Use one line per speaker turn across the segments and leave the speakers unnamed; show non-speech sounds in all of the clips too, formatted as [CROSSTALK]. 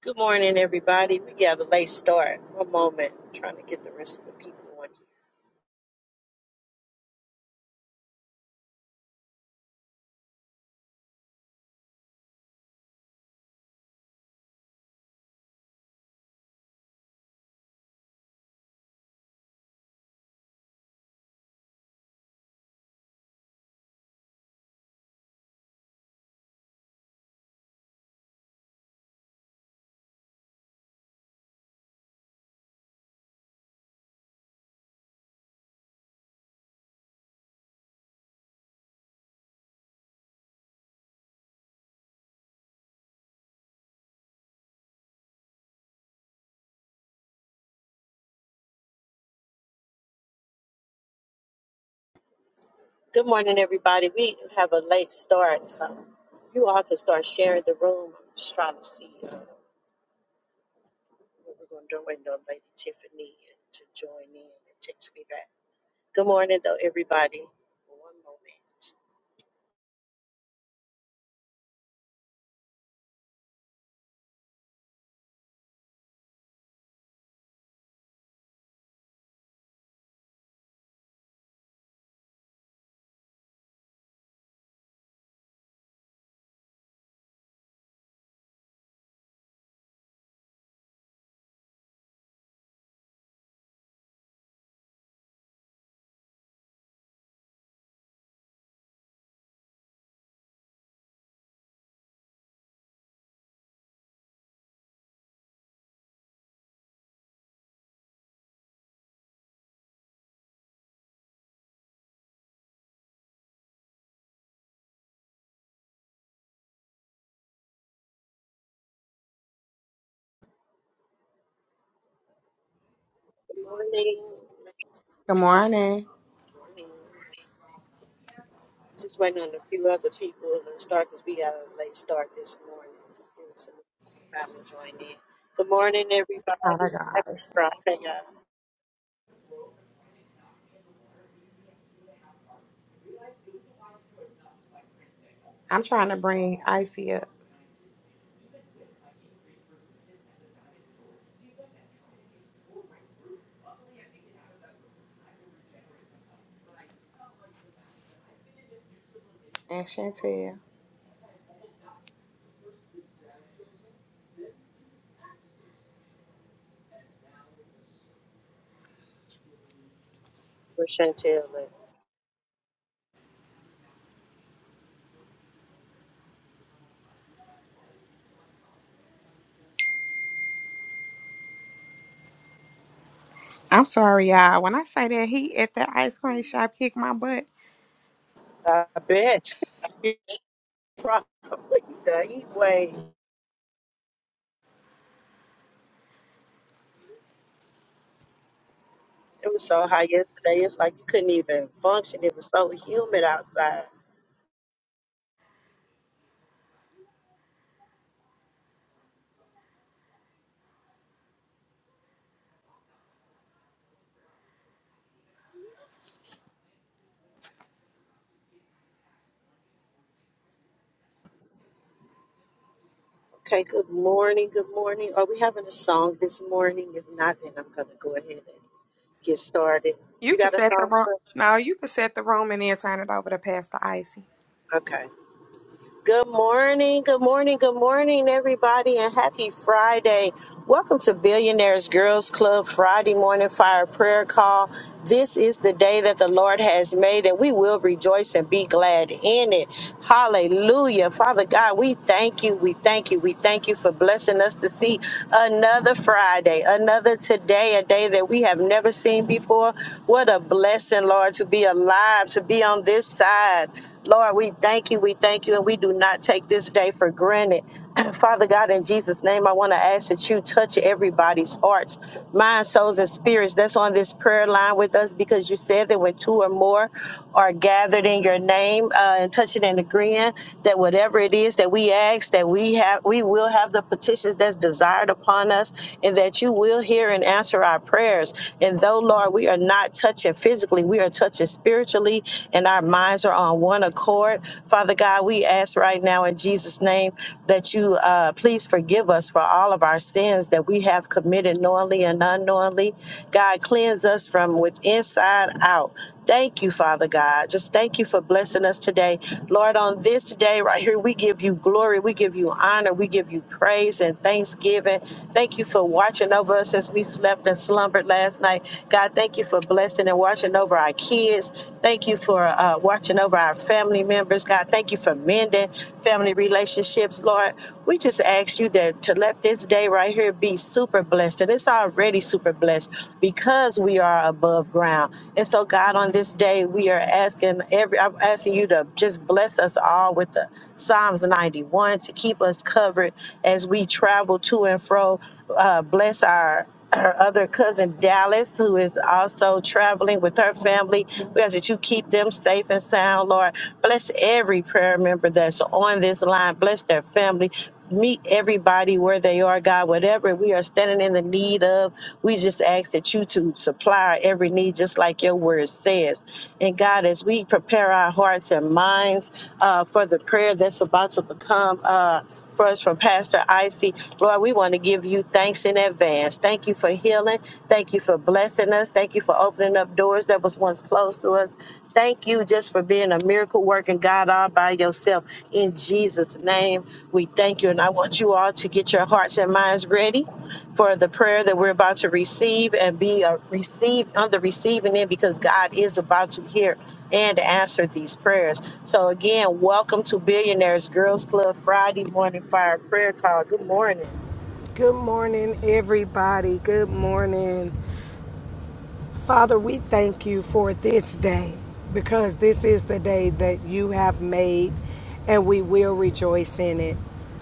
Good morning, everybody. We got a late start. One moment, trying to get the rest of the people on here. Good morning, everybody. We have a late start. Um, you all can start sharing the room. I'm just trying to see uh, what we're going to do. I'm Waiting on Lady Tiffany to join in and text me back. Good morning, though, everybody. One moment. Good morning. Good
Good morning.
morning. Just waiting on a few other people to start because we got a late start this morning. Give us some time to join in. Good morning, everybody. Happy Friday. Uh,
I'm trying to bring Icy up and Chantel.
Where Chantel
I'm sorry, y'all. When I say that he at the ice cream shop kicked my butt.
at? I bet. [LAUGHS] You Probably the heat wave. It was so hot yesterday. It's like you couldn't even function. It was so humid outside. Okay, good morning. Good morning. Are we having a song this morning? If not, then I'm going to go ahead and get started.
You
You
could
got a
set the
song
room.
for us?
No, you could set the room and then turn it over to Pastor Icy.
Okay. Good morning, good morning, good morning, everybody, and happy Friday. Welcome to Billionaires Girls Club Friday Morning Fire Prayer Call. This is the day that the Lord has made, and we will rejoice and be glad in it. Hallelujah. Father God, we thank you, we thank you, we thank you for blessing us to see another Friday, another today, a day that we have never seen before. What a blessing, Lord, to be alive, to be on this side. Lord, we thank you. We thank you you and we do not take this day for granted. [CLEARS THROAT] Father God, in Jesus' name, I want to ask that you touch everybody's hearts, minds, souls, and spirits that's on this prayer line with us because you said that when two or more are gathered in your name uh, and touching and agreeing, that whatever it is that we ask, that we have, we will have the petitions that's desired upon us, and that you will hear and answer our prayers. And though, Lord, we are not touching physically, physically. We are touching spiritually, and our minds are on one accord. Father God, we ask right now in Jesus' name that you uh, please forgive us for all of our sins that we have committed knowingly and unknowingly. God, cleanse us from with inside out. Thank you, Father God. Just thank you for blessing us today. Lord, on this day right here, we give you glory, we give you honor, we give you praise and thanksgiving. Thank you for watching over us as we slept and slumbered last night. God, thank you for blessing and watching over our kids. Thank you for uh, watching over our family members. God, thank you for mending family relationships. Lord, we just ask you that to let this day right here be super blessed. And it's already super blessed because we are above ground. And so, God, on this day, we are asking every, I'm asking you to just bless us all with the Psalms 91 to keep us covered as we travel to and fro. Uh, bless our her other cousin Dallas, who is also traveling with her family. We ask that you keep them safe and sound, Lord. Bless every prayer member that's on this line. Bless their family meet everybody where they are, God, whatever we are standing in the need of. We just ask that you to supply every need, just like your word says. And God, as we prepare our hearts and minds uh, for the prayer that's about to become uh, for us from Pastor Icy, Lord, we want to give you thanks in advance. Thank you for healing. Thank you for blessing us. Thank you for opening up doors that was once closed to us. Thank you just for being a miracle working God all by yourself. In Jesus' name, we thank you. And I want you all to get your hearts and minds ready for the prayer that we're about to receive and be uh, received on the receiving end because God is about to hear and answer these prayers. So again, welcome to Billionaires Girls Club Friday morning fire prayer call. Good morning.
Good morning, everybody. Good morning. Father, we thank you for this day because this is the day that you have made and we will rejoice in it.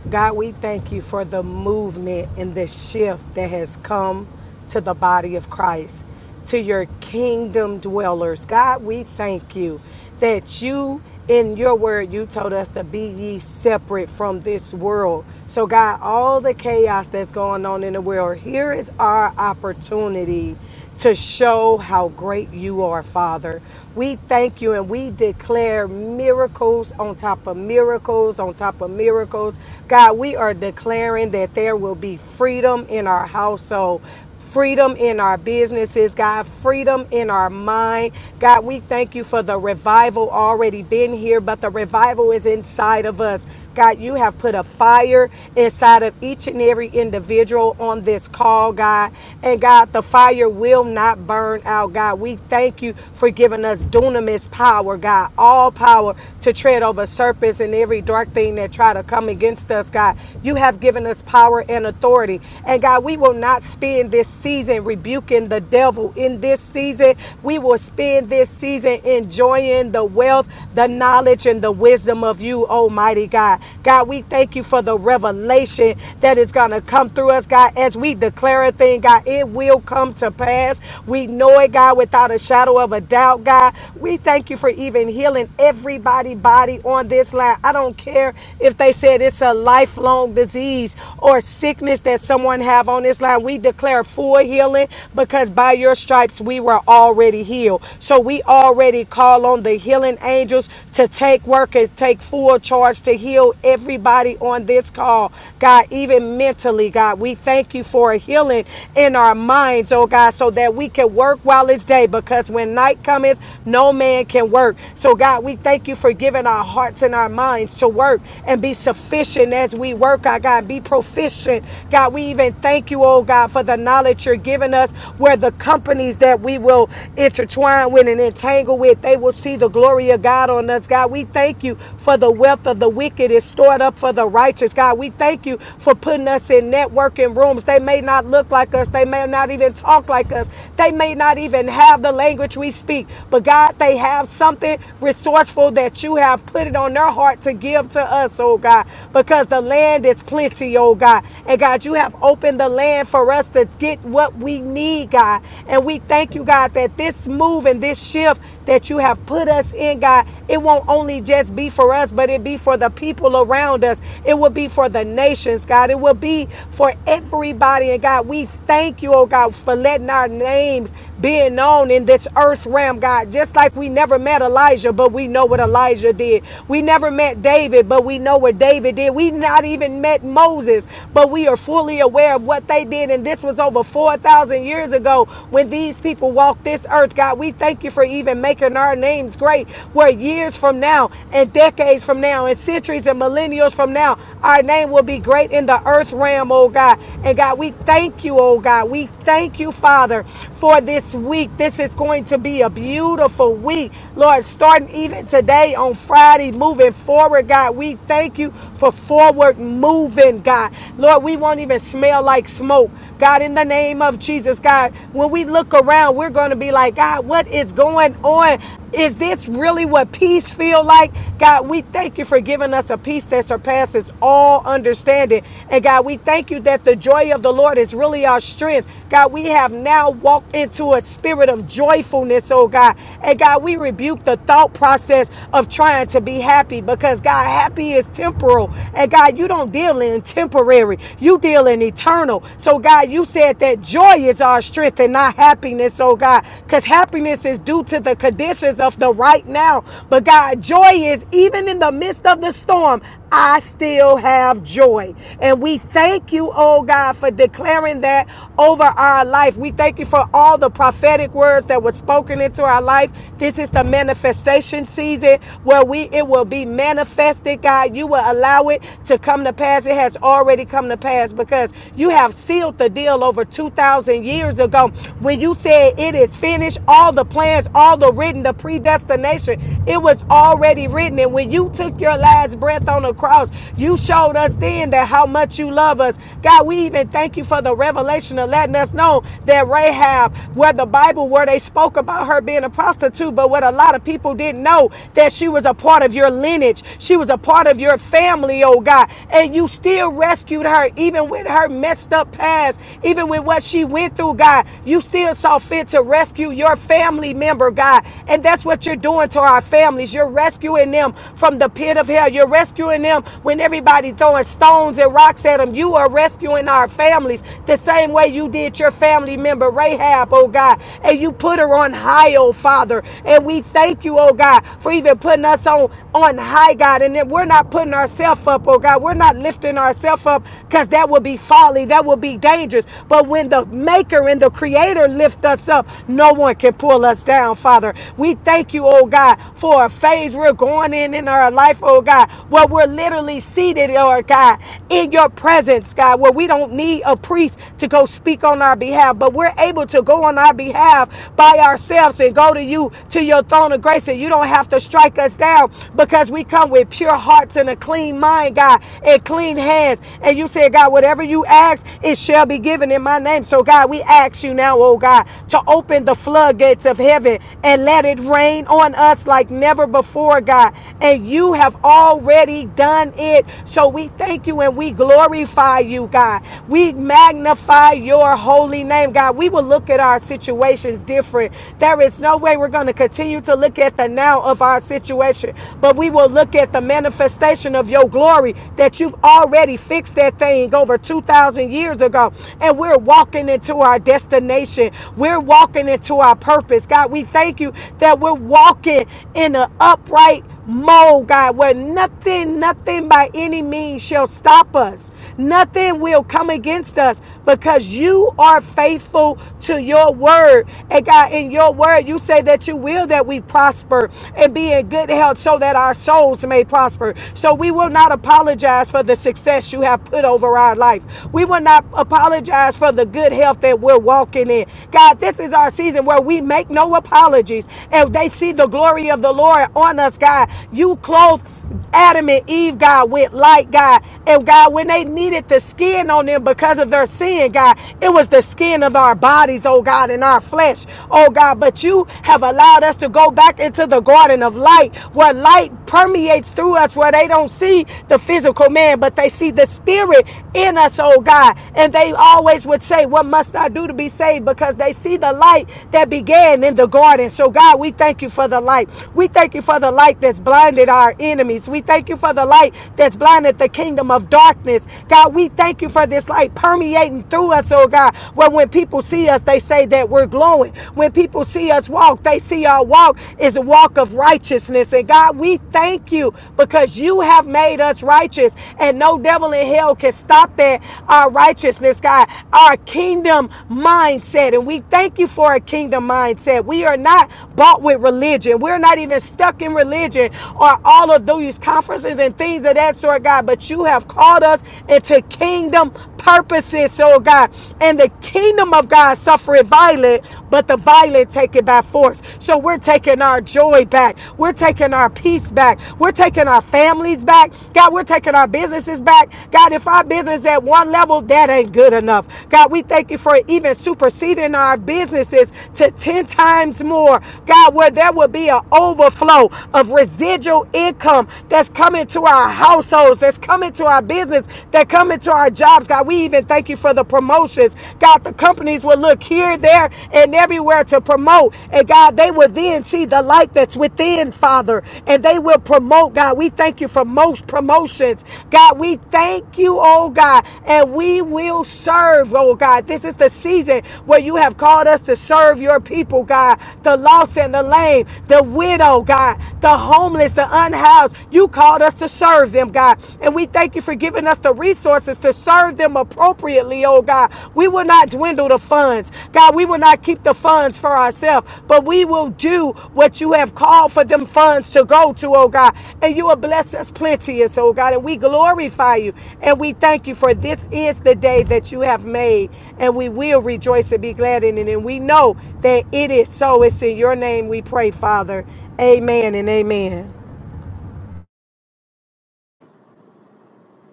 God, we thank you for the movement and the shift that has come to the body of Christ, to your kingdom dwellers. God, we thank you that you, in your word, you told us to be ye separate from this world. So, God, all the chaos that's going on in the world, here is our opportunity to show how great you are, Father. We thank you and we declare miracles on top of miracles on top of miracles. God, we are declaring that there will be freedom in our household freedom in our businesses, God, freedom in our mind. God, we thank you for the revival already been here, but the revival is inside of us. God, you have put a fire inside of each and every individual on this call, God. And God, the fire fire will not burn out, God. We thank you for giving us dunamis power, God. All power to tread over serpents and every dark thing that try to come against us, God. You have given us power and authority. And God, we will not spend this season rebuking the devil. In this season, we will spend this season enjoying the wealth, the knowledge, and the wisdom of you, Almighty God. God, we thank you for the revelation that is going to come through us, God, as we declare a thing, God. It will will come to pass. We know it, God, without a shadow of a doubt, God. We thank you for even healing everybody body on this line. I don't care if they said it's a lifelong disease or sickness that someone have on this line. We declare full healing because by your stripes we were already healed. So we already call on the healing angels to take work and take full charge to heal everybody on this call. God, even mentally, God, we thank you for a healing in our minds, oh God, so that we can work while it's day, because when night cometh, no man can work. So, God, we thank you for giving our hearts and our minds to work and be sufficient as we work, our God, be proficient. God, we even thank you, oh God, for the knowledge you're giving us, where the companies that we will intertwine with and entangle with, they will see the glory of God on us, God. We thank you for the wealth of the wicked is stored up for the righteous, God. We thank you for putting us in networking rooms. They may not look like like us. They may not even talk like us. They may not even have the language we speak. But God, they have something resourceful that you have put it on their heart to give to us, oh God, because the land is plenty, oh God. And God, you have opened the land for us to get what we need, God. And we thank you, God, that this move and this shift that you have put us in, God. It won't only just be for us, but it be for the people around us. It will be for the nations, God. It will be for everybody. And God, we thank you, oh God, for letting our names being known in this earth realm, God. Just like we never met Elijah, but we know what Elijah did. We never met David, but we know what David did. We not even met Moses, but we are fully aware of what they did. And this was over 4,000 years ago when these people walked this earth, God. We thank you for even making our names great where years from now and decades from now and centuries and millennials from now, our name will be great in the earth realm, oh God. And God, we thank you, oh God. We thank you, Father, for this week. This is going to be a beautiful week, Lord, starting even today on Friday, moving forward, God. We thank you for forward moving, God. Lord, we won't even smell like smoke. God, in the name of Jesus, God, when we look around, we're going to be like, God, what is going on? Is this really what peace feel like? God, we thank you for giving us a peace that surpasses all understanding. And God, we thank you that the joy of the Lord is really our strength. God, we have now walked into a spirit of joyfulness, oh God. And God, we rebuke the thought process of trying to be happy because God, happy is temporal. And God, you don't deal in temporary. You you deal in eternal. So, God, you said that joy is our strength and not happiness, oh God, because happiness is due to the conditions of the right now. But, God, joy is even in the midst of the storm. I still have joy. And we thank you, oh God, for declaring that over our life. We thank you for all the prophetic words that were spoken into our life. This is the manifestation season where we it will be manifested, God. You will allow it to come to to pass, it has already come to pass because you have sealed the deal over 2,000 years ago when you said it is finished, all the plans, all the written, the predestination, it was already written. And when you took your last breath on the cross, you showed us then that how much you love us. God, we even thank you for the revelation of letting us know that Rahab, where the Bible, where they spoke about her being a prostitute, but what a lot of people didn't know, that she was a part of your lineage. She was a part of of your family, oh God. And you still rescued her, even with her messed up past, even with what she went through, God. You still saw fit to rescue your family member, God. And that's what you're doing to our families. You're rescuing them from the pit of hell. You're rescuing them when everybody throwing stones and rocks at them. You are rescuing our families the same way you did your family member Rahab, oh God. And you put her on high, oh Father. And we thank you, oh God, for even putting us on on high, God. And that we're not putting ourselves up, oh God. We're not lifting ourselves up because that would be folly. That would be dangerous. But when the maker and the creator lift us up, no one can pull us down, Father. We thank you, oh God, for a phase we're going in in our life, oh God, where we're literally seated, oh God, in your presence, God, where we don't need a priest to go speak on our behalf, but we're able to go on our behalf by ourselves and go to you, to your throne of grace, and you you don't have to strike us down because we come with pure hearts and a clean mind, God, and clean hands. And you said, God, whatever you ask, it shall be given in my name. So, God, we ask you now, oh God, to open the floodgates of heaven and let it rain on us like never before, God. And you have already done it. So we thank you and we glorify you, God. We magnify your holy name, God. We will look at our situations different. There is no way way we're going to continue to look at the now of our situation, but we will look at the manifestation of your glory that you've already fixed that thing over 2,000 years ago. And we're walking into our destination, we're walking into our purpose. God, we thank you that we're walking in an upright mold, God, where nothing, nothing by any means shall stop us. Nothing will come against us because you are faithful to your word. And God, in your word, you say that you will that we prosper and be in good health so that our souls may prosper. So we will not apologize for the success you have put over our life. We will not apologize for the good health that we're walking in. God, this is our season where we make no apologies. And they see the glory of the Lord on us, God. You clothe Adam and Eve, God, went light, God. And God, when they needed the skin on them because of their sin, God, it was the skin of our bodies, oh God, and our flesh, oh God. But you have allowed us to go back into the garden of light where light permeates through us, where they don't see the physical man, but they see the spirit in us, oh God. And they always would say, What must I do to be saved? Because they see the light that began in the garden. So, God, we thank you for the light. We thank you for the light that's blinded our ears enemies. We thank you for the light that's blinded the kingdom of darkness. God, we thank you for this light permeating through us, oh God. Where when people see us, they say that we're glowing. When people see us walk, they see our walk is a walk of righteousness. And God, we thank you because you have made us righteous, and no devil in hell can stop that. Our righteousness, God, our kingdom mindset. And we thank you for a kingdom mindset. We are not bought with religion. We're not even stuck in religion or all all of these conferences and things of that sort, God, but you have called us into kingdom purposes, so God. And the kingdom of God suffereth violent, but the violent take it by force. So we're taking our joy back. We're taking our peace back. We're taking our families back. God, we're taking our businesses back. God, if our business at one level, that ain't good enough. God, we thank you for even superseding our businesses to 10 times more. God, where there will be an overflow of residual income that's coming to our households, that's coming to our business, that coming to our jobs. God, we even thank you for the promotions. God, the companies will look here, there, and everywhere to promote. And God, they will then see the light that's within, Father, and they will promote. God, we thank you for most promotions. God, we thank you, oh God, and we will serve, oh God. This is the season where you have called us to serve your people, God, the lost and the lame, the widow, God, the homeless, the unhoused. You called us to serve them, God. And we thank you for giving us the resources to serve them appropriately, oh God. We will not dwindle the funds. God, we will not keep the funds for ourselves, but we will do what you have called for them funds to go to, oh God. And you will bless us plenteous, oh God. And we glorify you and we thank you for this is the day that you have made. And we will rejoice and be glad in it. And we know that it is so. It's in your name we pray, Father. Amen and amen.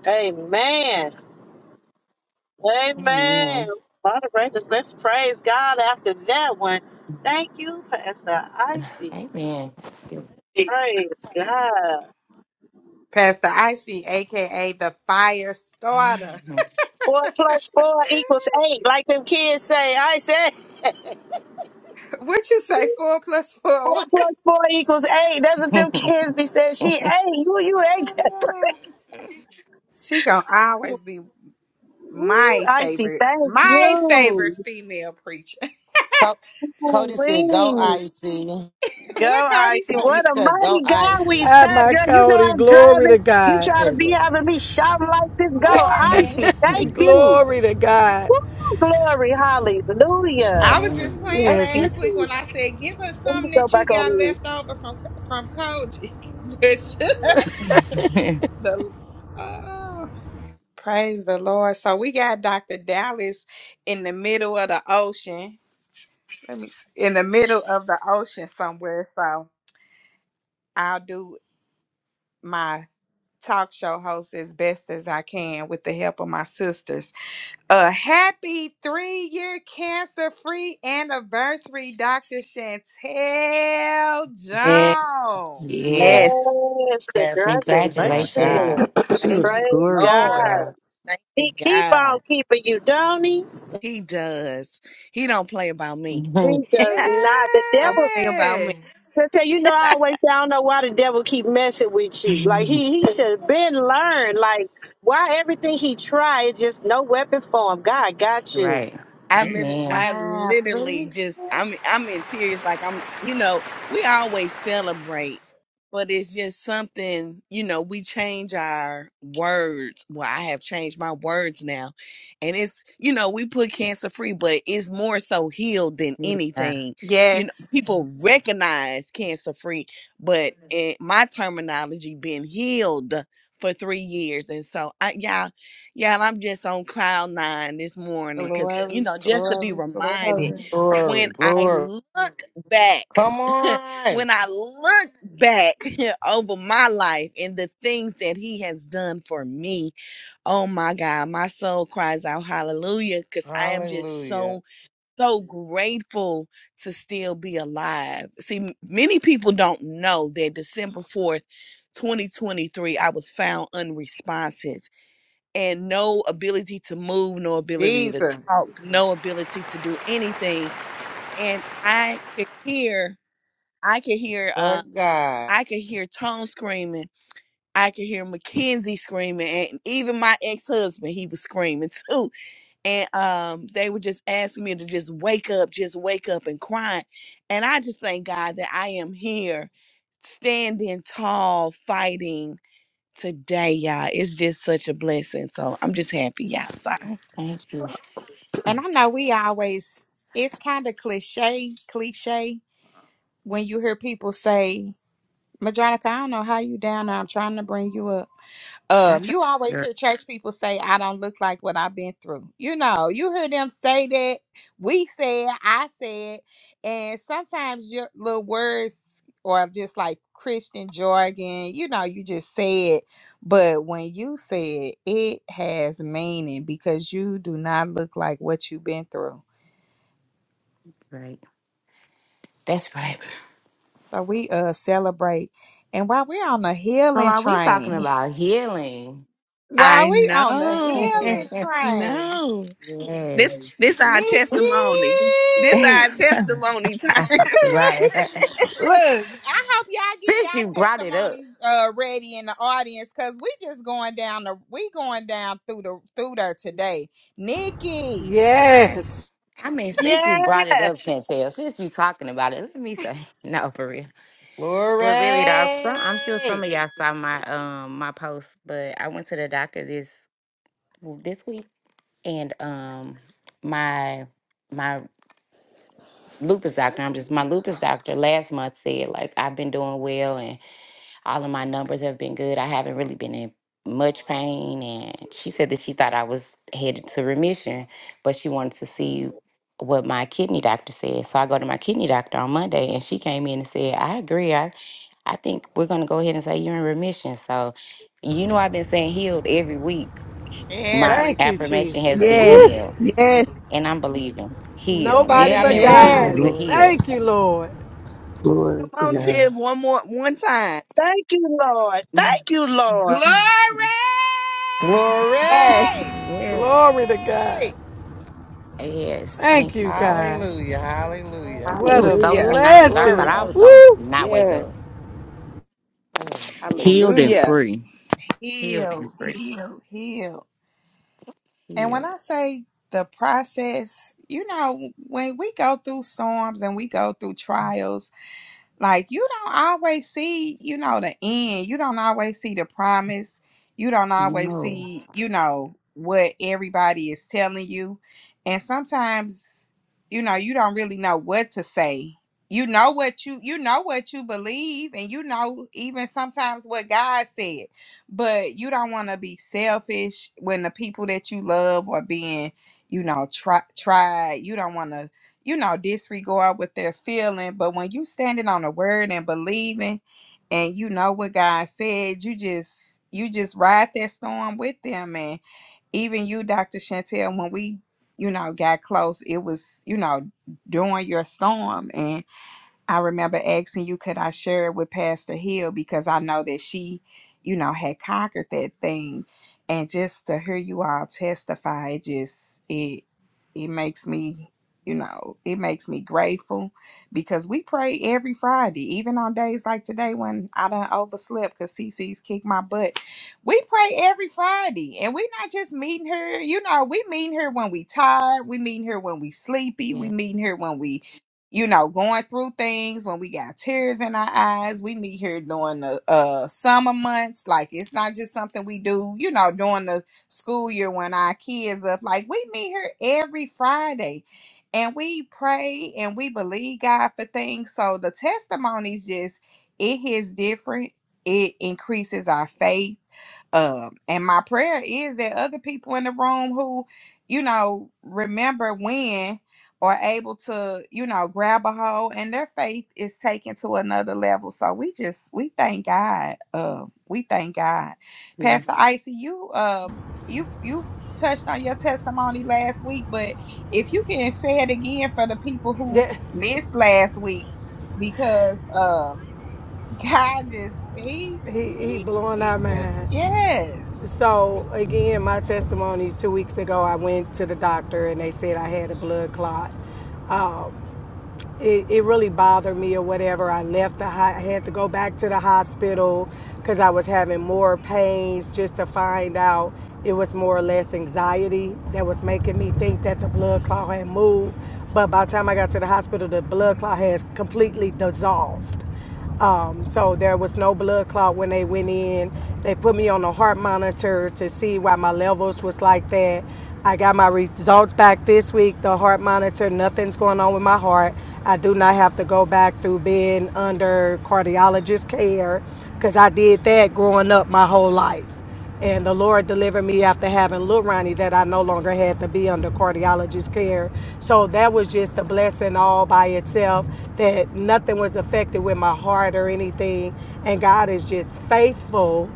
Amen. Amen.
Amen.
Moderators, let's praise God after that one. Thank you, Pastor Icy.
Amen.
Praise God.
Pastor Icy, aka the fire starter.
Four plus four equals eight, like them kids say. I say. [LAUGHS]
[LAUGHS] what you say? Four plus four.
Four
What?
plus four equals eight. That's what them kids be saying. She eight. You you eight.
Oh, yeah. She gonna always
[LAUGHS]
be
Ooh,
my
Icy,
favorite,
thank
my favorite
you.
female preacher. [LAUGHS]
Co- Cody said,
Ooh-wee.
"Go icy."
Go,
what Cody
Icy.
He
say?
What a
said, "Go
mighty God
icy."
we
Ah,
serve,
my
girl. You know
Cody,
I'm
glory
driving.
to
You
God.
try to
There we
be
go.
having me shouting like this. Go,
Morning.
Icy. Thank
And
you.
glory to God.
Woo, glory, hallelujah.
I was just playing
Thank
Yes,
you
he
last week
too.
when I said, "Give her
Let me
something
go
that you
back on
got
you.
left over from from Koji." [LAUGHS] but she- the oh, praise the Lord! So we got Doctor Dallas in the middle of the ocean. Let me see. in the middle of the ocean somewhere. So I'll do my talk show host as best as I can with the help of my sisters. A happy three year cancer free anniversary, Dr. Chantel
And
Jones.
yeah.
yes,
Yes,
Yes. Oh my
yes.
Congratulations.
congratulations.
God.
Thank
[CLEARS THROAT]
you,
Praise
Glory to
Lord.
God.
God.
Thank
He
you,
keep
God.
on keeping you, don't he?
He does. He don't play about me.
He does
[LAUGHS]
not. The
Don't
devil.
play about me.
Yes.
So tell you, you know, I always say, I don't know why the devil keep messing with you. Like he he should have been learned. Like why everything he tried, it just no weapon form. God got you.
right.
I lit-
Amen.
I
Wow.
literally
Three.
just I'm I'm in tears like I'm you know we always celebrate but it's just something you know we change our words well I have changed my words now and it's you know we put cancer free but it's more so healed than
Yeah.
anything you know
Yes.
people Mhm. recognize cancer free but in my terminology been healed for 3 years and so I y'all yeah, and I'm just on cloud nine this morning because, you
Glory,
know, just to be
glory,
reminded
glory.
when
Glory,
I
glory.
look back,
Come
[LAUGHS]
on.
when I look back [LAUGHS] over my life and the things that he has done for me, oh my God, my soul cries out hallelujah because I am just
Hallelujah.
so, so grateful to still be alive. See, m- many people don't know that December 4th, 2023, I was found unresponsive and no ability to move, no ability to talk,
Jesus.
no ability to do anything. And I could hear, I could hear, uh,
But God.
I could hear Tone screaming. I could hear Mackenzie screaming, and even my ex husband, he was screaming [LAUGHS] too. And um, they were just asking me to just wake up, just wake up, and crying. And I just thank God that I am here, standing tall, fighting today, y'all. It's just such a blessing. So I'm just happy, y'all. Sorry.
Thank you.
And I know we always, it's kind of cliche, cliche when you hear people say, Madronica, I don't know how you down there. I'm trying to bring you up. Um,
That's right.
you always
You're
hear church people say, I don't look like what I've been through. You know, you hear them say that. We said, I said, and sometimes your little words or just like Christian jargon, you know, you just say it. But when you say it, it has meaning because you do not look like what you've been through.
right. That's right.
So we uh celebrate. And while we're on the
So
healing
are we talking
train,
about healing?
[LAUGHS]
I
while we on the
[LAUGHS]
healing
know. I
yes.
train.
know. This this our
Nikki!
testimony. This our
[LAUGHS]
[LAUGHS]
testimony time.
right. [LAUGHS]
Look, I hope y'all getting y'all
Since you brought it up.
testimonies uh ready in the audience because we just going down the we going down through the through there today. Nikki,
Right.
yes.
I mean, since you brought it up,
Yes.
Chantel, since you talking about it, let me say [LAUGHS] no for real.
Glory.
But really, though, some I'm sure some of y'all saw my um my post, but I went to the doctor this well, this week, and um my my lupus doctor, I'm just my lupus doctor last month said like I've been doing well, All of my numbers have been good. I haven't really been in much pain. And she said that she thought I was headed to remission, but she wanted to see what my kidney doctor said. So I go to my kidney doctor on Monday and she came in and said, I agree. I, I think we're going to go ahead and say you're in remission. So, you know, I've been saying healed every week. My
every
Thank you,
week,
affirmation
[LAUGHS]
has
Jesus.
been
Woo!
yes.
healed.
Yes.
And I'm believing healed.
Nobody
Yeah, I'm
but
in
[CLEARS THROAT]
every
Yes.
remission,
God.
but
week.
Glory to
healed.
Thank you,
God.
Lord.
Glory
Come
to
on,
Yeah.
Tiff.
God.
One more one time.
Thank you, Lord.
[LAUGHS]
Thank you, Lord.
Glory!
Glory.
Yes.
yes.
Glory to God.
Yes.
Thank
Thank you,
you,
God.
God.
Hallelujah.
Oh,
Hallelujah.
glory.
It
What
was
a
so
And
many
Hallelujah.
God
nights
is
that I
so
thought
blessing.
Glory.
I was
faithful.
gonna
Woo!
not wake
Yes.
up. Oh, thank you,
healed
sir.
and
Hallelujah.
free.
Healed and
Heal,
free.
heal, heal. And when
Healed.
I say the process, you know, when we go through storms and we go through trials, like you don't always see you know the end you don't always see the promise you don't always
No.
see you know what everybody is telling you and sometimes you know you don't really know what to say you know what you you know what you believe and you know even sometimes what god said but you don't want to be selfish when the people that you love are being you know try, tried you don't want to you know, disregard what they're feeling. But when you standing on the word and believing and you know what God said, you just you just ride that storm with them. And even you, Dr. Chantel, when we, you know, got close, it was, you know, during your storm. I remember asking you, could I share it with Pastor Hill because I know that she, you know, had conquered that thing. And just to hear you all testify, it just it it makes me, you know, it makes me grateful because we pray every Friday, even on days like today when I done overslept because CC's kicked my butt. We pray every Friday, and we're not just meeting here. You know, we meeting here when we tired, we meeting here when we sleepy,
Yeah.
we meeting here when we you know, going through things when we got tears in our eyes. We meet here during the uh, summer months. Like it's not just something we do, you know, during the school year when our kids up. Like we meet here every Friday, and we pray and we believe God for things. So the testimonies just it hits different. It increases our faith um, and my prayer is that other people in the room who, you know, remember when are able to, you know, grab a hold and their faith is taken to another level. So we just we thank God. Um, we thank God. Pastor
Yes.
Icy, you um you you touched on your testimony last week, but if you can say it again for the people who
That-
missed last week, because um God just he
he he
he,
blowing
he
our
just
mind.
yes.
So again, my testimony two weeks ago, I went to the doctor and they said I had a blood clot. Um, it, it really bothered me or whatever. I left the I had to go back to the hospital because I was having more pains just to find out it was more or less anxiety that was making me think that the blood clot had moved. But by the time I got to the hospital, the blood clot has completely dissolved. Um, so there was no blood clot when they went in. They put me on a heart monitor to see why my levels was like that. I got my results back this week. The heart monitor, nothing's going on with my heart. I do not have to go back through being under cardiologist care because I did that growing up my whole life. And the Lord delivered me after having little Ronnie that I no longer had to be under cardiologist care. So that was just a blessing all by itself that nothing was affected with my heart or anything. And God is just faithful.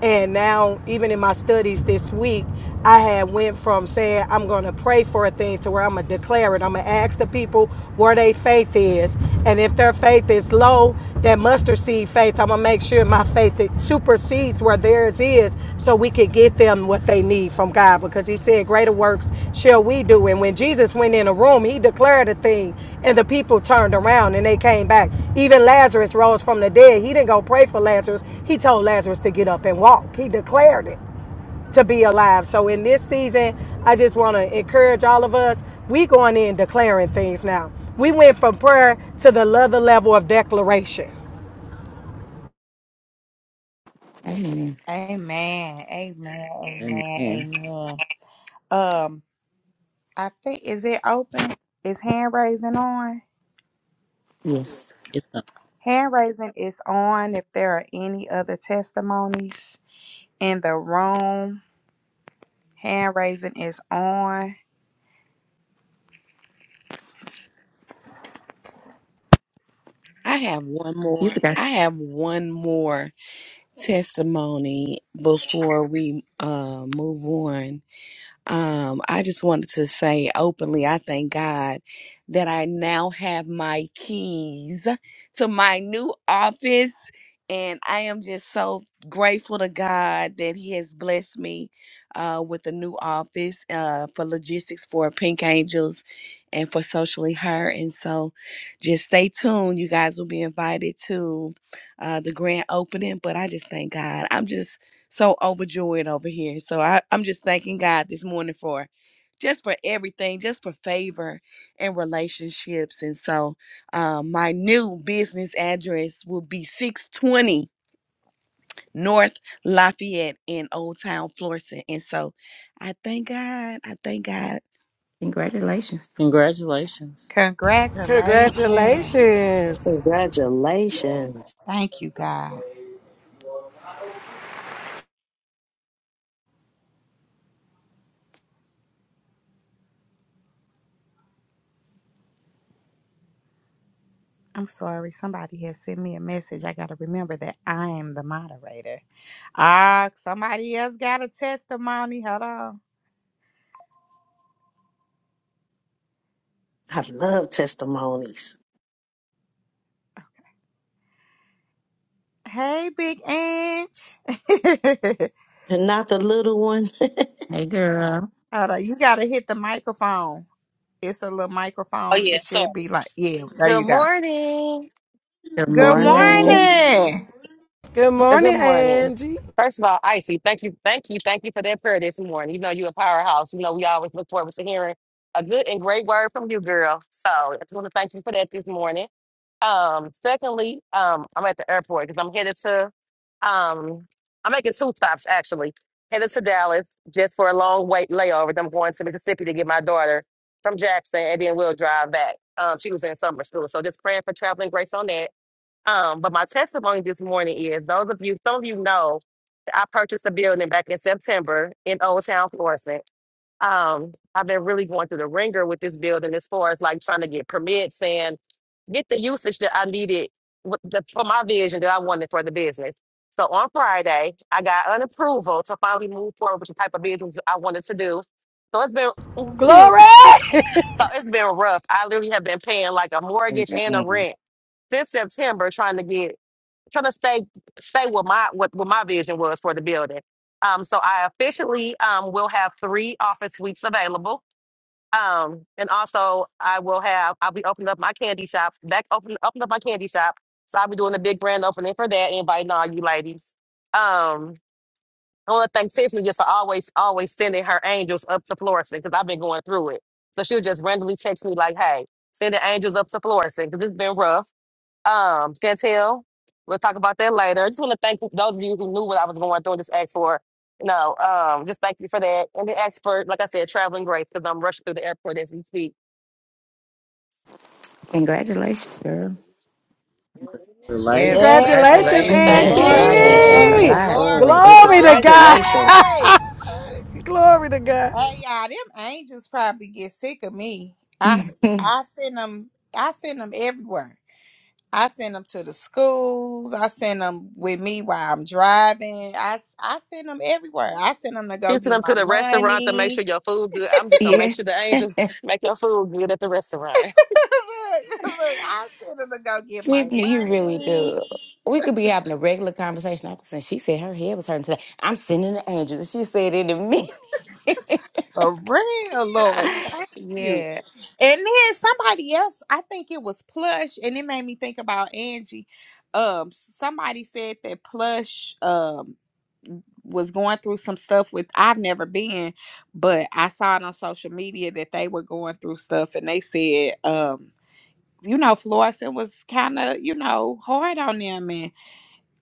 And now, even in my studies this week, I had went from saying I'm going to pray for a thing to where I'm going to declare it. I'm going to ask the people where their faith is, and if their faith is low, that mustard seed faith, I'm gonna make sure my faith it supersedes where theirs is, so we could get them what they need from God. Because He said, "Greater works shall we do." And when Jesus went in a room, He declared a thing, and the people turned around and they came back. Even Lazarus rose from the dead. He didn't go pray for Lazarus. He told Lazarus to get up and walk. He declared it to be alive. So in this season, I just want to encourage all of us. We going in declaring things now. We went from prayer to the other level of declaration.
Amen.
Amen. Amen. Amen.
Amen.
Amen. Um, I think is it open? Is hand raising on?
Yes.
It's a-
Hand raising is on. If there are any other testimonies in the room, hand raising is on.
I have one
You
more.
got
I have one more testimony before we uh move on. Um, I just wanted to say openly, I thank God that I now have my keys to my new office. And I am just so grateful to God that He has blessed me uh, with a new office uh, for logistics for Pink Angels and for Socially Her. And so just stay tuned. You guys will be invited to uh, the grand opening. But I just thank God. I'm just so overjoyed over here. So I, I'm just thanking God this morning for just for everything, just for favor and relationships. And so um, my new business address will be 620 North Lafayette in Old Town, Florissant. And so I thank God. I thank God.
congratulations.
congratulations.
Congratulations.
Congratulations.
Congratulations.
Thank you, God. I'm sorry, somebody has sent me a message. I got to remember that I am the moderator. Ah, somebody else got a testimony. Hold on.
I love testimonies.
Hey, Big Inch. [LAUGHS]
And not the little one. [LAUGHS]
Hey girl.
Hold on. You got to hit the microphone. It's a little
Oh
microphone.
yeah,
It
So,
should be like, yeah, there
Good
you go.
morning.
Good
Good
Good
morning.
morning.
morning.
Good
Uh, Good
morning,
morning.
Angie.
First of all, Icy, thank you, thank you, thank you for that prayer this morning. You know you're a powerhouse. You know we always look forward to hearing a good and great word from you, girl. So I just want to thank you for that this morning. Um, secondly, um, I'm at the airport because I'm headed to um I'm making two stops actually. Headed to Dallas just for a long wait layover. Then I'm going to Mississippi to get my daughter from Jackson and then we'll drive back. Um, she was in summer school. So just praying for traveling grace on that. Um, but my testimony this morning is those of you, some of you know, I purchased a building back in September in Old Town Florissant. Um, I've been really going through the ringer with this building as far as like trying to get permits and get the usage that I needed with the, for my vision that I wanted for the business. So on Friday, I got an approval to finally move forward with the type of business I wanted to do. So it's been
Glory.
[LAUGHS] so it's been rough. I literally have been paying like a mortgage and a
Amen.
rent since September trying to get trying to stay stay with my what, what my vision was for the building. Um, so I officially um, will have three office suites available. Um, and also I will have I'll be opening up my candy shop back open open up my candy shop. So I'll be doing a big grand opening for that, inviting all you ladies. Um, I want to thank Tiffany just for always always sending her angels up to Florissant because I've been going through it. So she'll just randomly text me like, "Hey, send the angels up to Florissant because it's been rough." Um, Chantel, we'll talk about that later. I just want to thank those of you who knew what I was going through and just asked for. No, um, just thank you for that. And the expert, like I said, traveling grace because I'm rushing through the airport as we speak.
Congratulations, girl.
[LAUGHS]
Yes.
Congratulations.
Congratulations,
[LAUGHS]
Yes.
Safe
Thank
Congratulations.
you.
Glory,
yeah,
travels
that's
Yes.
and
a
glory,
Angie.
have
lot.
glory,
fun. And
Glory to God.
congratulations.
glory.
[LAUGHS] Glory to God.
Hey y'all, them angels probably get sick of me. I
[LAUGHS]
I send them. I send them everywhere. I send them to the schools. I send them with me while I'm driving. I I send them everywhere. I send them to go
Fixing
get
them
my
to the restaurant to make sure
money.
your food good. I'm just gonna make
yeah.
sure the angels make your food good at the
[LAUGHS]
restaurant.
look, look, I send them to go get my
Tiffany, you really
money.
do. We could be having a regular conversation. I'm saying she said her head was hurting today. I'm sending the angels. She said it to me. [LAUGHS]
For real, Lord,
[LAUGHS]
thank you.
yeah.
And then somebody else, I think it was Plush, and it made me think about Angie. Um, somebody said that Plush um was going through some stuff with I've never been, but I saw it on social media that they were going through stuff, and they said, um, you know, Florissant was kind of you know hard on them,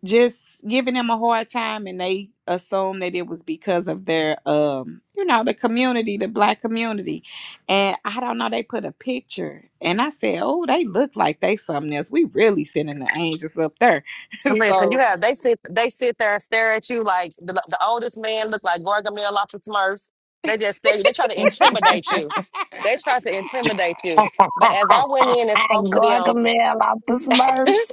just giving them a hard time and they assume that it was because of their um you know the community the black community and i don't know they put a picture and i said oh they look like they something else we really sending the angels up there [LAUGHS]
Listen, you
so
have they sit they sit there and stare at you like the, the oldest man look like Gargamel off the Smurfs. They just stare. They try to
[LAUGHS]
intimidate you. They try to intimidate you. But as I went in and
I
spoke to them,
Gargamel off the
[LAUGHS]
Smurfs.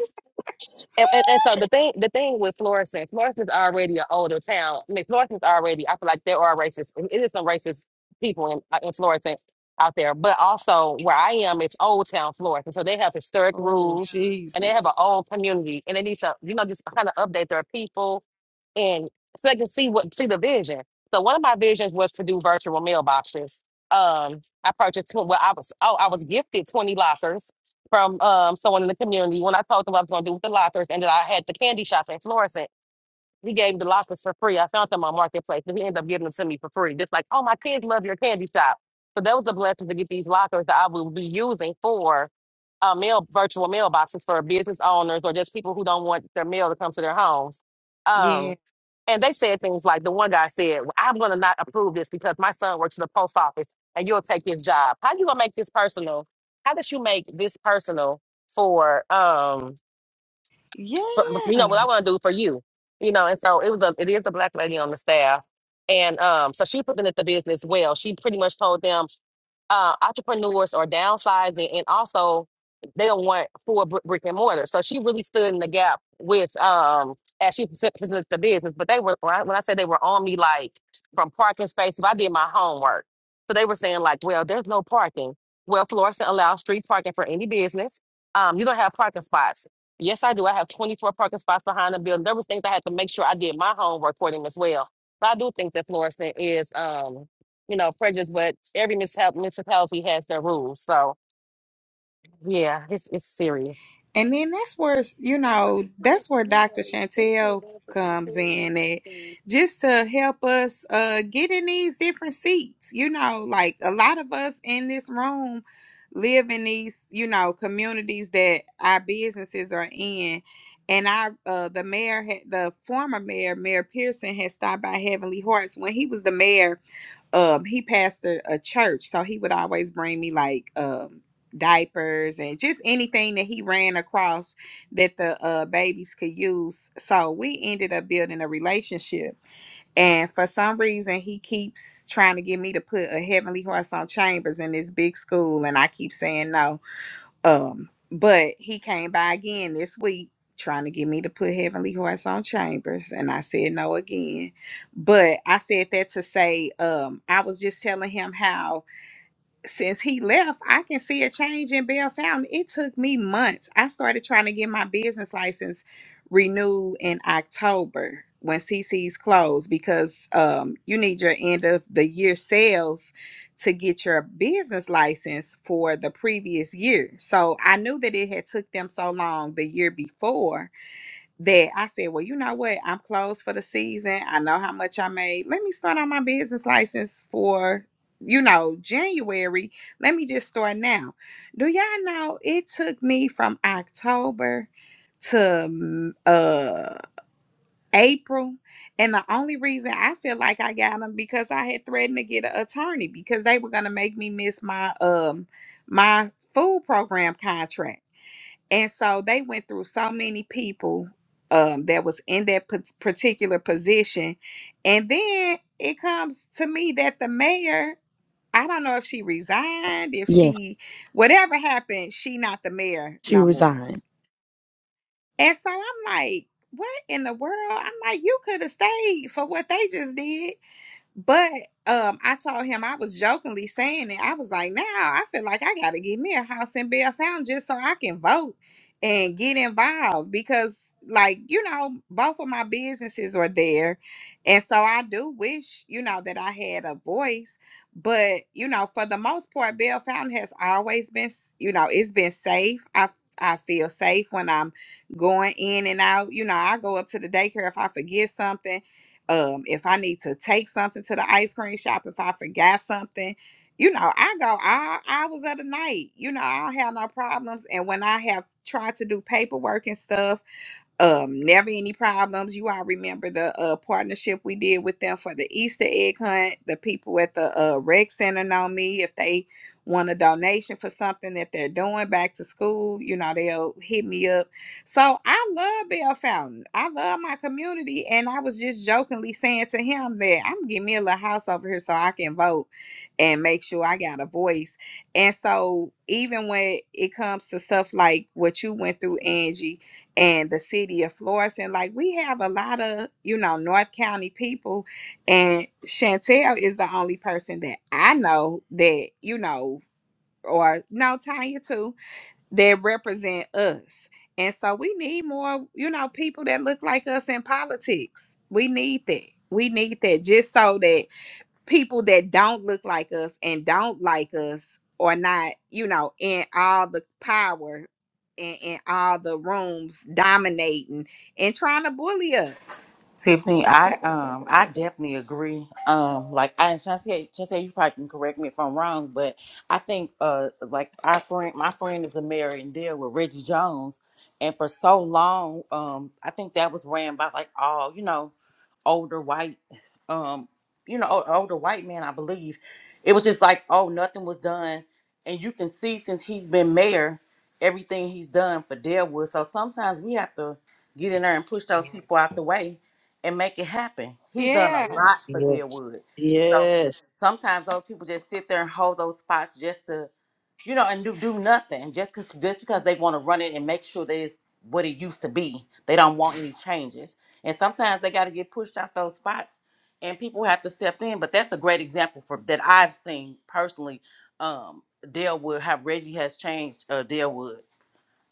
And, and, and so the thing, the thing with Florissant, Florissant's already an older town. I mean, Florissant's already. I feel like there are racist. It is some racist people in uh, in Florissant out there, but also where I am, it's Old Town Florissant. So they have historic
oh
rules, and they have
jesus
an old community, and they need to, you know, just kind of update their people and so they can see what see the vision. So one of my visions was to do virtual mailboxes. Um, I purchased tw- well, I was oh, I was gifted twenty lockers from um someone in the community when I told them what I was going to do with the lockers, and that I had the candy shop in Florence. He gave the lockers for free. I found them on Marketplace, and he ended up giving them to me for free. Just like, oh, my kids love your candy shop. So that was a blessing to get these lockers that I will be using for uh, mail virtual mailboxes for business owners or just people who don't want their mail to come to their homes.
yeah
Um, and they said things like the one guy said, "Well, "I'm going to not approve this because my son works in the post office, and you'll take his job. How you going to make this personal? How did you make this personal for?" Um, but, but, you know
yeah
what I want to do for you, you know. And so it was a it is a black lady on the staff, and um, so she put in at the business well. She pretty much told them uh, entrepreneurs are downsizing and also they don't want full br- brick and mortar. So she really stood in the gap with um as she present- presented the business. But they were when I when I said they were on me like from parking spaces, I did my homework. So they were saying like, well, there's no parking. Well, Florissant allows street parking for any business. Um, you don't have parking spots. Yes, I do. I have 24 parking spots behind the building. There was things I had to make sure I did my homework for them as well. But I do think that Florissant is um you know, prejudice, but every mishap municipality has their rules. So yeah, it's it's serious.
And then that's where you know that's where Dr. Chantel comes in at, just to help us uh get in these different seats. You know, like a lot of us in this room live in these you know communities that our businesses are in. And I, uh, the mayor, had, the former mayor, Mayor Pearson, had stopped by Heavenly Hearts when he was the mayor um he pastored a church so he would always bring me like um diapers and just anything that he ran across that the uh babies could use so we ended up building a relationship and for some reason he keeps trying to get me to put a heavenly horse on chambers in this big school and i keep saying no um, but he came by again this week trying to get me to put Heavenly Horse on Chambers, and I said no again. But I said that to say, um, I was just telling him how since he left, I can see a change in Bell Fountain. It took me months. I started trying to get my business license renewed in October when CC's closed because um, you need your end of the year sales to get your business license for the previous year. So I knew that it had took them so long the year before that I said, well, you know what? I'm closed for the season. I know how much I made. Let me start on my business license for, you know, January. Let me just start now. Do y'all know it took me from October to mm, uh April, and the only reason I feel like I got them because I had threatened to get an attorney because they were gonna make me miss my um my food program contract. And so they went through so many people um, that was in that pa- particular position. And then it comes to me that the mayor, I don't know if she resigned, if
Yes,
she, whatever happened, she not the mayor
she
no more.
resigned.
And so I'm like, what in the world? I'm like, you could have stayed for what they just did. But um, I told him I was jokingly saying it. I was like, now I feel like I gotta get me a house in Bell Fountain just so I can vote and get involved because, like, you know, both of my businesses are there, and so I do wish, you know, that I had a voice. But you know, for the most part, Bell Fountain has always been, s- you know, it's been safe. I I feel safe when I'm going in and out. You know, I go up to the daycare if I forget something um, if I need to take something to the ice cream shop, if I forgot something, you know, I go all hours of the night. You know, I don't have no problems. And when I have tried to do paperwork and stuff, um never any problems you all remember the uh partnership we did with them for the easter egg hunt the people at the uh rec center know me if they want a donation for something that they're doing back to school you know they'll hit me up so i love bell fountain i love my community and i was just jokingly saying to him that i'm gonna get me a little house over here so i can vote and make sure i got a voice and so even when it comes to stuff like what you went through angie and the city of Florence. And like we have a lot of, you know, North County people. And Chantel is the only person that I know that, you know, or no Tanya too, that represent us. And so we need more, you know, people that look like us in politics. We need that. We need that just so that people that don't look like us and don't like us are not, you know, in all the power and in all the rooms dominating and trying to bully us.
Tiffany, I um I definitely agree. Um, like I Chance, Chance, you probably can correct me if I'm wrong, but I think uh like our friend, my friend is a mayor and deal with Reggie Jones, and for so long, um, I think that was ran by like all you know, older white, um, you know, o- older white men. I believe it was just like oh, nothing was done, and you can see since he's been mayor, everything he's done for Deadwood. So sometimes we have to get in there and push those people out the way and make it happen. He's done a
Yeah.
lot for Deerwood. So
Yes.
sometimes those people just sit there and hold those spots just to, you know, and do, do nothing just cause, just because they want to run it and make sure that it's what it used to be. They don't want any changes. And sometimes they got to get pushed out those spots and people have to step in. But that's a great example for that I've seen personally. Um, Deerwood, how Reggie has changed uh, Deerwood.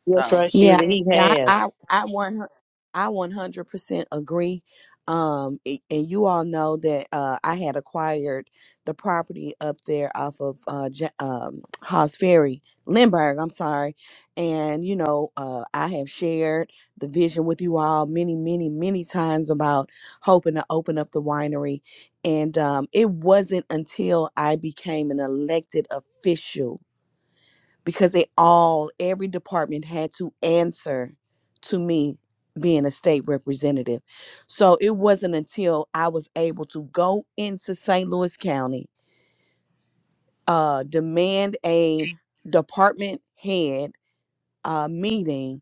Yes,
So
Yeah,
Rashida,
Yeah.
he
yeah, I,
has.
I, I one, hun- I one hundred percent agree. Um, a- and you all know that uh, I had acquired the property up there off of uh, Ja- um, Haas Ferry, Lindbergh. I'm sorry, and you know, uh, I have shared the vision with you all many, many, many times about hoping to open up the winery, and um, it wasn't until I became an elected official because they all every department had to answer to me being a state representative so it wasn't until i was able to go into st louis county uh, demand a department head uh, meeting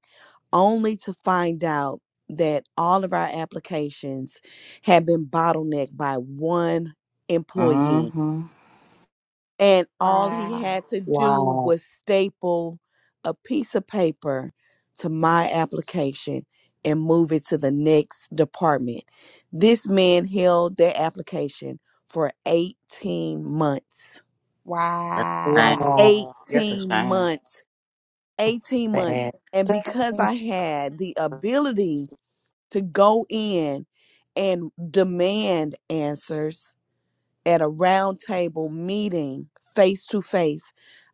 only to find out that all of our applications had been bottlenecked by one employee
Mm-hmm.
and all he
Wow.
had to do
Wow.
was staple a piece of paper to my application and move it to the next department. This man held that application for 18 months.
that's a shame.
Wow.
Wow.
That's a
18
shame.
months. 18 months.
Sad.
And because I
Thanks.
had the ability to go in and demand answers, at a round table meeting face to face.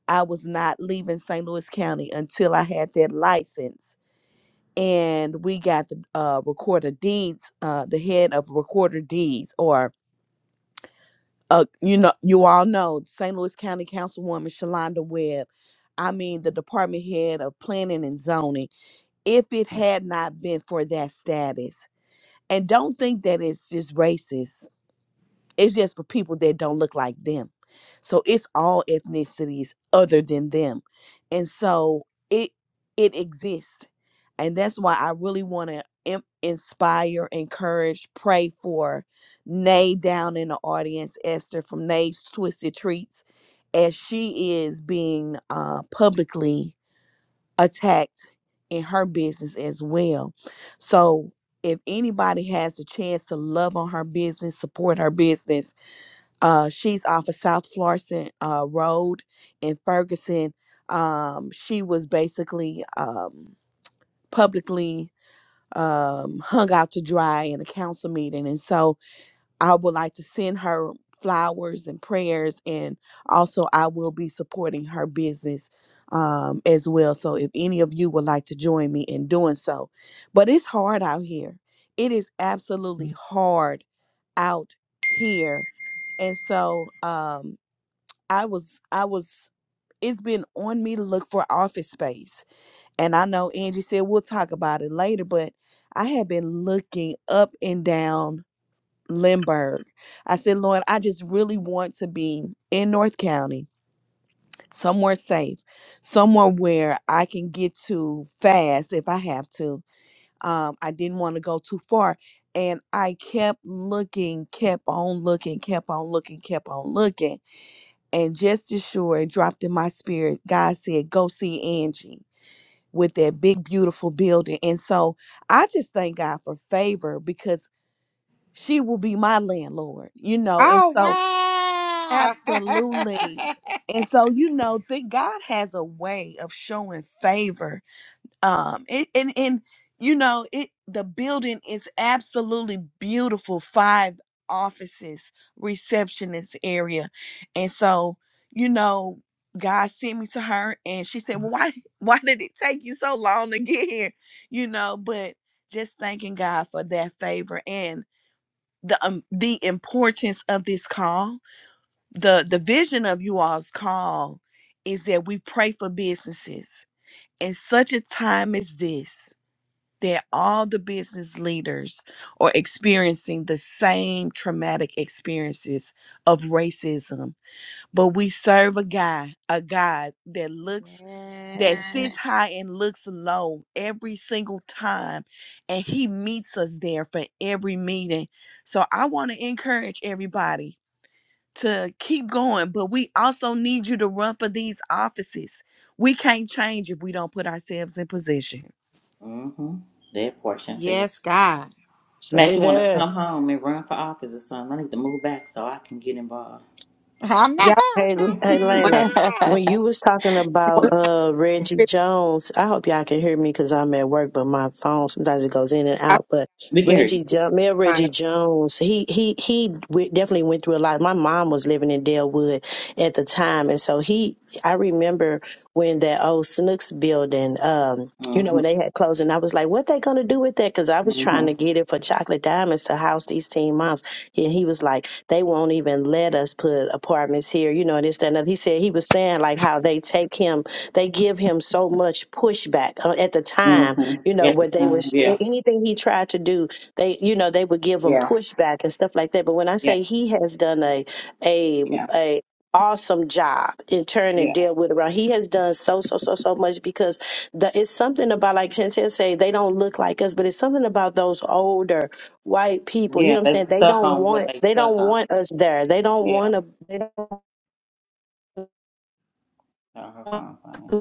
I was not leaving St. Louis County until I had that license. And we got the uh, recorder deeds, uh, the head of recorder deeds, or uh, you know, you all know St. Louis County Councilwoman Shalonda Webb. I mean, the department head of planning and zoning. If it had not been for that status, and don't think that it's just racist It's just for people that don't look like them. So it's all ethnicities other than them. And so it it exists. And that's why I really want to em- inspire, encourage, pray for Nay down in the audience, Esther from Nay's Twisted Treats, as she is being uh, publicly attacked in her business as well. So if anybody has a chance to love on her business, support her business, uh, she's off of South Florissant uh, Road in Ferguson. Um, she was basically um, publicly um, hung out to dry in a council meeting, and so I would like to send her flowers and prayers, and also I will be supporting her business um, as well. So if any of you would like to join me in doing so, but it's hard out here. It is absolutely hard out here, and so um, I was I was. It's been on me to look for office space. And I know Angie said we'll talk about it later, but I have been looking up and down Lindbergh. I said, Lord, I just really want to be in North County, somewhere safe, somewhere where I can get to fast if I have to. Um, I didn't want to go too far. And I kept looking, kept on looking, kept on looking, kept on looking. And just as sure it dropped in my spirit, God said, Go see Angie with that big, beautiful building. And so I just thank God for favor because she will be my landlord, you know. And
Oh
so
wow. [LAUGHS]
Absolutely. And so you know that God has a way of showing favor. Um it, and and you know it the building is absolutely beautiful. Five offices, receptionist area. And so, you know, God sent me to her and she said, Well, why [LAUGHS] why did it take you so long to get here? You know, but just thanking God for that favor and the um, the importance of this call the the vision of you all's call is that we pray for businesses in such a time as this that all the business leaders are experiencing the same traumatic experiences of racism but we serve a god a god that looks that
yeah.
sits high and looks low every single time and he meets us there for every meeting so i want to encourage everybody to keep going, but we also need you to run for these offices. We can't change if we don't put ourselves in position.
Mm-hmm. That portion too.
Yes, God.
Mac,
Say
you want
that.
to come home and run for office or something? I need to move back so I can get involved.
[LAUGHS] I know.
Y'all,
Hey, hey,
one,
Lena.
[LAUGHS]
Come
When
on.
you was talking
one
about
of my
uh Reggie
favorite-
Jones, I hope y'all can hear me because I'm at work, but my phone sometimes it goes in and
I'm
out. But
We can hear you.
Reggie, Jo- Mayor
trying
Reggie
to.
Jones, he he he w- definitely went through a lot. My mom was living in Delwood at the time, and so he, I remember when that old Snooks building, um, you know,
Mm-hmm.
when they had closed, and I was like, what they gonna do with that? Because I was trying to
Mm-hmm.
get it for Chocolate Diamonds to house these teen moms. And he was like, they won't even let us put apartments here, you know, and this, that, and other. He said he was saying like how they take him, they give him so much pushback uh, at the time, you
Mm-hmm.
know,
At the
where they were,
time, yeah,
anything he tried to do, they, you know, they would give him
yeah,
pushback and stuff like that. But when I
yeah,
say he has done a, a,
yeah,
a, awesome job in turn and
yeah,
deal with around. He has done so so so so much because the, it's something about like Chantel say they don't look like us, but it's something about those older white people. You
yeah.
know what I'm
They
saying? They
stuck
don't
on what
want
they
they
stuck
don't
on.
want us there. They don't
Yeah.
want to. they don't
So her phone, phone.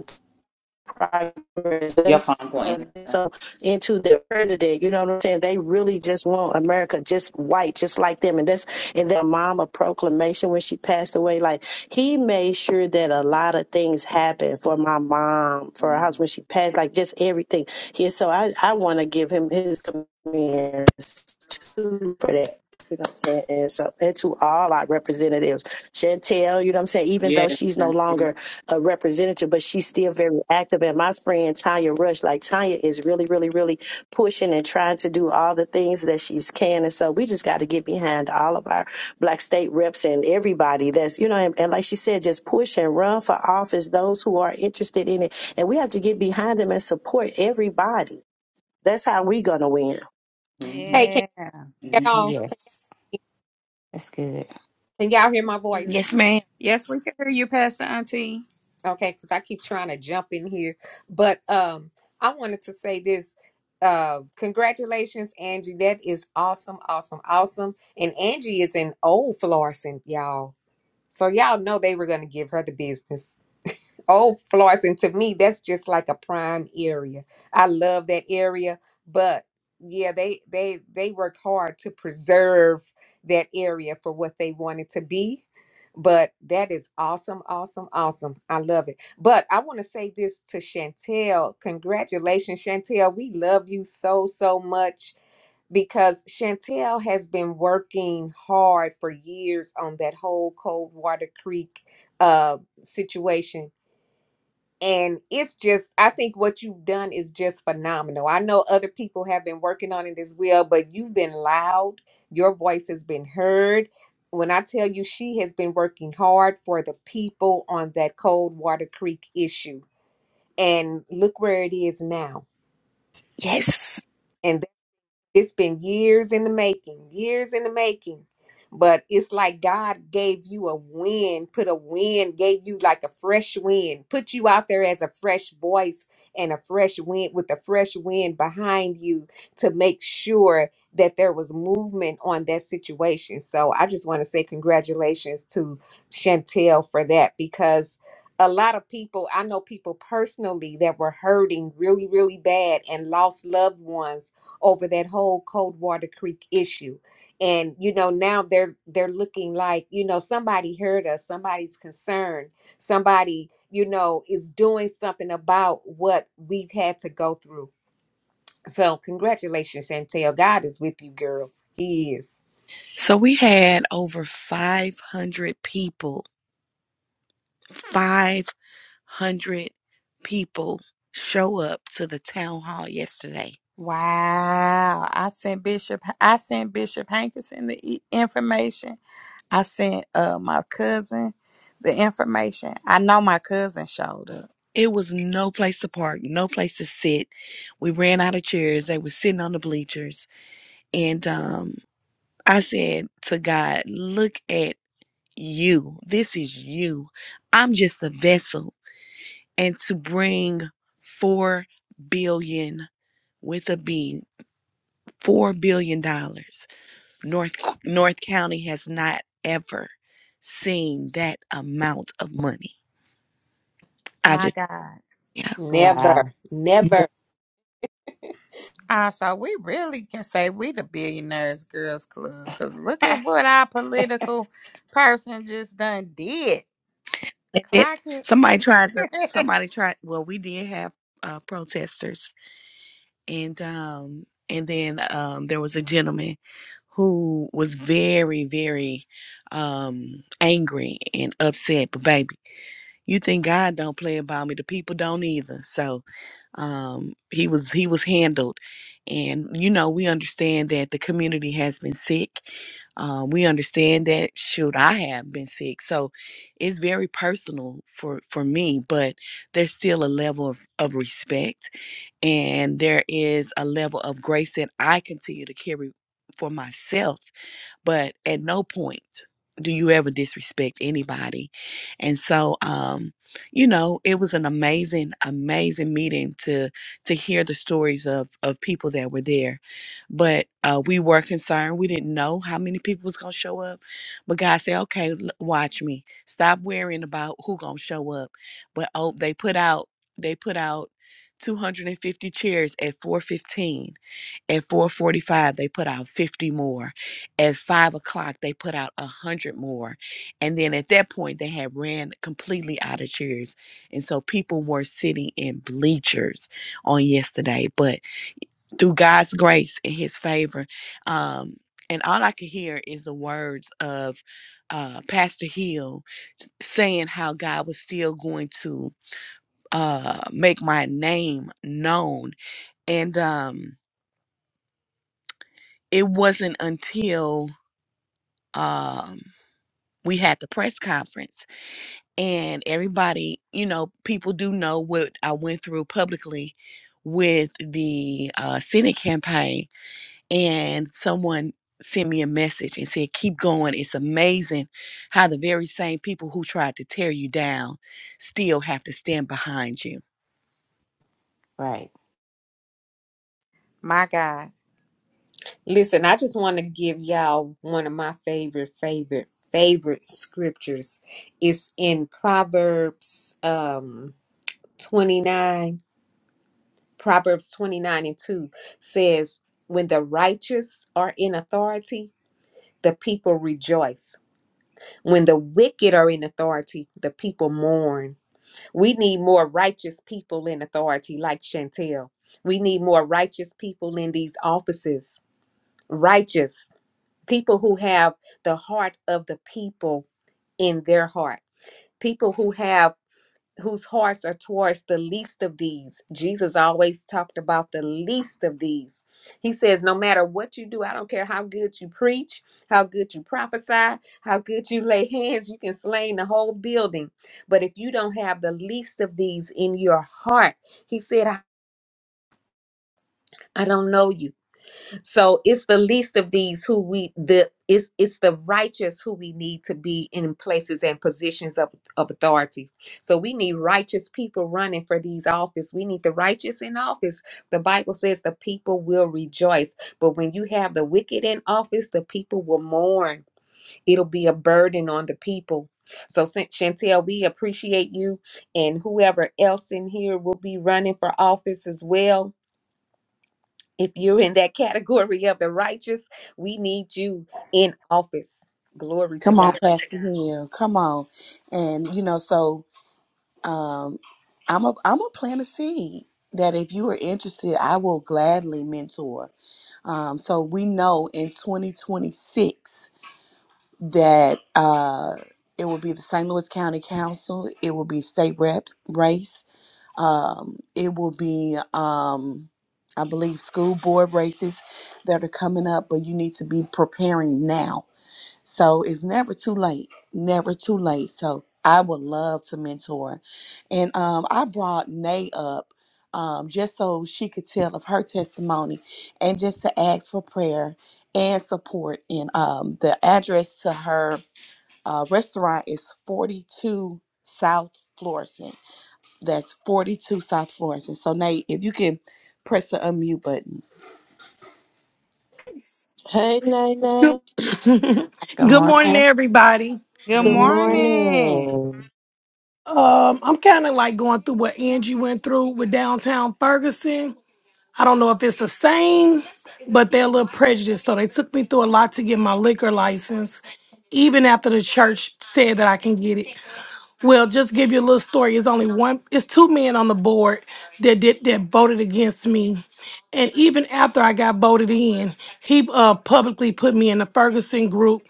progress.
Your
That's
phone going.
so into the president. You know what I'm saying? They really just want America just white, just like them. And that's in their mama proclamation when she passed away. Like he made sure that a lot of things happened for my mom, for her house
Mm-hmm.
when she passed, like just everything. Yeah, so I, I wanna give him his comments too for that. You know what I'm saying? And so and to all our representatives. Chantel, you know what I'm saying? Even though
Yes,
she's no
that's it.
longer a representative, but she's still very active. And my friend Tanya Rush, like Tanya is really, really, really pushing and trying to do all the things that she's can. And so we just got to get behind all of our black state reps and everybody that's, you know, and, and like she said, just push and run for office, those who are interested in it. And we have to get behind them and support everybody. That's how we going to win.
Mm-hmm.
Hey, can
Yeah.
you get
Mm-hmm.
on?
yes, that's good.
Can y'all hear my
That's
voice?
good.
Yes, ma'am.
Yes, we can hear you, Pastor Auntie.
Okay, because I keep trying to jump in here. But um, I wanted to say this. Uh, congratulations, Angie. That is awesome, awesome, awesome. And Angie is in old Florissant, y'all. So y'all know they were going to give her the business. Oh, Florence, to me, that's just like a prime area. I love that area, but yeah, they they they work hard to preserve that area for what they want it to be. But that is awesome, awesome, awesome. I love it. But I want to say this to Chantel. Congratulations, Chantel. We love you so, so much because Chantel has been working hard for years on that whole Coldwater Creek uh, situation and it's just i think what you've done is just phenomenal i know other people have been working on it as well but you've been loud your voice has been heard when i tell you she has been working hard for the people on that cold water creek issue and look where it is now
Yes.
it's been years in the making, years in the making. But it's like God gave you a wind, put a wind, gave you like a fresh wind, put you out there as a fresh voice and a fresh wind with a fresh wind behind you to make sure that there was movement on that situation. So I just want to say congratulations to Chantel for that because a lot of people, I know people personally that were hurting really, really bad and lost loved ones over that whole Coldwater Creek issue. And you know, now they're they're looking like, you know, somebody heard us, somebody's concerned, somebody, you know, is doing something about what we've had to go through. So congratulations, Chantel. God is with you, girl. He is.
So we had over 500 people, 500 people show up to the town hall yesterday.
Wow. I sent Bishop I sent Bishop Hankerson the e- information. I sent uh my cousin the information. I know my cousin showed up.
It was no place to park, no place to sit. We ran out of chairs. They were sitting on the bleachers. And um, I said to God, Look at you. This is you. I'm just a vessel. And to bring four billion with a B, four billion dollars. North North County has not ever seen that amount of money. I
My
just
God.
yeah.
Wow.
Never,
[LAUGHS]
never.
Ah, so we really can say we the billionaires girls club because look
[LAUGHS]
at what our political person just done did.
And then
Clock it.
somebody tried to
[LAUGHS]
somebody tried well we did have uh protesters and um and then um there was a gentleman who was very very um angry and upset but baby You think God don't play about me? The people don't either. So um, he was he was handled, and you know we understand that the community has been sick. Um, we understand that. Shoot, I have been sick, so it's very personal for for me. But there's still a level of, of respect, and there is a level of grace that I continue to carry for myself but at no point do you ever disrespect anybody. And so um you know, it was an amazing amazing meeting to to hear the stories of of people that were there. But uh we were concerned. We didn't know how many people was going to show up. But God said, "Okay, l- watch me. Stop worrying about who going to show up." But oh, they put out they put out 250 chairs at 415 at 4:45, they put out 50 more. At five o'clock, they put out a hundred more, and then at that point, they had ran completely out of chairs, and so people were sitting in bleachers on yesterday. But through God's grace and His favor, um, and all I could hear is the words of uh, Pastor Hill saying how God was still going to uh, make my name known, and um, it wasn't until um we had the press conference and everybody you know people do know what i went through publicly with the uh senate campaign and someone sent me a message and said keep going it's amazing how the very same people who tried to tear you down still have to stand behind you
Right.
my God.
Listen, I just want to give y'all one of my favorite, favorite, favorite scriptures. It's in Proverbs um 29 Proverbs 29 and 2 says, When the righteous are in authority, the people rejoice. When the wicked are in authority, the people mourn. We need more righteous people in authority, like Chantel. We need more righteous people in these offices. Righteous people who have the heart of the people in their heart, people who have whose hearts are towards the least of these. Jesus always talked about the least of these. He says, No matter what you do, I don't care how good you preach, how good you prophesy, how good you lay hands, you can slay the whole building. But if you don't have the least of these in your heart, he said, I, I don't know you. So it's the least of these who we the it's it's the righteous who we need to be in places and positions of, of authority. So we need righteous people running for these office. We need the righteous in office. The Bible says the people will rejoice. But when you have the wicked in office, the people will mourn. It'll be a burden on the people. So Shan- Chantel, we appreciate you and whoever else in here will be running for office as well if you're in that category of the righteous, we need you in office. Glory to
come on
God.
pastor hill come on and you know so um, I'm a I'm a plant a seed that if you are interested, I will gladly mentor. Um, so we know in 2026 that uh, it will be the St. Louis County Council, it will be state reps race, um, it will be um, I believe school board races that are coming up, but you need to be preparing now so it's never too late. Never too late. So I would love to mentor. And um, I brought Nay up um, just so she could tell of her testimony and just to ask for prayer and support. And um, the address to her uh, restaurant is 42 South Florissant. That's 42 South Florissant. So, Nate, if you can press the unmute button.
Hey,
So,
Nene.
Good, [COUGHS] [LAUGHS]
Good
good morning,
morning.
everybody.
Good
Good
Good
morning.
morning.
morning.
Um, I'm kind of like going through what Angie went through with downtown Ferguson. I don't know if it's the same, but they're a little prejudiced. So they took me through a lot to get my liquor license, even after the church said that I can get it. Well, just give you a little story. It's only one. It's two men on the board that did that voted against me, and even after I got voted in, he uh, publicly put me in the Ferguson group,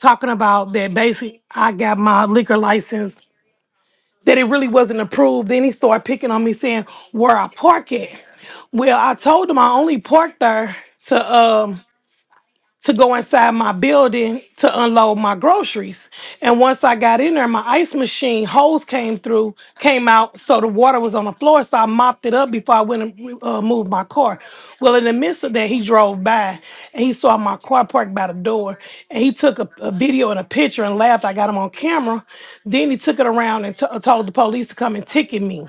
talking about that. Basically, I got my liquor license that it really wasn't approved. Then he started picking on me saying where I park it. Well, I told him I only parked there to um to go inside my building to unload my groceries. And once I got in there, my ice machine hose came through, came out, so the water was on the floor. So I mopped it up before I went and uh, moved my car. Well, in the midst of that, he drove by and he saw my car parked by the door, and he took a, a video and a picture and laughed. I got him on camera. Then he took it around and t- told the police to come and ticket me.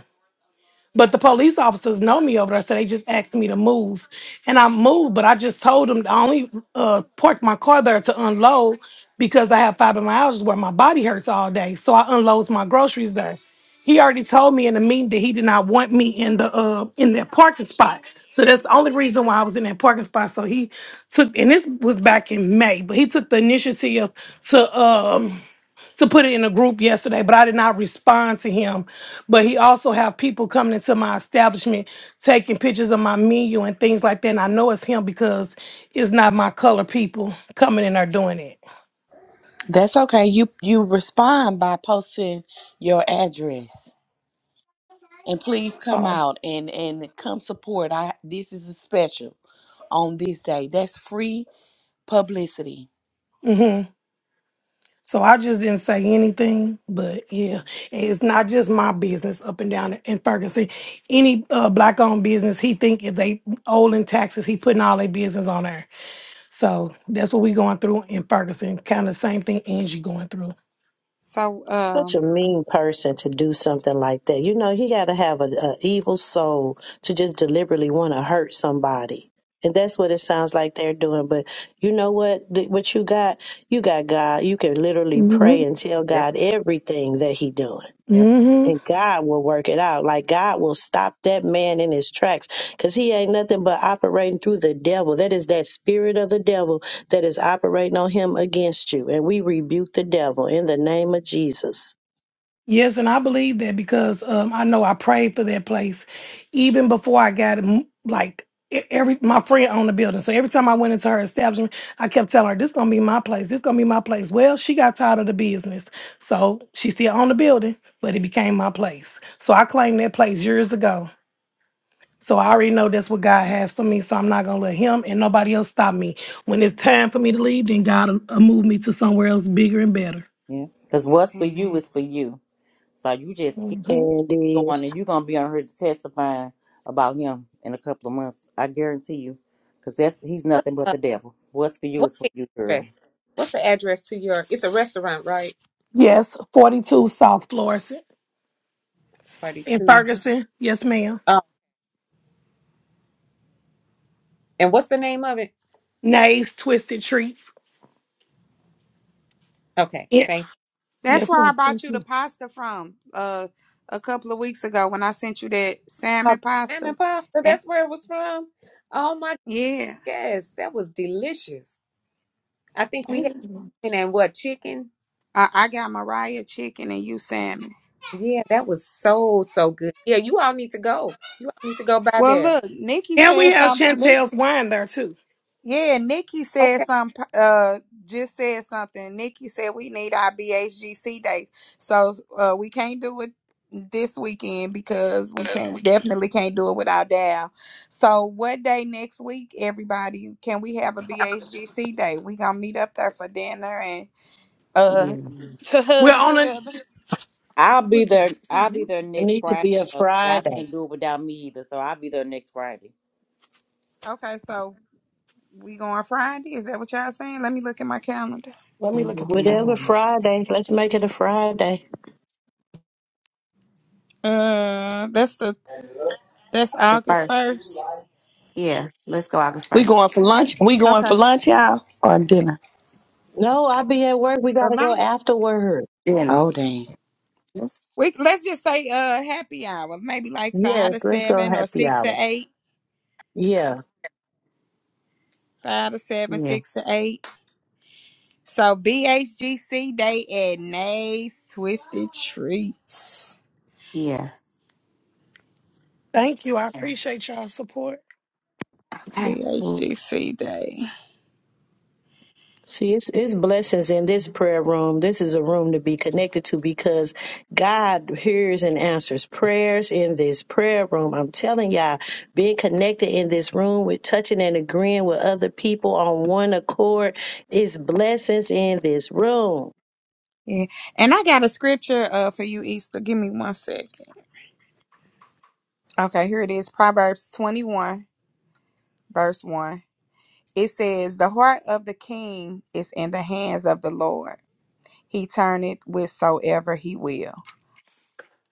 But the police officers know me over there, so they just asked me to move. And I moved, but I just told them I only uh, parked my car there to unload because I have fibromyalgia where my body hurts all day. So I unloads my groceries there. He already told me in the meeting that he did not want me in the uh in that parking spot. So that's the only reason why I was in that parking spot. So he took and this was back in May, but he took the initiative to um to put it in a group yesterday, but I did not respond to him. But he also have people coming into my establishment taking pictures of my menu and things like that. And I know it's him because it's not my color people coming in there doing it.
That's okay. You you respond by posting your address. and please come
Oh,
out and and come support i this is a special on this day that's free publicity
hmm so I just didn't say anything, but yeah, And it's not just my business up and down in Ferguson. Any uh, black-owned business, he think if they owe in taxes, he putting all their business on there. So that's what we going through in Ferguson. Kind of same thing Angie going through.
So
Such a
um
mean person to do something like that. You know, he got to have a, a evil soul to just deliberately want to hurt somebody. And that's what it sounds like they're doing. But you know what? Th- What you got? You got God. You can literally pray
hmm
and tell
Yes,
God everything that he doing.
yes,
hmm
and God will work it out. Like God will stop that man in his tracks because he ain't nothing but operating through the devil. That is that spirit of the devil that is operating on him against you. And we rebuke the devil in the name of Jesus.
Yes, and I believe that because um, I know I prayed for that place even before I got mm, like e- every my friend owned the building. So every time I went into her establishment, I kept telling her, "This gonna be my place. This gonna be my place." Well, she got tired of the business, so she still owned the building, but it became my place. So I claimed that place years ago. So I already know that's what God has for me. So I'm not gonna let him and nobody else stop me. When it's time for me to leave, then God will, will move me to somewhere else bigger and better.
yeah. Because what's for you
amen.
is for you. So you just keep
And it
going,
is.
and you're gonna be on here testifying about him in a couple of months. I guarantee you, because that's he's nothing but
Uh,
the devil. What's for you
what's
is for
the
you, girl.
address? What's the address to your? It's a restaurant, right?
Yes, 42 South Florissant in
Forty-two.
Ferguson. Yes, ma'am.
Um, and what's the name of it?
Nays Twisted Treats.
Okay,
Yeah.
thank you.
That's
Yes,
where I
ma'am.
bought
Thank
you
you.
the pasta from uh a couple of weeks ago when I sent you that
Oh,
salmon
salmon
pasta.
pasta.
And
That's where it was from. Oh my
yeah,
goodness, that was delicious. I think we
Thank
had
yeah.
you.
salmon and what chicken?
I, I got Mariah chicken and you salmon.
Yeah, that was so so good. Yeah, you all need to go. You all need to go by
Well,
there.
look, Nikki
And we
said
have
something.
Chantel's wine there too.
Yeah, Nikki said
Okay,
some. Uh, just said something. Nikki said we need our BHGC day, so uh, we can't do it this weekend because we can't definitely can't do it without Dal. So what day next week, everybody? Can we have a BHGC day? We gonna meet up there for dinner and
Yeah.
uh [LAUGHS] to
We're
hug
on
each
a
other.
I'll be
What's that?
there.
Is that
I'll be
next?
there
It
next
need to
Friday.
be a
So y'all
Friday.
can't do it without me either. So I'll be there next Friday.
Okay, so we going Friday? Is that what y'all saying? Let me look at my calendar.
Let me
Let me
look at
look
the
at my
calendar.
Whatever
calendar.
Friday, let's make it a Friday.
Uh, that's the that's
The
August
first.
first.
Yeah. Let's go August
we
first.
going for lunch we going
Okay
for lunch y'all or dinner
No, I'll be at work. We got
a
to go
lot of
afterward.
Then.
oh dang [LAUGHS]
Yes.
We let's just say uh happy hour, maybe like five
Yes,
to
let's go
seven or
happy
six to
hour.
eight,
Yeah.
five to seven,
Yeah.
six to eight. So BHGC Day at Nays Twisted Treats.
Yeah.
Thank you. I appreciate y'all's support.
Okay.
BHGC Day.
See, it's, it's blessings in this prayer room. This is a room to be connected to because God hears and answers prayers in this prayer room. I'm telling y'all, being connected in this room with touching and agreeing with other people on one accord is blessings in this room.
Yeah. And I got a scripture uh for you, Easter. Give me one second. Okay, here it is. Proverbs 21, verse 1. It says, The heart of the king is in the hands of the Lord. He turneth whithersoever he will.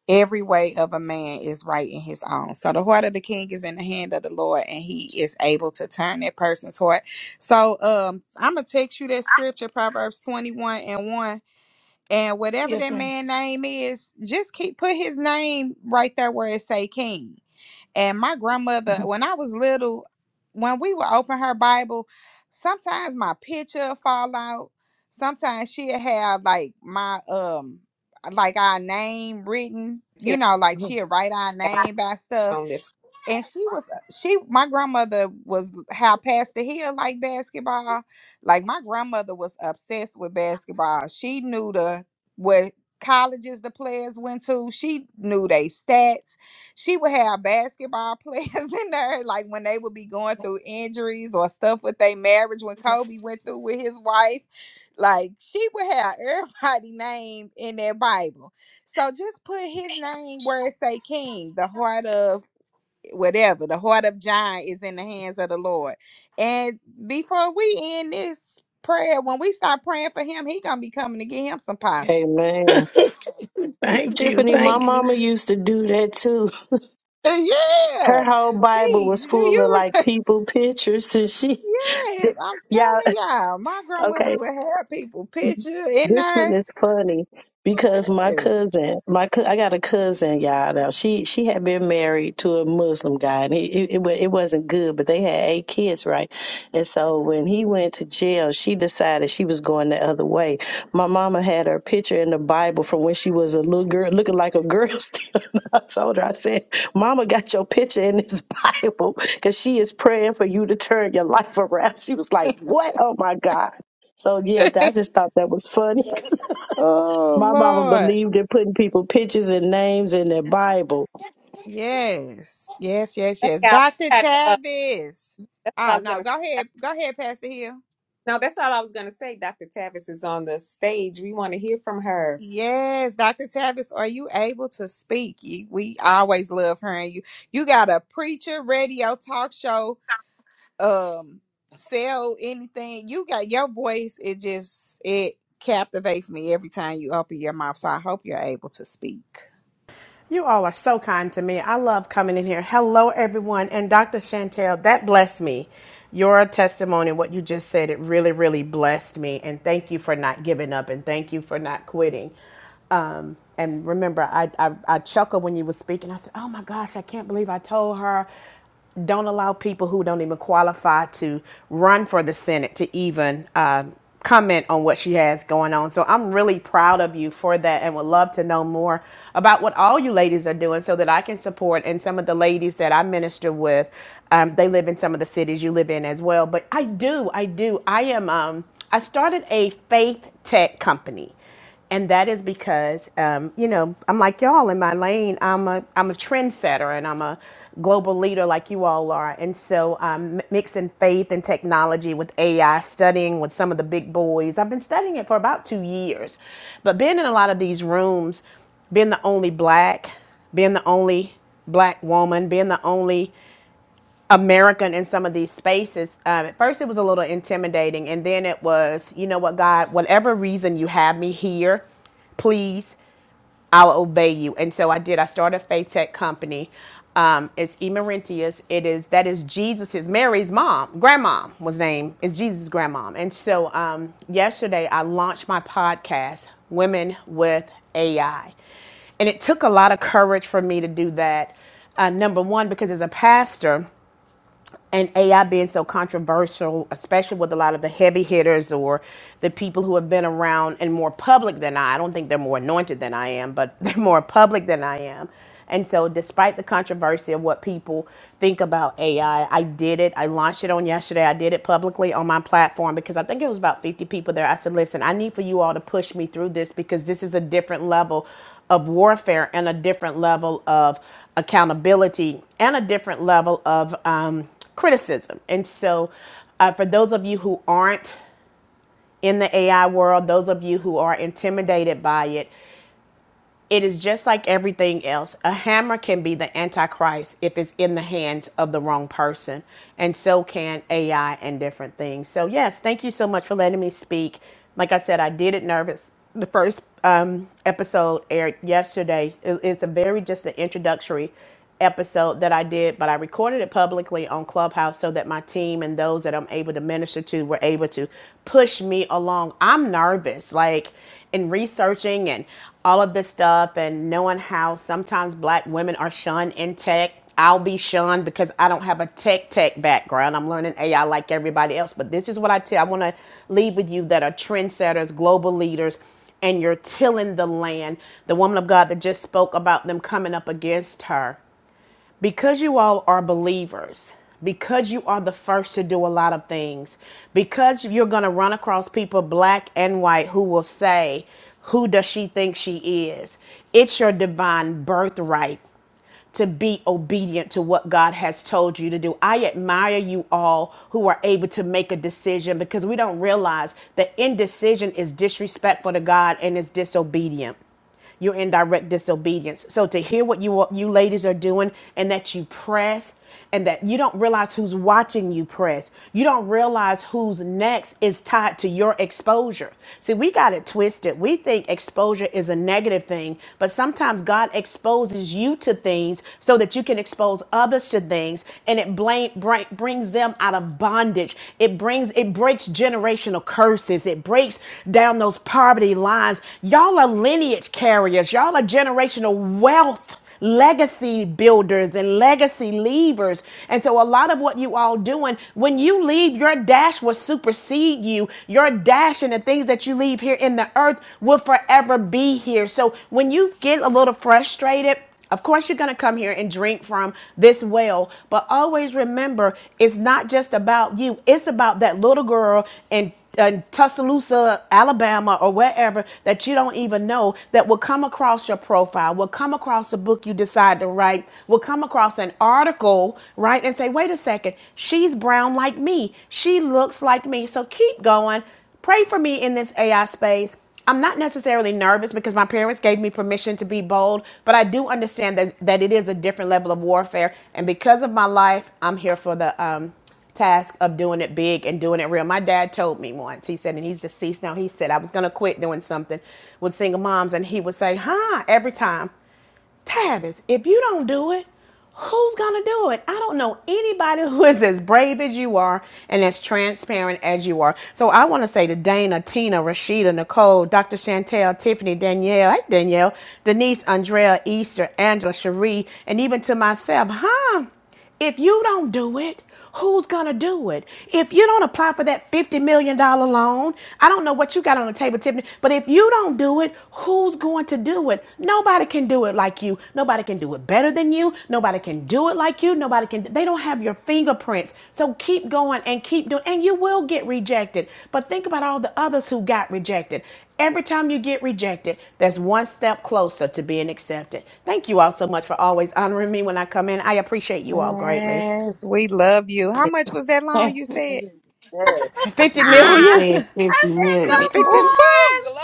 Every way of a man is right in his own. So the heart of the king is in the hand of the Lord, and he is able to turn that person's heart. So um I'm gonna text you that scripture, Proverbs 21 and 1. And whatever
Yes,
that
ma'am.
man name is, just keep put his name right there where it say king. And my grandmother, when I was little, when we would open her Bible, sometimes my picture would fall out. Sometimes she'd have like my um like our name written,
tell
you know, like
[LAUGHS]
she'd write our
me
name by stuff
on this.
and she was uh, she my grandmother was how past the hill like basketball like my grandmother was obsessed with basketball she knew the what colleges the players went to she knew they stats she would have basketball [LAUGHS] players in there like when they would be going through injuries or stuff with their marriage when kobe went through with his wife like she would have everybody [LAUGHS] name in their bible so just put his name where it say king the heart of whatever. The heart of John is in the hands of the Lord. And before we end this prayer, when we start praying for him, he gonna be coming to get him some pasta.
Amen.
Thank you.
[LAUGHS]
Tiffany, my
Thank you.
mama used to do that too. Her
yeah,
whole Bible was
peace. Do
full of
you?
like
[LAUGHS]
people pictures and she,
Yes, I'm
[LAUGHS] yeah,
telling y'all, my grandmother
okay.
would have people picture in
This one
there.
is funny because my
Yes.
cousin, my cou- I got a cousin, y'all. Now she she had been married to a Muslim guy, and it it, it wa- it wasn't good. But they had eight kids, right? And so when he went to jail, she decided she was going the other way. My mama had her picture in the Bible from when she was a little girl, looking like a girl. [LAUGHS] Still, I told her, I said, "Mama got your picture in this [LAUGHS] Bible because she is praying for you to turn your life around." She was like, "What? Oh my God!" So yeah, th- I just thought that was funny. [LAUGHS]
Oh
My mama
Lord.
believed in putting people pictures and names in their Bible.
Yes, yes, yes, yes. Doctor
Yeah,
Tavis.
That's what I
Oh
was
no,
gonna
go
say.
ahead, go ahead, Pastor Hill.
No, that's all I was gonna say. Dr. Tavis is on the stage. We want to hear from her.
Yes, Dr. Tavis, are you able to speak? You- We always love hearing you. You got a preacher, radio, talk show, um, sell anything. You got your voice, it just it captivates me every time you open your mouth. So I hope you're able to speak.
You all are so kind to me. I love coming in here. Hello, everyone. And Dr. Chantel, that blessed me. Your testimony, what you just said, it really, really blessed me. And thank you for not giving up and thank you for not quitting. Um, and remember, I, I, I chuckled when you were speaking. I said, Oh my gosh, I can't believe I told her don't allow people who don't even qualify to run for the Senate to even uh, comment on what she has going on. So I'm really proud of you for that and would love to know more about what all you ladies are doing so that I can support. And some of the ladies that I minister with, um, they live in some of the cities you live in as well. But I do, I do. I am, um, I started a faith tech company and that is because um, you know I'm like y'all in my lane. I'm a I'm a trendsetter and I'm a global leader like you all are. And so I'm um, m- mixing faith and technology with AI, studying with some of the big boys. I've been studying it for about two years, but being in a lot of these rooms, being the only black, being the only black woman, being the only American in some of these spaces. Um, at first, it was a little intimidating, and then it was, you know what, God, whatever reason you have me here, please, I'll obey you. And so I did. I started a faith tech company. Um, it's Emerentius. It is that is Jesus's Mary's mom, grandmom was named is Jesus' grandmom. And so um, yesterday I launched my podcast, Women with AI, and it took a lot of courage for me to do that. Uh, number one, because as a pastor and AI being so controversial, especially with a lot of the heavy hitters or the people who have been around and more public than I. I don't think they're more anointed than I am, but [LAUGHS] they're more public than I am. And so, despite the controversy of what people think about AI, I I did it. I launched it on yesterday. I did it publicly on my platform because I think it was about 50 people there. I said, listen, I need for you all to push me through this because this is a different level of warfare and a different level of accountability and a different level of. Um, criticism. And so, uh, for those of you who aren't in the AI world, those of you who are intimidated by it, it is just like everything else. A hammer can be the antichrist if it's in the hands of the wrong person, and so can AI and different things. So, yes, thank you so much for letting me speak. Like I said, I did it nervous. The first um, episode aired yesterday. It- it's a very just an introductory episode that I did, but I recorded it publicly on Clubhouse so that my team and those that I'm able to minister to were able to push me along. I'm nervous, like in researching and all of this stuff, and knowing how sometimes black women are shunned in tech. I'll be shunned because I don't have a tech tech background. I'm learning AI like everybody else, but this is what I tell. I want to leave with you that are trendsetters, global leaders, and you're tilling the land. The woman of God that just spoke about them coming up against her because you all are believers, because you are the first to do a lot of things, because you're going to run across people, black and white, who will say, Who does she think she is? It's your divine birthright to be obedient to what God has told you to do. I admire you all who are able to make a decision because we don't realize that indecision is disrespectful to God and is disobedient you're in direct disobedience. So to hear what you you ladies are doing and that you press and that you don't realize who's watching you press. You don't realize who's next is tied to your exposure. See, we got it twisted. We think exposure is a negative thing, but sometimes God exposes you to things so that you can expose others to things and it blame, bring, brings them out of bondage bondage. It brings it breaks generational curses. It breaks down those poverty lines. Y'all are lineage carriers. Y'all are generational wealth legacy builders and legacy leavers. And so a lot of what you all doing, when you leave, your dash will supersede you. Your dash and the things that you leave here in the earth will forever be here. So when you get a little frustrated, of course, you're going to come here and drink from this well, but always remember it's not just about you. It's about that little girl in, in Tuscaloosa, Alabama, or wherever that you don't even know that will come across your profile, will come across a book you decide to write, will come across an article, right? And say, wait a second, she's brown like me. She looks like me. So keep going Pray for me in this AI space. I'm not necessarily nervous because my parents gave me permission to be bold, but I do understand that, that it is a different level of warfare. And because of my life, I'm here for the um, task of doing it big and doing it real. My dad told me once, he said, and he's deceased now, he said, I was going to quit doing something with single moms. And he would say, huh, every time. Tavis, if you don't do it, who's going to do it? I don't know anybody [LAUGHS] who is as brave as you are and as transparent as you are. So I want to say to Dana, Tina, Rashida, Nicole, Dr. Chantel, Tiffany, Danielle, hey Danielle, Denise, Andrea, Easter, Angela, Cherie, and even to myself, huh? If you don't do it, who's going to do it? If you don't apply for that $50 million dollars loan, I don't know what you got on the table, Tiffany, but if you don't do it, who's going to do it? Nobody can do it like you. Nobody can do it better than you. Nobody can do it like you. Nobody can. They don't have your fingerprints. So keep going and keep doing, and you will get rejected. But think about all the others who got rejected. Every time you get rejected, that's one step closer to being accepted. Thank you all so much for always honoring me when I come in. I appreciate you all greatly.
Yes, we love you. How much was that
[LAUGHS]
loan you said?
Mhm. Yes.
50
Fifty
she
million.
Ah,
said
million?
i
fifty
said
[LAUGHS]
million.
no,
come
50.
on
Woohoo! Glory!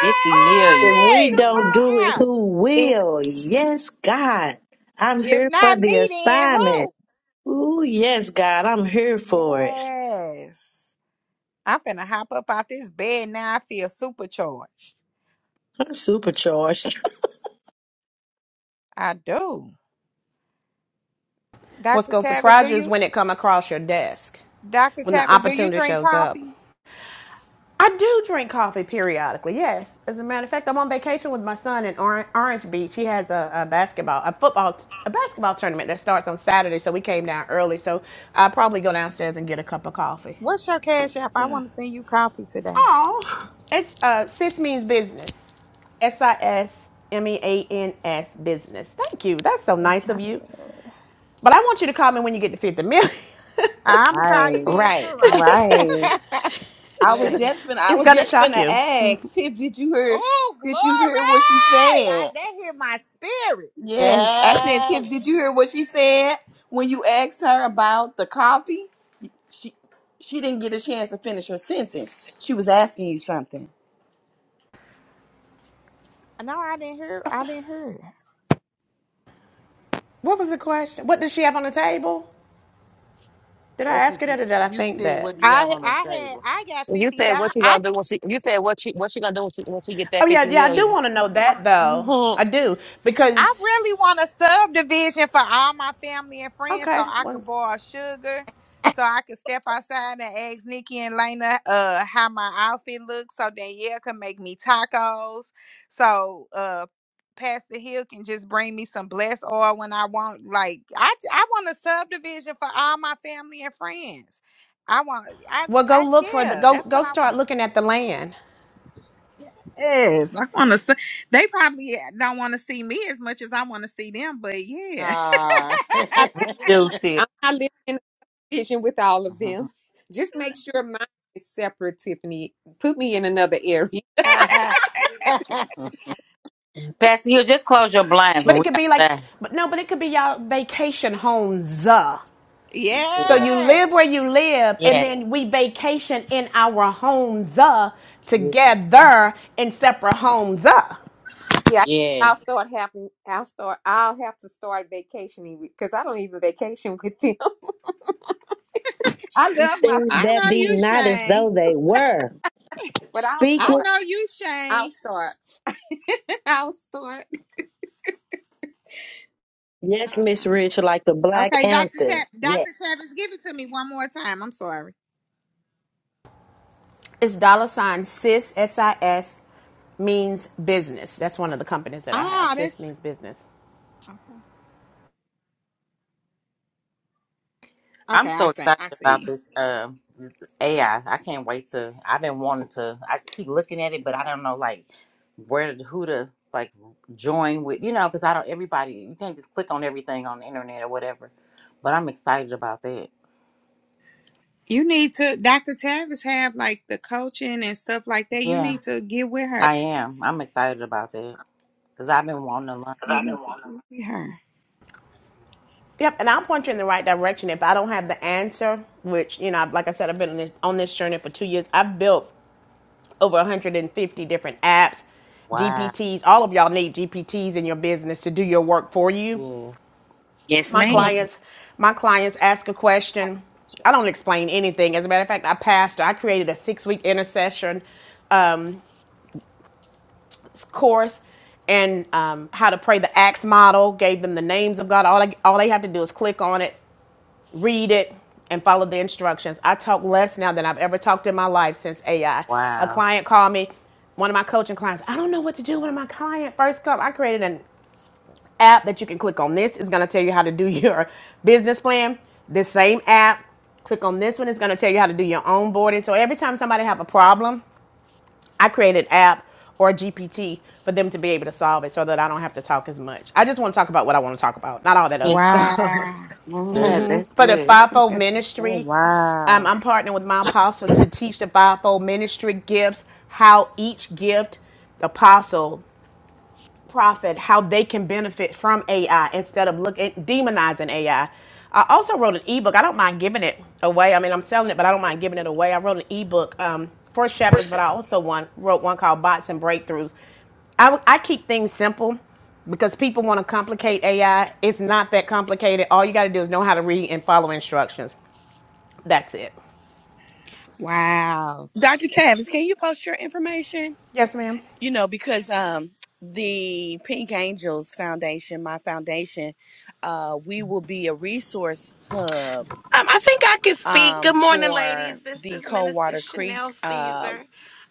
Fifty
If
million.
we
come on come
don't
on
do it,
Ah,
who
[LAUGHS]
will? Yes, God. I'm
if
here for
not
the
me, then
assignment.
who?
Ooh, yes, God, I'm here for it.
Yes. I'm finna hop up out this bed now. I feel supercharged.
I'm supercharged. [LAUGHS]
I do.
What's
Dr.
going to
Tavis, do
surprise you is
you
when it come across your desk,
Dr.
when the
Tavis, do you
opportunity
drink
shows up.
coffee?
I do drink coffee periodically. Yes, as a matter of fact, I'm on vacation with my son in Oran- Orange Beach. He has a, a basketball, a football, t- a basketball tournament that starts on Saturday. So we came down early. So I'll probably go downstairs and get a cup of coffee.
What's your cash app? I
Yeah.
want to send you coffee today.
Oh, it's uh, sis means business. S I S M E A N S business. Thank you. That's so
That's
nice of
not
you.
yes.
But I want you to call me when you get to 50 million. [LAUGHS]
I'ma call you
Right,
then too.
Right.
I'm,
[LAUGHS]
it's
right. I was
gonna,
yes.
just gonna I
it's
was
gonna
just
shock
gonna
you.
ask Tip, did you hear
oh,
did you hear what she
glory! I
said?
that hit my spirit.
Yes. I said, Tip,
Yes.
did you hear what she said when you asked her about the coffee? She she didn't get a chance to finish her sentence. She was asking you something.
No, I didn't hear I didn't hear
What was the question? What does she have on the table? Did I
That's
ask her
what you
that or did I
you
think
said. What
that?
do you have
I
on the
I had
table?
I got
You
fifty
said
thousand
what you gonna do
I
when she? You said what she what she gonna do when she when she get that
Oh yeah,
fifty
yeah, I do
million?
want to know that though.
[LAUGHS]
I do
I
because
really want a subdivision for all my family and friends so
okay,
I
well,
could borrow sugar. So I could step outside and ask Nikki and Lena uh how my outfit looks so Danielle can make me tacos. So uh Pastor Hill can just bring me some blessed oil when I want like I j- I want a subdivision for all my family and friends. I want I
well, go
I
look for the
yeah,
go
that's what
go
I
start
want.
looking at the land.
Yes, I want to see. They probably don't want to see me as much as I want to see them, but yeah.
Ah.
I,
We do
[LAUGHS]
too.
I'm
[LAUGHS]
not living in a vision with all of them. [LAUGHS] Just make sure mine is separate, Tiffany. Put me in another area.
Pastor, you just close your blinds
But
when
it
we
could be like,
outside.
but no, but it could be y'all vacation homes. uh. So
Yeah.
you
Yes.
live where you live, and
Yeah.
then we vacation in our homes uh,
Yeah.
together in separate homes. uh.
Yeah,
Yes.
I'll start having. I'll start. I'll have to start vacationing because I don't even vacation with them. [LAUGHS] I
Speak
love my
things
I
that
family,
know
be
you,
not as
Shane.
though they were.
but I'll
Speak
I
start.
know
it.
you,
I'll
Shane.
start. [LAUGHS] I'll start.
Yes,
Hold
Miss
on.
Rich, like the Black
Okay, Dr.
Hampton.
Tav-
Yes.
Dr. Tavis, give it to me one more time. I'm sorry.
It's dollar sign sis s S i s means business. That's one of the companies that I have.
Ah,
Sis
that's
means business.
okay.
I'm
Okay, I
so
see.
excited
I
about
see.
this uh, this AI. I I can't wait to. I've been wanting to. I keep looking at it, but I don't know like where to, who to like join with. You know, because I don't. Everybody, you can't just click on everything on the internet or whatever. But I'm excited about that.
You need to, Dr. Tavis, have like the coaching and stuff like that. You
Yeah,
need to get with her.
I am. I'm excited about that because I've been wanting to learn.
You need to get
Yep, and I'll point you in the right direction. If I don't have the answer, which you know, like I said, I've been on this, on this journey for two years. I've built over 150 different apps,
Wow.
GPTs. All of y'all need GPTs in your business to do your work for you.
Yes.
Yes,
My
ma'am.
with her.
clients, my clients ask a question. I don't explain anything. As a matter of fact, I pastor. I created a six-week intercession course and um, how to pray the Acts model. Gave them the names of God. All I, all they have to do is click on it read it and follow the instructions. I talk less now than I've ever talked in my life since AI. A
Wow.
client called me, one of my coaching clients, I don't know what to do when my client first come. I created an app that you can click on this. is gonna tell you how to do [LAUGHS] your business plan. This same app, click on this one, it's gonna tell you how to do your onboarding. So every time somebody have a problem, I create an app or a GPT for them to be able to solve it so that I don't have to talk as much. I just want to talk about what I want to talk about, not all that other [LAUGHS]
Yes.
stuff
Wow.
[LAUGHS]
Good.
That's
for the
good.
fivefold
Oh
ministry.
wow.
Um, I'm partnering with my apostle to teach the fivefold ministry gifts, how each gift, apostle profit how they can benefit from AI instead of looking demonizing AI. I I also wrote an ebook. I don't mind giving it away. I mean, I'm selling it, but I don't mind giving it away. I wrote an ebook um, for shepherds, but I also one, wrote one called Bots and Breakthroughs. I, I keep things simple because people want to complicate AI. It's not that complicated. All you got to do is know how to read and follow instructions. That's it.
Wow.
Dr. Tavis, can you post your information?
Yes, ma'am.
You know, because um the Pink Angels Foundation, my foundation, uh, we will be a resource hub
Um, I think I can speak. Good
um,
morning,
for
ladies. This
the
is Minister
Coldwater
Chanel
Creek uh,
Caesar.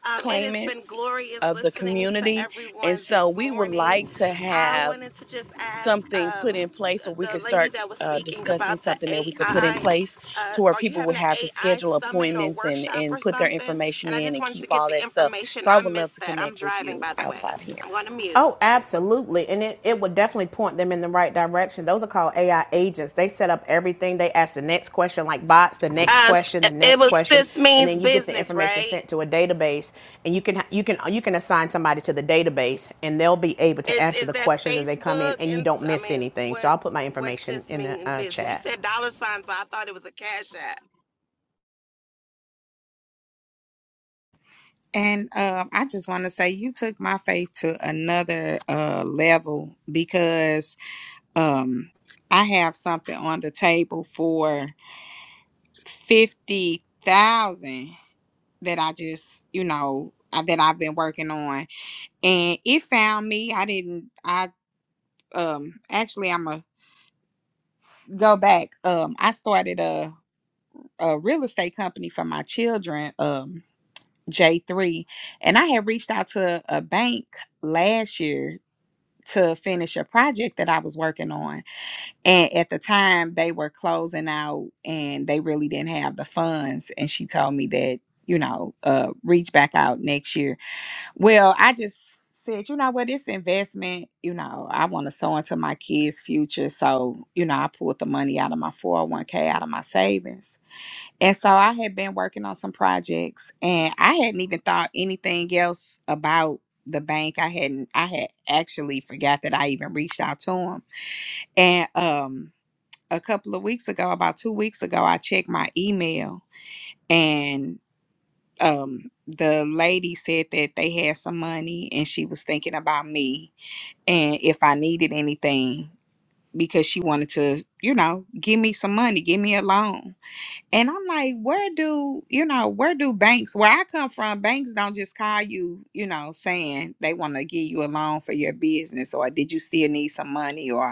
Um, it has been
claimants
glorious
of the
listening to
community. And
everyone this
so we would like
morning.
to
I
have
wanted to just ask
something put
um,
in place or
the,
we
the
could
lady
start
that was
uh,
speaking
discussing
about the
something that we could put in
AI.
place
Uh,
to where
are you
people
having
would
an
have to
AI
schedule
summit or
appointments and,
workshop or
and put their
something?
information
And I
in
just
and
wanted
keep
to get
all
the
that stuff.
information.
So I
I
would love
missed
to
that. I'm
connect with
driving,
you
by the way.
outside of here.
I'm going to mute.
Oh, absolutely. And it, it would definitely point them in the right direction. Those are called AI agents. They set up everything. They ask the next question, like bots, the next
Uh, s-
question, the
it
next
was
question,
sis
and
means
then you get the
business,
information
right?
sent to a database and you can you can you can assign somebody to the database and they'll be able to
Is
answer
is
the
that
questions as they come in
Facebook
and you
and
don't
I
miss
mean
anything. So
what
I'll put my
what's
information
this
in the
mean in
uh,
business? You
chat.
said dollar signs, so I thought it was a cash app.
And um, I just want to say you took my faith to another uh, level because um, I have something on the table for fifty thousand that I just you know I- that I've been working on, and it found me. I didn't. I um actually I'm a go back. Um, I started a a real estate company for my children. Um, J three, and I had reached out to a bank last year to finish a project that I was working on. And at the time, they were closing out and they really didn't have the funds. And she told me that, you know, uh, reach back out next year. Well, I just said, you know what, this investment, you know, I want to sow into my kids' future. So, you know, I pulled the money out of my 401k, out of my savings and so I had been working on some projects and I hadn't even thought anything else about the bank. I hadn't I had actually forgot that I even reached out to them. And um a couple of weeks ago, about 2 weeks ago, I checked my email and um the lady said that they had some money and she was thinking about me and if I needed anything because she wanted to, you know, give me some money, give me a loan. And I'm like, where do, you know, where do banks, where I come from, banks don't just call you, you know, saying they want to give you a loan for your business or did you still need some money or?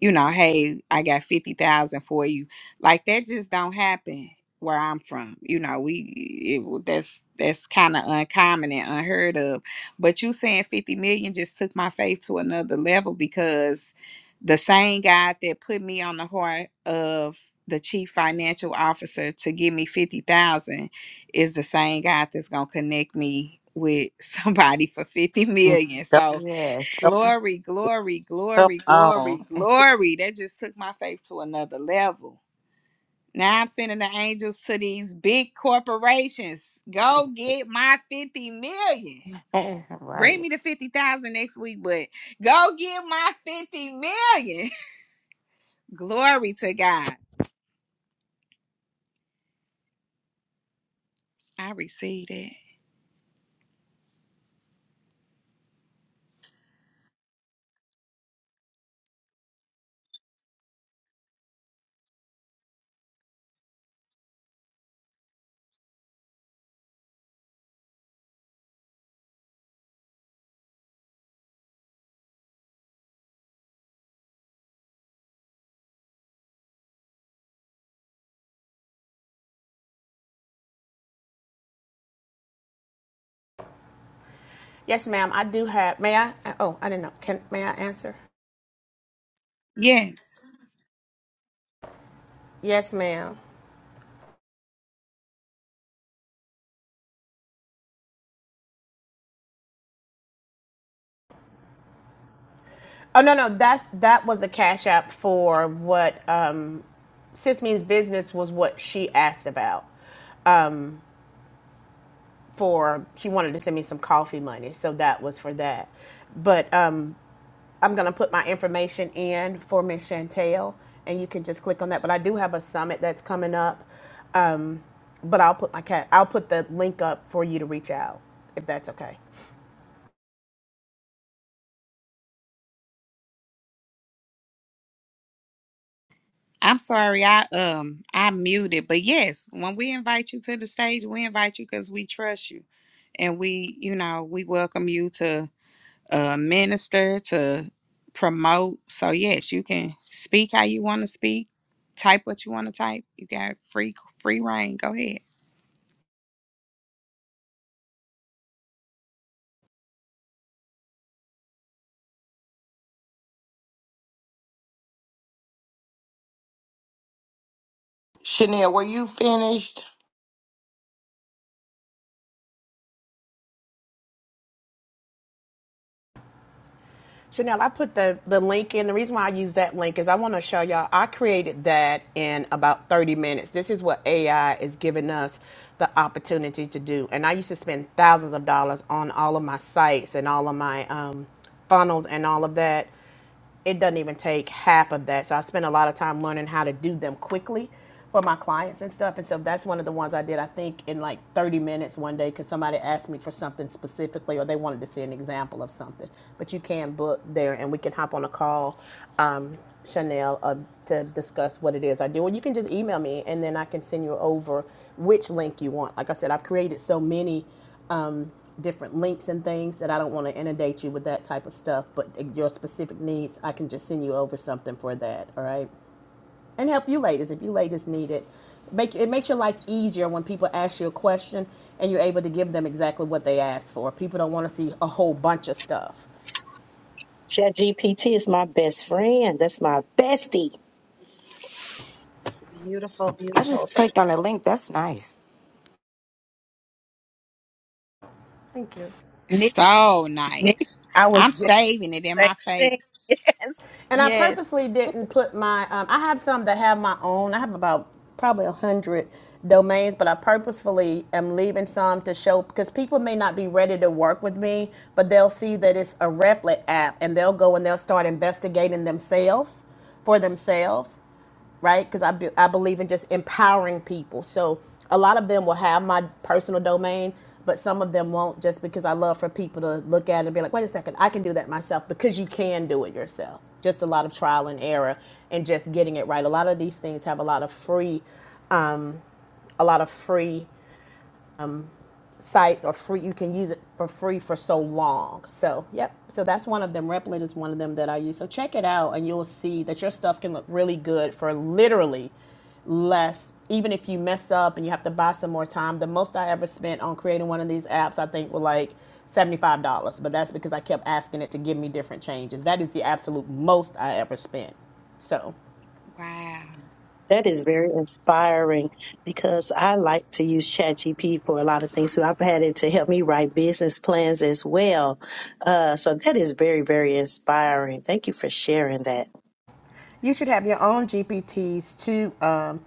you know, hey, I got 50,000 for you. Like that just don't happen where I'm from. You know, we it, that's that's kind of uncommon and unheard of. But you saying 50 million just took my faith to another level because the same God that put me on the heart of the chief financial officer to give me 50,000 is the same God that's going to connect me with [LAUGHS] somebody for 50
Mm.
million.
Come,
So,
Yes.
come,
Glory, glory,
come
glory, glory,
on.
glory. That just took my faith to another level. Now I'm sending the angels to these big corporations. Go get my 50 million.
[LAUGHS]
Bring
right.
me the 50,000 next week, but go get my 50 million. [LAUGHS] glory to God. I received it.
Yes, ma'am. I do have. May I? Oh, I didn't know. Can may I answer?
Yes.
Yes, ma'am. Oh no, no. That's that was a cash app for what uh, Sis Means Business was what she asked about for, she wanted to send me some coffee money. So that was for that. But um, I'm going to put my information in for Miss Chantel and you can just click on that. But I do have a summit that's coming up. Um, but I'll put my cat, I'll put the link up for you to reach out if that's okay.
I'm sorry I um I muted, but yes, when we invite you to the stage, we invite you cuz we trust you and we, you know, we welcome you to uh, minister, to promote. So, yes, you can speak how you want to speak, type what you want to type. You got free free reign. Go ahead.
Chanel, were you finished?
Chanel, I put the, the link in. The reason why I use that link is I want to show y'all I created that in about 30 minutes. This is what AI is giving us the opportunity to do. And I used to spend thousands of dollars on all of my sites and all of my um, funnels and all of that it doesn't even take half of that. So I've spent a lot of time learning how to do them quickly for my clients and stuff. And so that's one of the ones I did, I think, in like 30 minutes one day because somebody asked me for something specifically or they wanted to see an example of something. But you can book there and we can hop on a call, um, Chanel, uh, to discuss what it is I do. Or you can just email me and then I can send you over which link you want. Like I said, I've created so many um, different links and things that I don't want to inundate you with that type of stuff. But your specific needs, I can just send you over something for that. All right, and help you ladies if you ladies need it. Make it makes your life easier when people ask you a question and you're able to give them exactly what they asked for. People don't want to see a whole bunch of stuff.
Chat GPT is my best friend. That's my bestie.
Beautiful,
I
beautiful.
just clicked on the link. That's nice.
Nick,
So
Nick,
nice.
I was
I'm
just
saving it in
saying
my
thing.
favorites.
[LAUGHS] Yes,
And I
yes.
purposely didn't put my. Um, I have some that have my own. I have about probably a hundred domains, but I purposefully am leaving some to show because people may not be ready to work with me, but they'll see that it's a Replit app, and they'll go and they'll start investigating themselves for themselves right? Because I, be, I believe in just empowering people. So a lot of them will have my personal domain, but some of them won't just because I love for people to look at it and be like, wait a second, I can do that myself because you can do it yourself. Just a lot of trial and error and just getting it right. A lot of these things have a lot of free, a lot of free sites are free. You can use it for free for so long. So, yep. So that's one of them. Replin is one of them that I use. So check it out, and you'll see that your stuff can look really good for literally less. Even if you mess up and you have to buy some more time, the most I ever spent on creating one of these apps, I think, were like seventy-five dollars. But that's because I kept asking it to give me different changes. That is the absolute most I ever spent. So
Wow.
That is very inspiring because I like to use ChatGPT for a lot of things. So I've had it to help me write business plans as well. Uh, so that is very, very inspiring. Thank you for sharing that.
You should have your own GPTs too, um,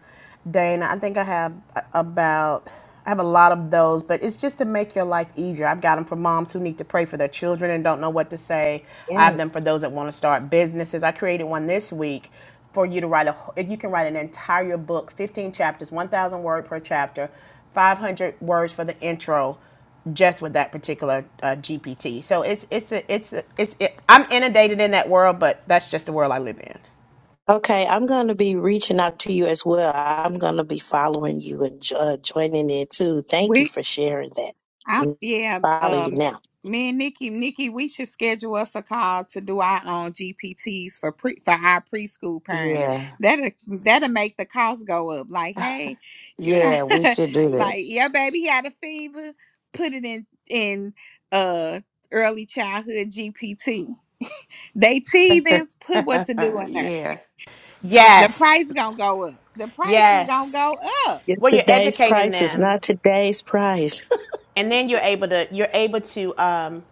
Dana. I think I have about, I have a lot of those, but it's just to make your life easier. I've got them for moms who need to pray for their children and don't know what to say.
Yes.
I have them for those that want to start businesses. I created one this week for you to write a, wh- you can write an entire book, 15 chapters, 1,000 word per chapter, 500 words for the intro just with that particular uh, GPT. So it's it's a, it's a, it's it, I'm inundated in that world, but that's just the world I live in.
Okay, I'm going to be reaching out to you as well. I'm going to be following you and jo- uh, joining in too. Thank you
We.
for sharing
I'm
that.
yeah.
Follow you
Um,
now.
me and Nikki, Nikki, we should schedule us a call to do our own GPTs for pre for our preschool parents.
Yeah.
That'll that'll make the cost go up. Like,
[LAUGHS]
hey, you know,
Yeah, we
[LAUGHS]
should do
like your baby had a fever, put it in in uh early childhood GPT. They
that.
teething, put what to
[LAUGHS]
do in there.
yeah,
The
Yes.
price gonna go up. The price is gonna
Yes.
go up.
Well, you're
Yesterday's
educating
price is
them
not today's price.
and then you're able to you're able to um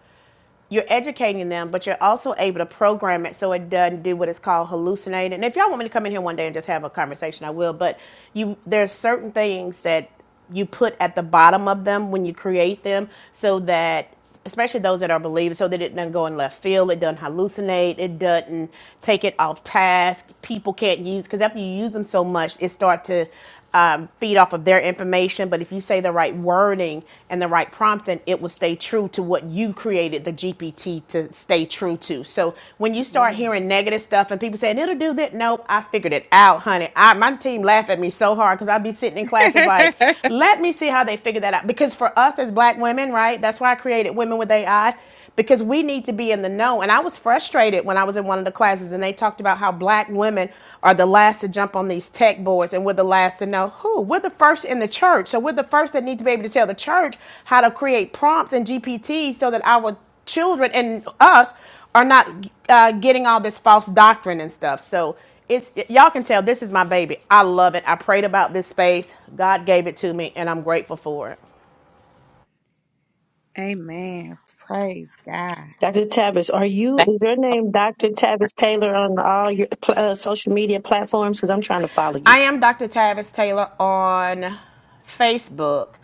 you're educating them, but you're also able to program it so it doesn't do what is called hallucinating. And if y'all want me to come in here one day and just have a conversation, I will. But you there's certain things that you put at the bottom of them when you create them so that especially those that are believers, so that it doesn't go in left field, it doesn't hallucinate, it doesn't take it off task. People can't use because after you use them so much, it start to um, feed off of their information. But if you say the right wording and the right prompting, it will stay true to what you created the GPT to stay true to. So when you start hearing negative stuff and people saying it'll do that, nope, I figured it out, honey. I, my team laugh at me so hard because I'd be sitting in classes like,
Yeah.
let me see how they figure that out. Because for us as black women, right, that's why I created Women with AI because we need to be in the know. And I was frustrated when I was in one of the classes and they talked about how black women are the last to jump on these tech boards and we're the last to know who. We're the first in the church. So we're the first that need to be able to tell the church how to create prompts in GPT so that our children and us are not uh, getting all this false doctrine and stuff. So it's y'all can tell this is my baby. I love it. I prayed about this space. God gave it to me and I'm grateful for it.
[LAUGHS] Amen. Praise God.
Dr. Tavis, are
[LAUGHS]
you,
Thank you
is your
so
name Dr.
much.
Tavis Taylor on all your pl- uh, social media platforms? Because I'm trying to follow
I
you.
am Dr. Tavis Taylor on Facebook.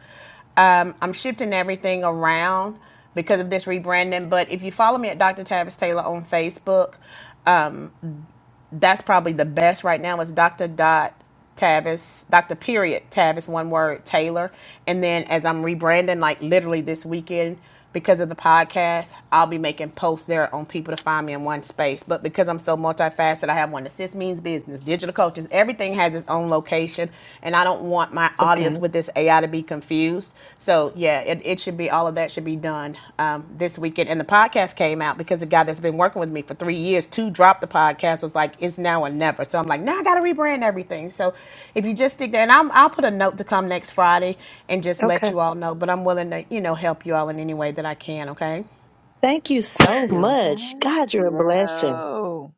Um, I'm shifting everything around because of this rebranding, but if you follow me at Dr. Tavis Taylor on Facebook, that's probably the best right now is Dr. Dot Tavis, Dr. Period Tavis, one word Taylor. And then as I'm rebranding, like literally this weekend because of the podcast, I'll be making posts there on people to find me in one space. But because I'm so multifaceted, I have one assist means business, digital coaches, everything has its own location. And I don't want my audience
Okay.
with this AI to be confused. So yeah, it, it should be all of that should be done um, this weekend. And the podcast came out because a guy that's been working with me for three years to drop the podcast was like, it's now or never. So I'm like, now nah, I got to rebrand everything. So if you just stick there, and I'm, I'll put a note to come next Friday and just let
Okay.
you all know. But I'm willing to you know help you all in any way that I can. Okay,
Thank you so
you.
much.
Thank
God, you're a blessing.
you.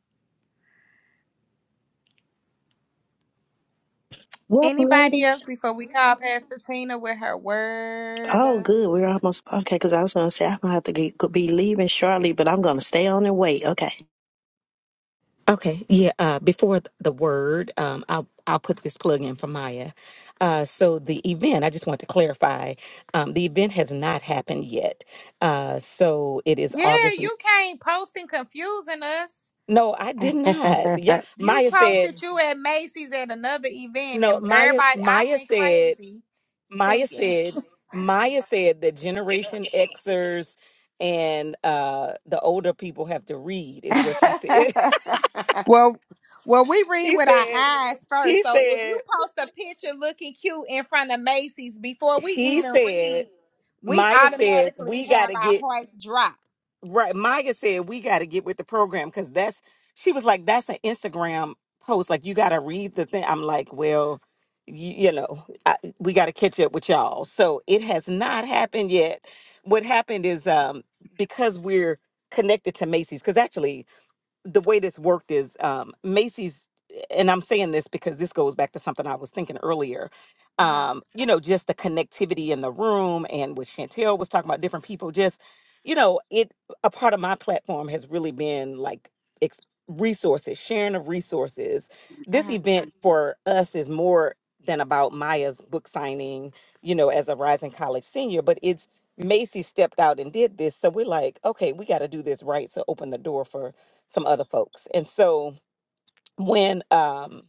What,
Anybody
ladies?
else before we call Pastor Tina with her word?
Oh, good. We're almost, okay, because I was going to say I'm going to have to get, go- be leaving shortly, but I'm going to stay on and wait. Okay.
Okay, yeah. Uh, before th- the word, um, I'll I'll put this plug in for Maya. Uh, so the event, I just want to clarify, um, the event has not happened yet. Uh, so it is
Yeah,
August.
you can't post and confusing us.
No, I did
[LAUGHS]
not. Yeah,
it's
You
Maya
posted
said.
you at Macy's at another event,
No,
and
Maya.
everybody, I
Maya
went
said.
crazy
Maya
thinking.
said.
[LAUGHS]
Maya said that Generation Xers and uh, the older people have to read is what she said. [LAUGHS]
Well, well, we read
She
with our
said,
eyes
she
first. So if you
said,
post a picture looking cute in front of Macy's before we
she
even
said,
read, we
Maya said,
automatically
we got
have
to
our
get
hearts drop.
right. Maya said, we got to get with the program because that's, she was like, that's an Instagram post. Like, you got to read the thing. I'm like, well, you, you know, I, we got to catch up with y'all. So it has not happened yet. What happened is um, because we're connected to Macy's, because actually, the way this worked is um, Macy's, and I'm saying this because this goes back to something I was thinking earlier.
Uh
Um, you know, just the connectivity in the room, and what Chantel was talking about, different people. Just, you know, it a part of my platform has really been like ex- resources, sharing of resources. This
huh.
event for us is more than about Maya's book signing, you know, as a rising college senior, but it's Macy stepped out and did this. So we're like, okay, we got to do this right. So open the door for some other folks. And so when um,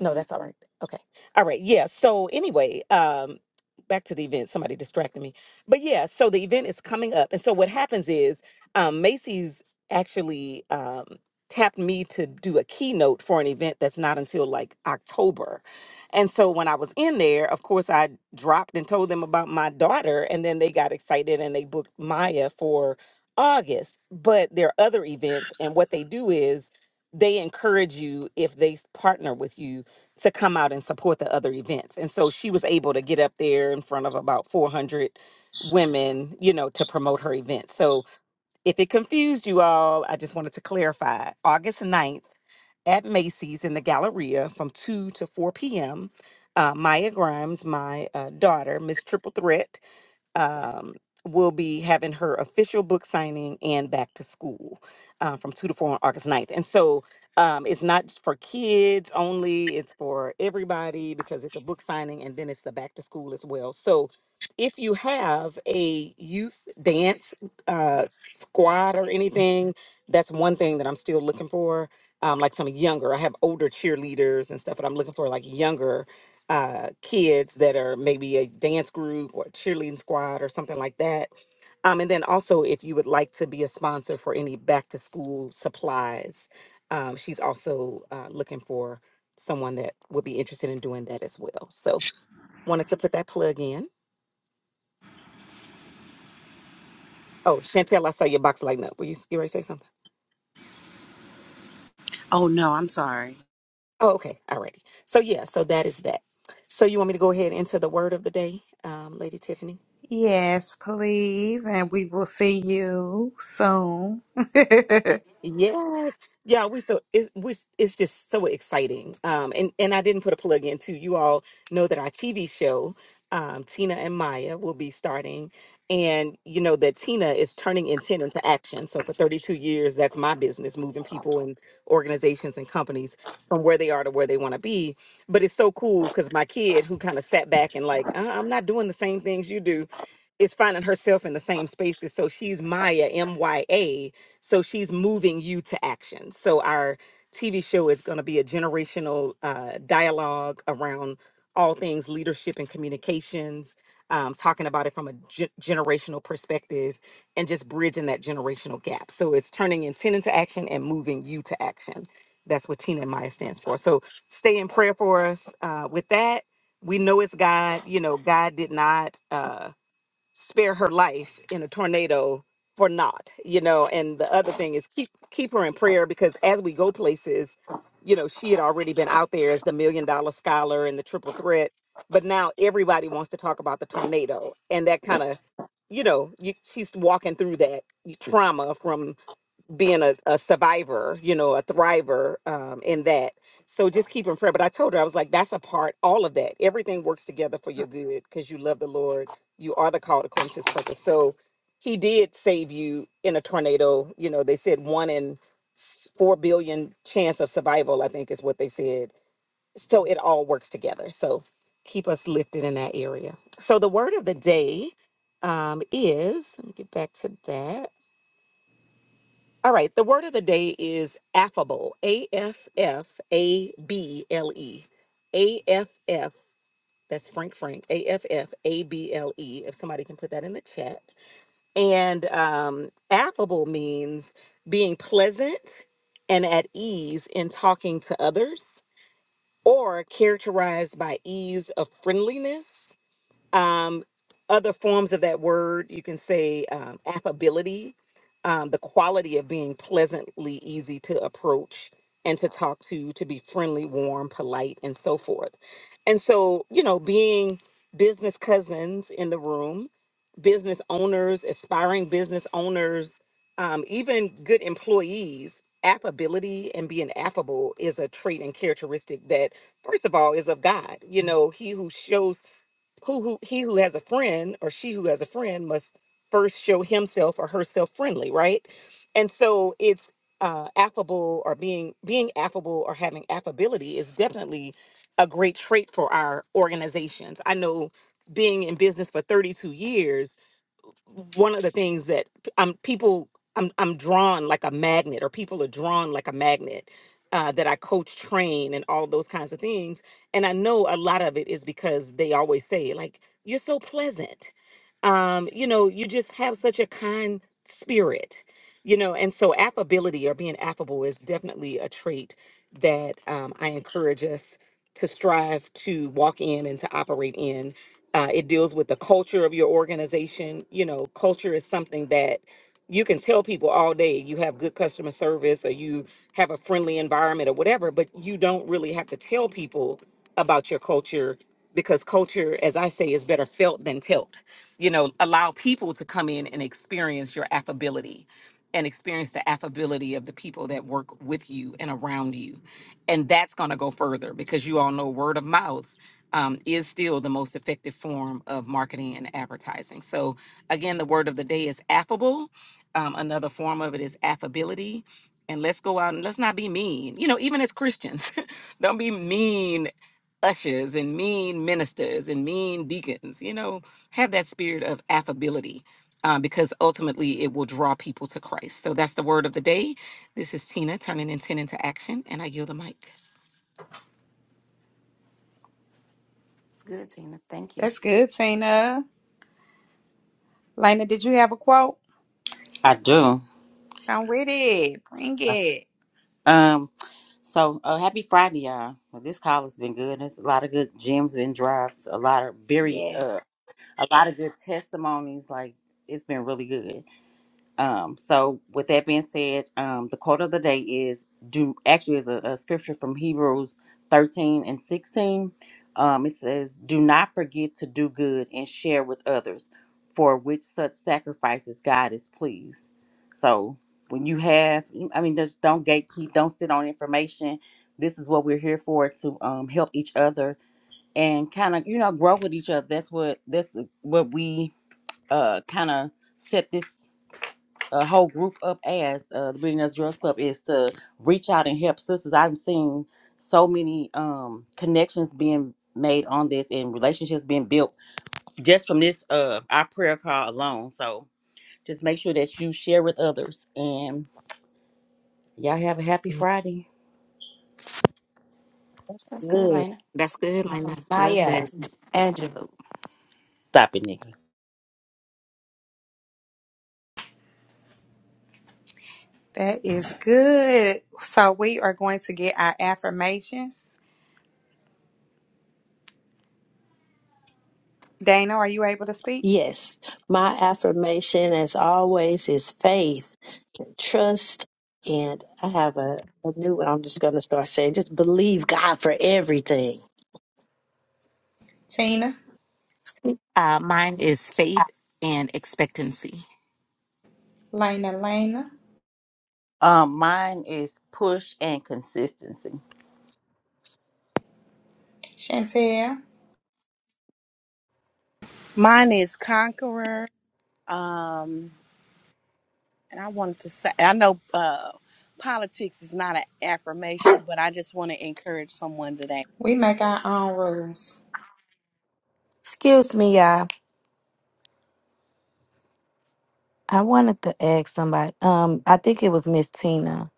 no, that's all right. Okay. All right. Yeah. So anyway, um, back to the event. Somebody distracted me. But yeah, so the event is coming up. And so what happens is um Macy's actually um tapped me to do a keynote for an event that's not until like October. And so when I was in there, of course I dropped and told them about my daughter and then they got excited and they booked Maya for August. But there are other events and what they do is they encourage you if they partner with you to come out and support the other events. And so she was able to get up there in front of about 400 women, you know, to promote her event. So if it confused you all, I just wanted to clarify August 9th at Macy's in the Galleria from 2 to 4 p.m. Uh, Maya Grimes, my uh, daughter, Miss Triple Threat, um, will be having her official book signing and back to school uh, from 2 to 4 on August ninth. And so um, it's not just for kids only, it's for everybody because it's a book signing and then it's the back to school as well. So if you have a youth dance uh, squad or anything, that's one thing that I'm still looking for. Um, like some younger, I have older cheerleaders and stuff, but I'm looking for like younger uh, kids that are maybe a dance group or cheerleading squad or something like that. Um, and then also, if you would like to be a sponsor for any back to school supplies, um, she's also uh, looking for someone that would be interested in doing that as well. So, wanted to put that plug in. Oh, Chantel, I saw your box lighting up. Were you, you ready to say something?
Oh no, I'm sorry.
Oh, okay. All righty. So, yeah, so that is that. So, you want me to go ahead into the word of the day, um, Lady Tiffany?
Yes, please. And we will see you soon. [LAUGHS]
Yes. Yeah, we so it's we it's just so exciting. Um and and I didn't put a plug in too. You all know that our TV show um Tina and Maya will be starting and you know that Tina is turning intent into action. So for 32 years that's my business moving people and organizations and companies from where they are to where they want to be. But it's so cool cuz my kid who kind of sat back and like, uh, I'm not doing the same things you do is finding herself in the same spaces. So she's Maya, M Y A. So she's moving you to action. So our TV show is going to be a generational uh, dialogue around all things leadership and communications, um, talking about it from a ge- generational perspective and just bridging that generational gap. So it's turning intent into action and moving you to action. That's what Tina and Maya stands for. So stay in prayer for us uh, with that. We know it's God. You know, God did not. Uh, spare her life in a tornado for naught, you know. And the other thing is keep keep her in prayer because as we go places, you know, she had already been out there as the million dollar scholar and the triple threat, but now everybody wants to talk about the tornado, and that kind of, you know, you, she's walking through that trauma from being a, a survivor, you know, a thriver um, in that. So just keep in prayer. But I told her, I was like, that's a part, all of that. Everything works together for your good because you love the Lord. You are the called according to his purpose. So he did save you in a tornado. You know, they said one in s- four billion chance of survival, I think is what they said. So it all works together. So keep us lifted in that area. So the word of the day um, is, let me get back to that. All right, the word of the day is affable. A F F A B L E. A F F, that's Frank Frank. A F F A B L E, if somebody can put that in the chat. And um, affable means being pleasant and at ease in talking to others or characterized by ease of friendliness um, other forms of that word you can say um, affability um, the quality of being pleasantly easy to approach and to talk to to be friendly warm polite and so forth and so you know being business cousins in the room business owners aspiring business owners um, even good employees affability and being affable is a trait and characteristic that first of all is of god you know he who shows who who he who has a friend or she who has a friend must first show himself or herself friendly right and so it's uh affable or being being affable or having affability is definitely a great trait for our organizations i know being in business for 32 years one of the things that um people I'm I'm drawn like a magnet, or people are drawn like a magnet. Uh, that I coach, train, and all of those kinds of things, and I know a lot of it is because they always say like you're so pleasant, um, you know, you just have such a kind spirit, you know, and so affability or being affable is definitely a trait that um, I encourage us to strive to walk in and to operate in uh, it deals with the culture of your organization you know culture is something that you can tell people all day you have good customer service or you have a friendly environment or whatever but you don't really have to tell people about your culture because culture as i say is better felt than telt you know allow people to come in and experience your affability and experience the affability of the people that work with you and around you and that's going to go further because you all know word of mouth um, is still the most effective form of marketing and advertising. So, again, the word of the day is affable. Um, another form of it is affability. And let's go out and let's not be mean. You know, even as Christians, [LAUGHS] don't be mean ushers and mean ministers and mean deacons. You know, have that spirit of affability uh, because ultimately it will draw people to Christ. So that's the word of the day. This is Tina turning intent into action, and I yield the mic.
good, Tina. Thank you.
That's good, Tina. Lena, did you have a quote?
I do.
Come with it. Bring it.
Um, so uh, happy Friday, y'all. Well, this call has been good. There's a lot of good gems and drops. A lot of very, uh,
Yes.
a lot of good testimonies. Like it's been really good. Um, so with that being said, um, the quote of the day is do actually is a, a scripture from Hebrews 13 and 16. Um, it says, do not forget to do good and share with others for which such sacrifices God is pleased. So when you have, I mean, just don't gatekeep, don't sit on information. This is what we're here for to um, help each other and kind of, you know, grow with each other. That's what, that's what we uh, kind of set this a whole group up as uh, the Billionaires Girls Club is to reach out and help sisters. I've seen so many um, connections being made on this and relationships being built just from this uh, our prayer call alone. So just make sure that you share with others and y'all have a happy Friday.
That's good,
Good.
Lena.
That's good, Lena. Love that.
Maya, Angela.
Stop it, nigga.
That is good. So we are going to get our affirmations. Dana, are you able to speak?
Yes. My affirmation, as always, is faith, trust, and I have a, a new one I'm just going to start saying just believe God for everything
Tina,
Uh, mine is faith and expectancy.
Lena, Lena,
Um, mine is push and consistency.
Chantel.
Mine is Conqueror. Um, And I wanted to say, I know uh, politics is not an affirmation, but I just want to encourage someone today.
We make our own rules.
Excuse me, y'all. I wanted to ask somebody. Um, I think it was Miss Tina.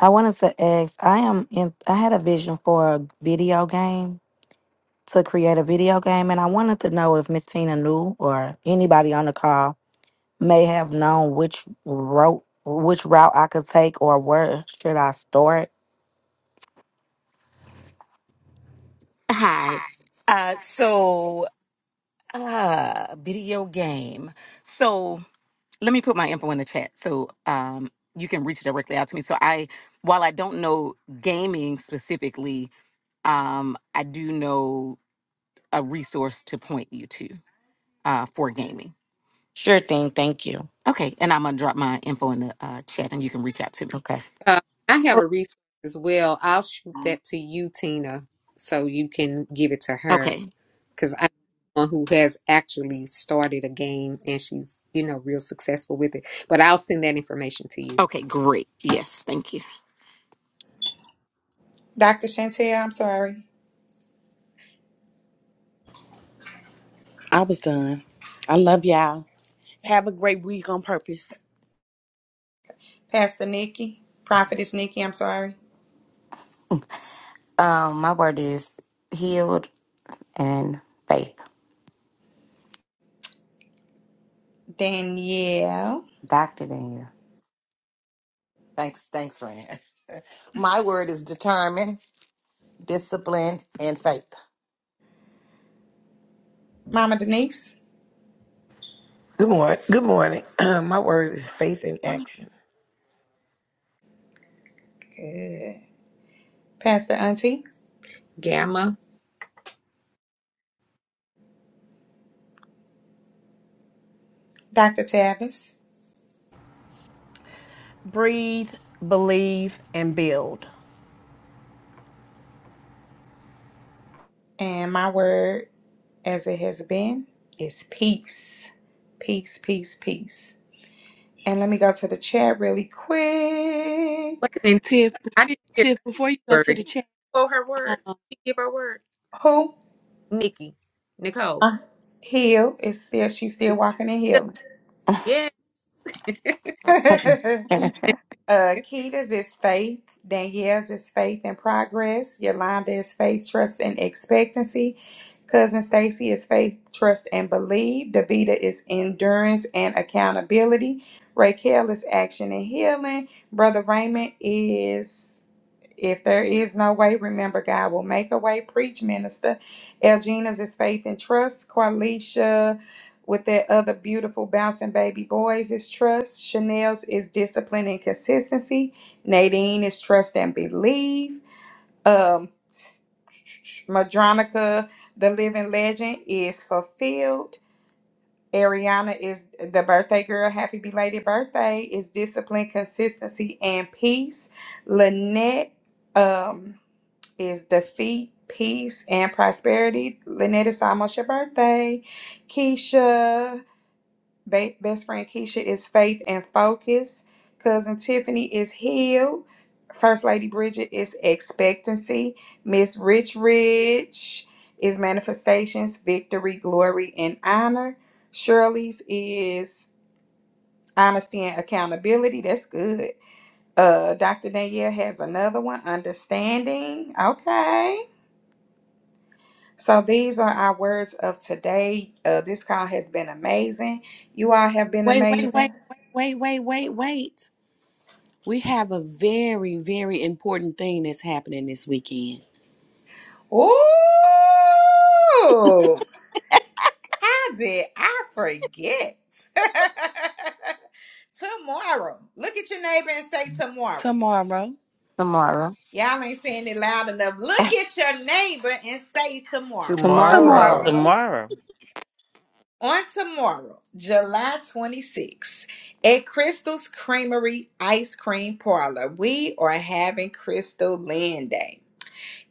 I wanted to ask. I am in. I had a vision for a video game to create a video game, and I wanted to know if Miss Tina knew or anybody on the call may have known which route which route I could take or where should I start.
Hi. Uh, so, uh, video game. So, let me put my info in the chat so um, you can reach directly out to me. So, I, while I don't know gaming specifically, um, I do know a resource to point you to uh, for gaming.
Sure thing. Thank you.
Okay. And I'm going to drop my info in the uh, chat and you can reach out to me.
Okay.
Uh, I have a resource as well. I'll shoot that to you, Tina, so you can give it to her.
Okay.
because I know someone who has actually started a game and she's, you know, real successful with it. But I'll send that information to you.
Okay. Great. Yes. Thank you.
Dr. Chantel, I'm sorry.
I was done. I love y'all. Have a great week on purpose.
Pastor Nikki, Prophetess Nikki, I'm sorry.
Um, my word is healed and faith.
Danielle,
Doctor Daniel.
Thanks, thanks, friend. [LAUGHS] My word is determined, disciplined, and faith.
Mama Denise.
Good morning. Good morning. [CLEARS THROAT] My word is faith in action.
Good. Pastor Auntie,
Gamma.
Dr. Tavis,
breathe, believe, and build.
and my word as it has been is peace. Peace, peace, peace. And let me go to the chat really quick.
Wait a minute. I didn't hear
Tiff, before you
the
go to
word.
the chat,
Oh, her word. Did She give her word.
Who?
Nikki. Nicole.
Uh, heal is still she's still
It's,
walking and healing.
yeah. [LAUGHS]
[LAUGHS] Uh, Keita's is faith. Danielle's is faith and progress. Yolanda is faith, trust, and expectancy. Cousin Stacy is faith, trust, and believe. Davita is endurance and accountability. Raquel is action and healing. Brother Raymond is if there is no way, remember God will make a way. Preach, minister. Elgina's is faith and trust. Qualisha with that other beautiful bouncing baby boys is trust. Chanel's is discipline and consistency. Nadine is trust and believe. Um, Madronica, the living legend, is fulfilled. Ariana is the birthday girl. Happy belated birthday is discipline, consistency, and peace. Lynette um, is defeat, peace, and prosperity. Lynette, it's almost your birthday. Keisha, Ba- best friend Keisha is faith and focus. Cousin Tiffany is healed. First Lady Bridget is expectancy. Miss Rich Rich is manifestations, victory, glory, and honor. Shirley's is honesty and accountability. That's good. Uh, Dr. Danielle has another one, understanding. Okay. So these are our words of today. Uh, this call has been amazing. You all have been
wait, wait,
amazing.
wait, wait, wait, wait, wait, wait. We have a very, very important thing that's happening this weekend.
Ooh, how did I forget? [LAUGHS] tomorrow. Look at your neighbor and say tomorrow.
Tomorrow.
Tomorrow.
Y'all ain't saying it loud enough. Look at your neighbor and say tomorrow.
Tomorrow.
Tomorrow.
[LAUGHS]
Tomorrow.
Tomorrow.
On tomorrow, July 26th, at Crystal's Creamery Ice Cream Parlor, we are having Crystal Land Day.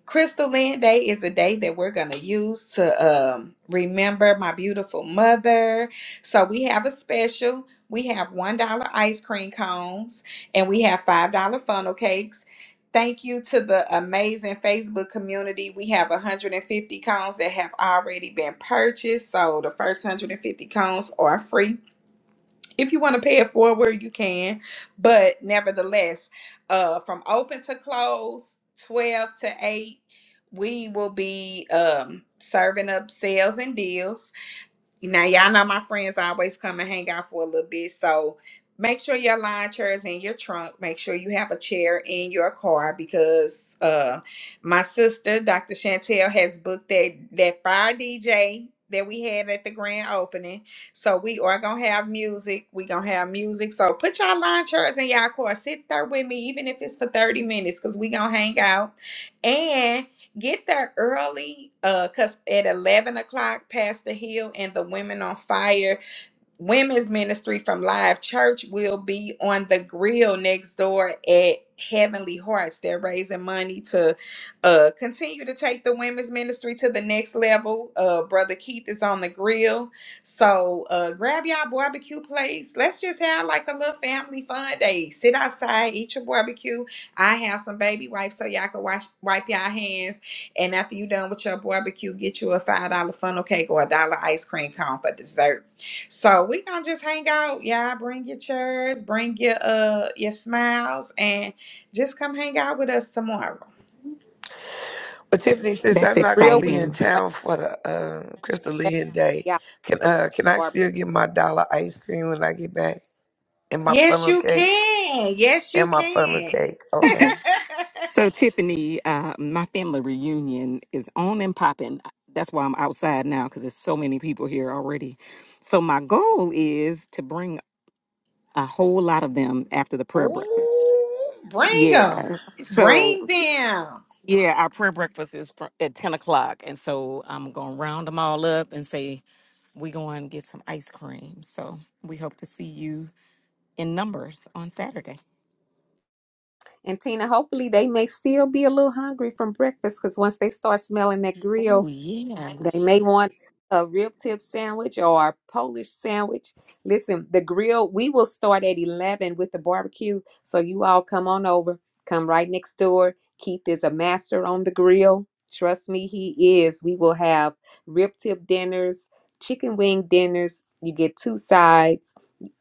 Crystal Land Day is a day that we're going to use to um, remember my beautiful mother. So we have a special. We have $1 ice cream cones and we have $5 funnel cakes. Thank you to the amazing Facebook community. We have 150 cones that have already been purchased. So the first 150 cones are free if you want to pay it forward, you can. But nevertheless, uh, from open to close, 12 to 8, we will be um, serving up sales and deals. Now y'all know my friends always come and hang out for a little bit, so make sure your lawn chair is in your trunk. Make sure you have a chair in your car because uh my sister, Dr. Chantel, has booked that that fire DJ that we had at the grand opening. So we are gonna have music. we gonna have music. So put your lawn chairs in your car. Sit there with me, even if it's for 30 minutes, because we gonna hang out. Get there early, uh, cause at eleven o'clock, Pastor Hill and the Women on Fire Women's Ministry from Live Church will be on the grill next door at Heavenly Hearts. They're raising money to uh, continue to take the women's ministry to the next level. Uh, Brother Keith is on the grill. So uh, grab y'all barbecue plates. Let's just have like a little family fun day. Sit outside, eat your barbecue. I have some baby wipes so y'all can wash, wipe y'all hands. And after you done with your barbecue, get you a $5 funnel cake or a dollar ice cream cone for dessert. So we gonna just hang out, y'all. Bring your chairs, bring your uh your smiles, and just come hang out with us tomorrow.
Well, Tiffany, since
That's
I'm
The
not going to
grill
be
with
exciting.
in town for the um, Crystal Lynn Day,
yeah,
can uh, can I
barbecue.
still get my dollar ice cream when I get back? And my
Yes,
funnel
you
cake.
can. Yes, you
And my funnel
can.
cake. Okay.
So,
[LAUGHS]
Tiffany, uh, my family reunion is on and popping. That's why I'm outside now because there's so many people here already. So, my goal is to bring a whole lot of them after the prayer breakfast.
Ooh, bring them.
Yeah. So,
Bring them.
yeah, our prayer breakfast is fr at 10 o'clock. And so, I'm going to round them all up and say, we're going to get some ice cream. So, we hope to see you in numbers on Saturday.
And Tina, hopefully they may still be a little hungry from breakfast because once they start smelling that grill,
Oh, yeah.
they may want a rib tip sandwich or a Polish sandwich. Listen, the grill, we will start at 11 with the barbecue. So you all come on over, come right next door. Keith is a master on the grill. Trust me, he is. We will have rib tip dinners, chicken wing dinners. You get two sides,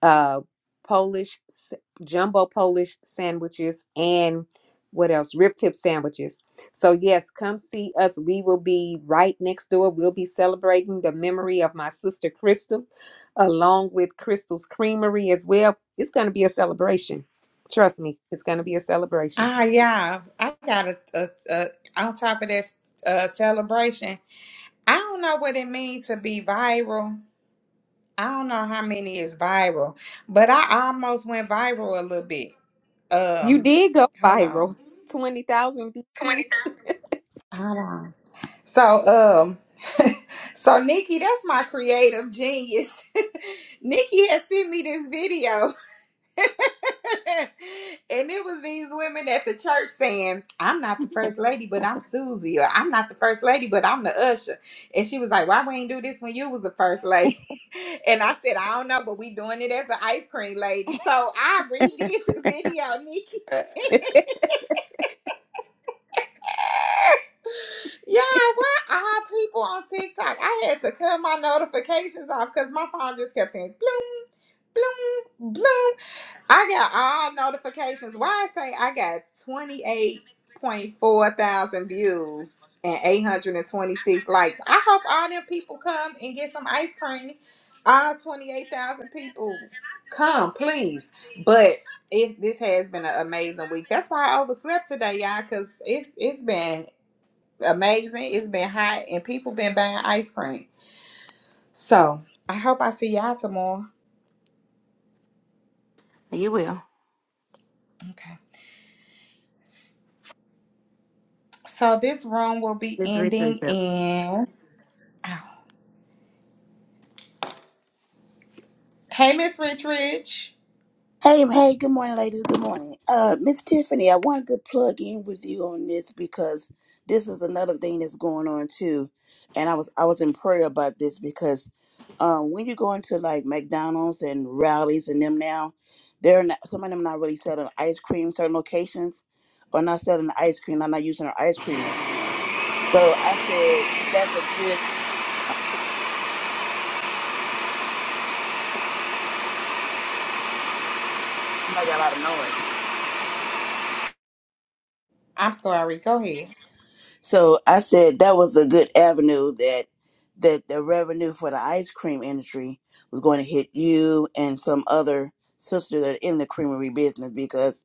uh, Polish, s- jumbo Polish sandwiches, and what else? Rib tip sandwiches. So, yes, come see us. We will be right next door. We'll be celebrating the memory of my sister Crystal, along with Crystal's Creamery as well. It's going to be a celebration. Trust me, it's going to be a celebration.
Ah, yeah. I got a, a, a on top of this uh, celebration. I don't know what it means to be viral. I don't know how many is viral, but I almost went viral a little bit.
You
Um,
did go
hold on.
viral [LAUGHS] 20,000 views.
Twenty thousand. Hold on. So, um, [LAUGHS] so Nikki, that's my creative genius. [LAUGHS] Nikki had sent me this video, [LAUGHS] and it was these women at the church saying, "I'm not the first lady, but I'm Susie," or "I'm not the first lady, but I'm the usher." And she was like, "Why we ain't do this when you was the first lady?" [LAUGHS] And I said, "I don't know, but we doing it as an ice cream lady." So I redid the video Nikki
Uh,
[LAUGHS] sent. Yeah, why are people on TikTok? I had to cut my notifications off because my phone just kept saying bloom, bloom, bloom. I got all notifications. Why I say I got 28.4 thousand views and 826 likes. I hope all them people come and get some ice cream. All 28,000 people come, please. But it, this has been an amazing week. That's why I overslept today, y'all, because it's it's been amazing. It's been hot and people been buying ice cream. So I hope I see y'all tomorrow.
You will.
Okay. So this room will be
Miss Rich
ending
is up.
in. Ow. Hey, Miss Rich Rich.
Hey, hey, good morning, ladies. Good morning. Uh, Miss Tiffany, I wanted to plug in with you on this because this is another thing that's going on too. And I was I was in prayer about this because um when you go into like McDonald's and rallies and them now, they're not some of them not really selling ice cream, certain locations are not selling the ice cream, they're not using their ice cream machines. So I said that's a good it got a lot of noise.
I'm sorry. Go ahead.
So I said that was a good avenue that that the revenue for the ice cream industry was going to hit you and some other sister that are in the creamery business because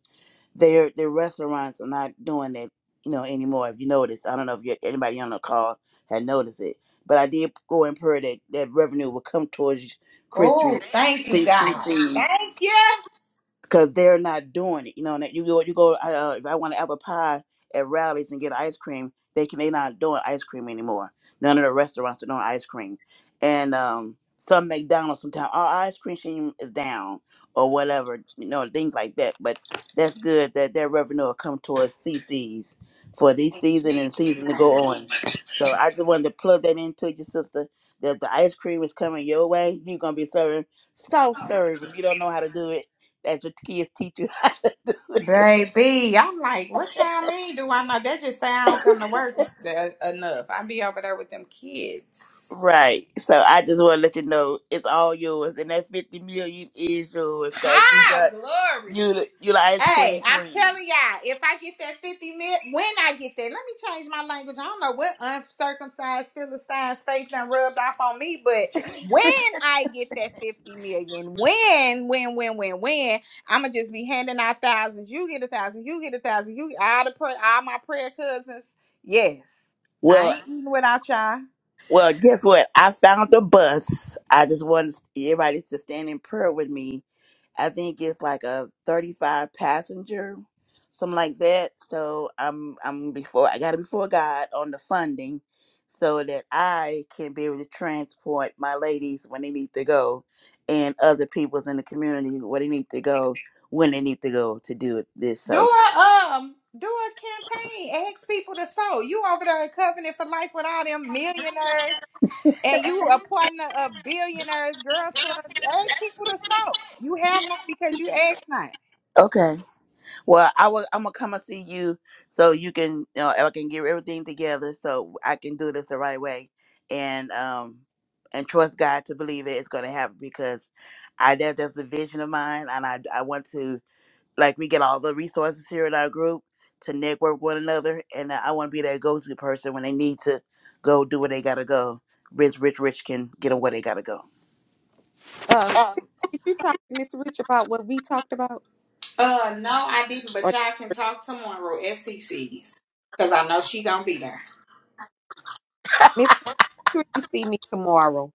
their their restaurants are not doing that you know anymore. If you notice, I don't know if you, anybody on the call had noticed it, but I did go and pray that that revenue would come towards
Oh,
Christie
thank you,
C C
God.
C's
Thank you.
because they're not doing it. You know, and you go, you go. Uh, uh, if I want an apple pie at rallies and get ice cream, they can. they not doing ice cream anymore. None of the restaurants are doing ice cream, and um, some McDonald's sometimes our ice cream is down or whatever. You know, things like that. But that's good that their revenue will come towards CCs for this
In
season and
Jesus'
season to go
name.
on. So I just wanted to plug that into your sister. That the ice cream is coming your way. You're gonna be serving soft serve if you don't know how to do it that your kids teach you [LAUGHS] how to do it.
Baby, I'm like, what y'all mean? Do I know? That just say I don't come to work th- enough. I be over there with them kids.
Right. So I just want to let you know it's all yours, and that fifty million is yours because you
Hi,
got
glory.
you you the ice cream
Hey, I'm
queen.
telling y'all, if I get that 50 mil, when I get that, let me change my language. I don't know what uncircumcised philistine, faith done rubbed off on me, but when
[LAUGHS]
I get that 50 million, when, when, when, when, when, I'ma just be handing out thousands. You get a thousand, you get a thousand, you all the pray, all my prayer cousins. Yes. I
well,
ain't eating without y'all.
Well, guess what? I found the bus. I just want everybody to stand in prayer with me. I think it's like a 35 passenger, something like that. So I'm I'm before I got to before God on the funding, so that I can be able to transport my ladies when they need to go, and other peoples in the community where they need to go when they need to go to do it. This
Do
so
a um do a campaign. Ask people to sow. You over there at covenant for life with all them millionaires. and you a partner of billionaires girls club ask people to sew you have not because you ask
[LAUGHS]
not
okay. Well, I will. I'm gonna come and see you so you can, you know, I can get everything together so I can do this the right way, and um, and trust God to believe that it's gonna happen because I that that's the vision of mine, and I I want to like we get all the resources here in our group to network one another, and I want to be that go-to person when they need to go do where they gotta go. Rich, rich, rich can get them where they gotta go.
[LAUGHS] um, Tiff, did you talk to Mr. Rich about what we talked about?
uh no i didn't but
Or
y'all can talk tomorrow at cc's because i know she gonna be there
Miss, Rich, make sure you see me tomorrow.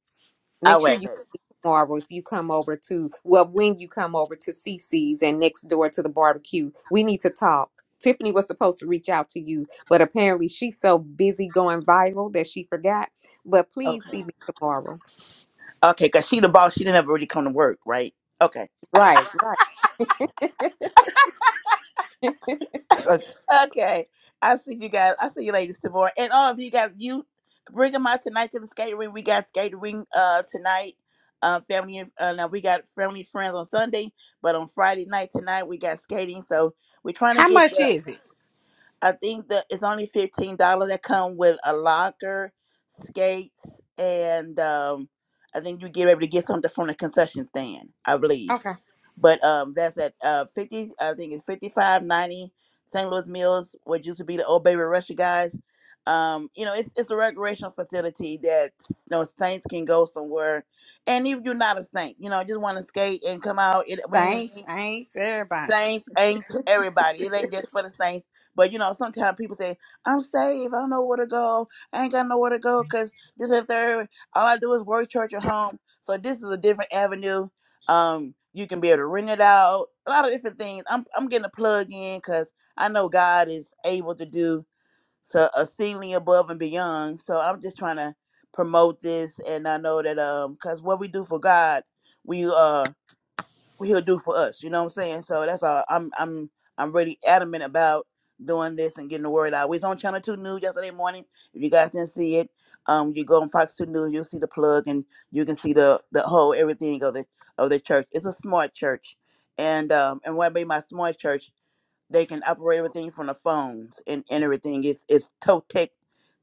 I
Make sure
wait,
you.
baby.
tomorrow if you come over to well when you come over to cc's and next door to the barbecue we need to talk tiffany was supposed to reach out to you but apparently she's so busy going viral that she forgot but please
Okay,
see me tomorrow
okay, cause she the boss. She didn't ever really come to work, right? Okay.
right right
So,
Okay. I see you guys. I see you ladies tomorrow. And all of you guys, you bring them out tonight to the skating ring. We got skating ring uh tonight. Uh, family and uh, now we got family and friends on Sunday, but on Friday night tonight we got skating. So we're trying to
how
get
much
the.
is it
I think that it's only fifteen dollars that come with a locker, skates, and um, I think you get able to get something from the concession stand. I believe.
okay
But um, that's at uh, 50, I think it's 5590 St. Louis Mills, what used to be the old Baby Russia guys. Um, you know, it's, it's a recreational facility that, you know, saints can go somewhere. And if you're not a saint, you know, just want to skate and come out. It, we, ain't-
thanks
we,
thanks everybody
Saints ain't everybody. It ain't just for the saints. But you know, sometimes people say, "I'm saved. I don't know where to go. I ain't got nowhere to go because this and third. All I do is work, church, or home." So this is a different avenue. Um, you can be able to rent it out. A lot of different things. I'm I'm getting a plug in because I know God is able to do so a ceiling above and beyond. So I'm just trying to promote this, and I know that um, because what we do for God, we uh what he'll do for us. You know what I'm saying? So that's all. I'm I'm I'm really adamant about doing this and getting the word out. We was on Channel Two News yesterday morning. If you guys didn't see it, um, you go on Fox Two News, you'll see the plug and you can see the the whole everything of the of the church. It's a smart church, and um, and what made my smart church? They can operate everything from the phones and, and everything. It's it's toe tech,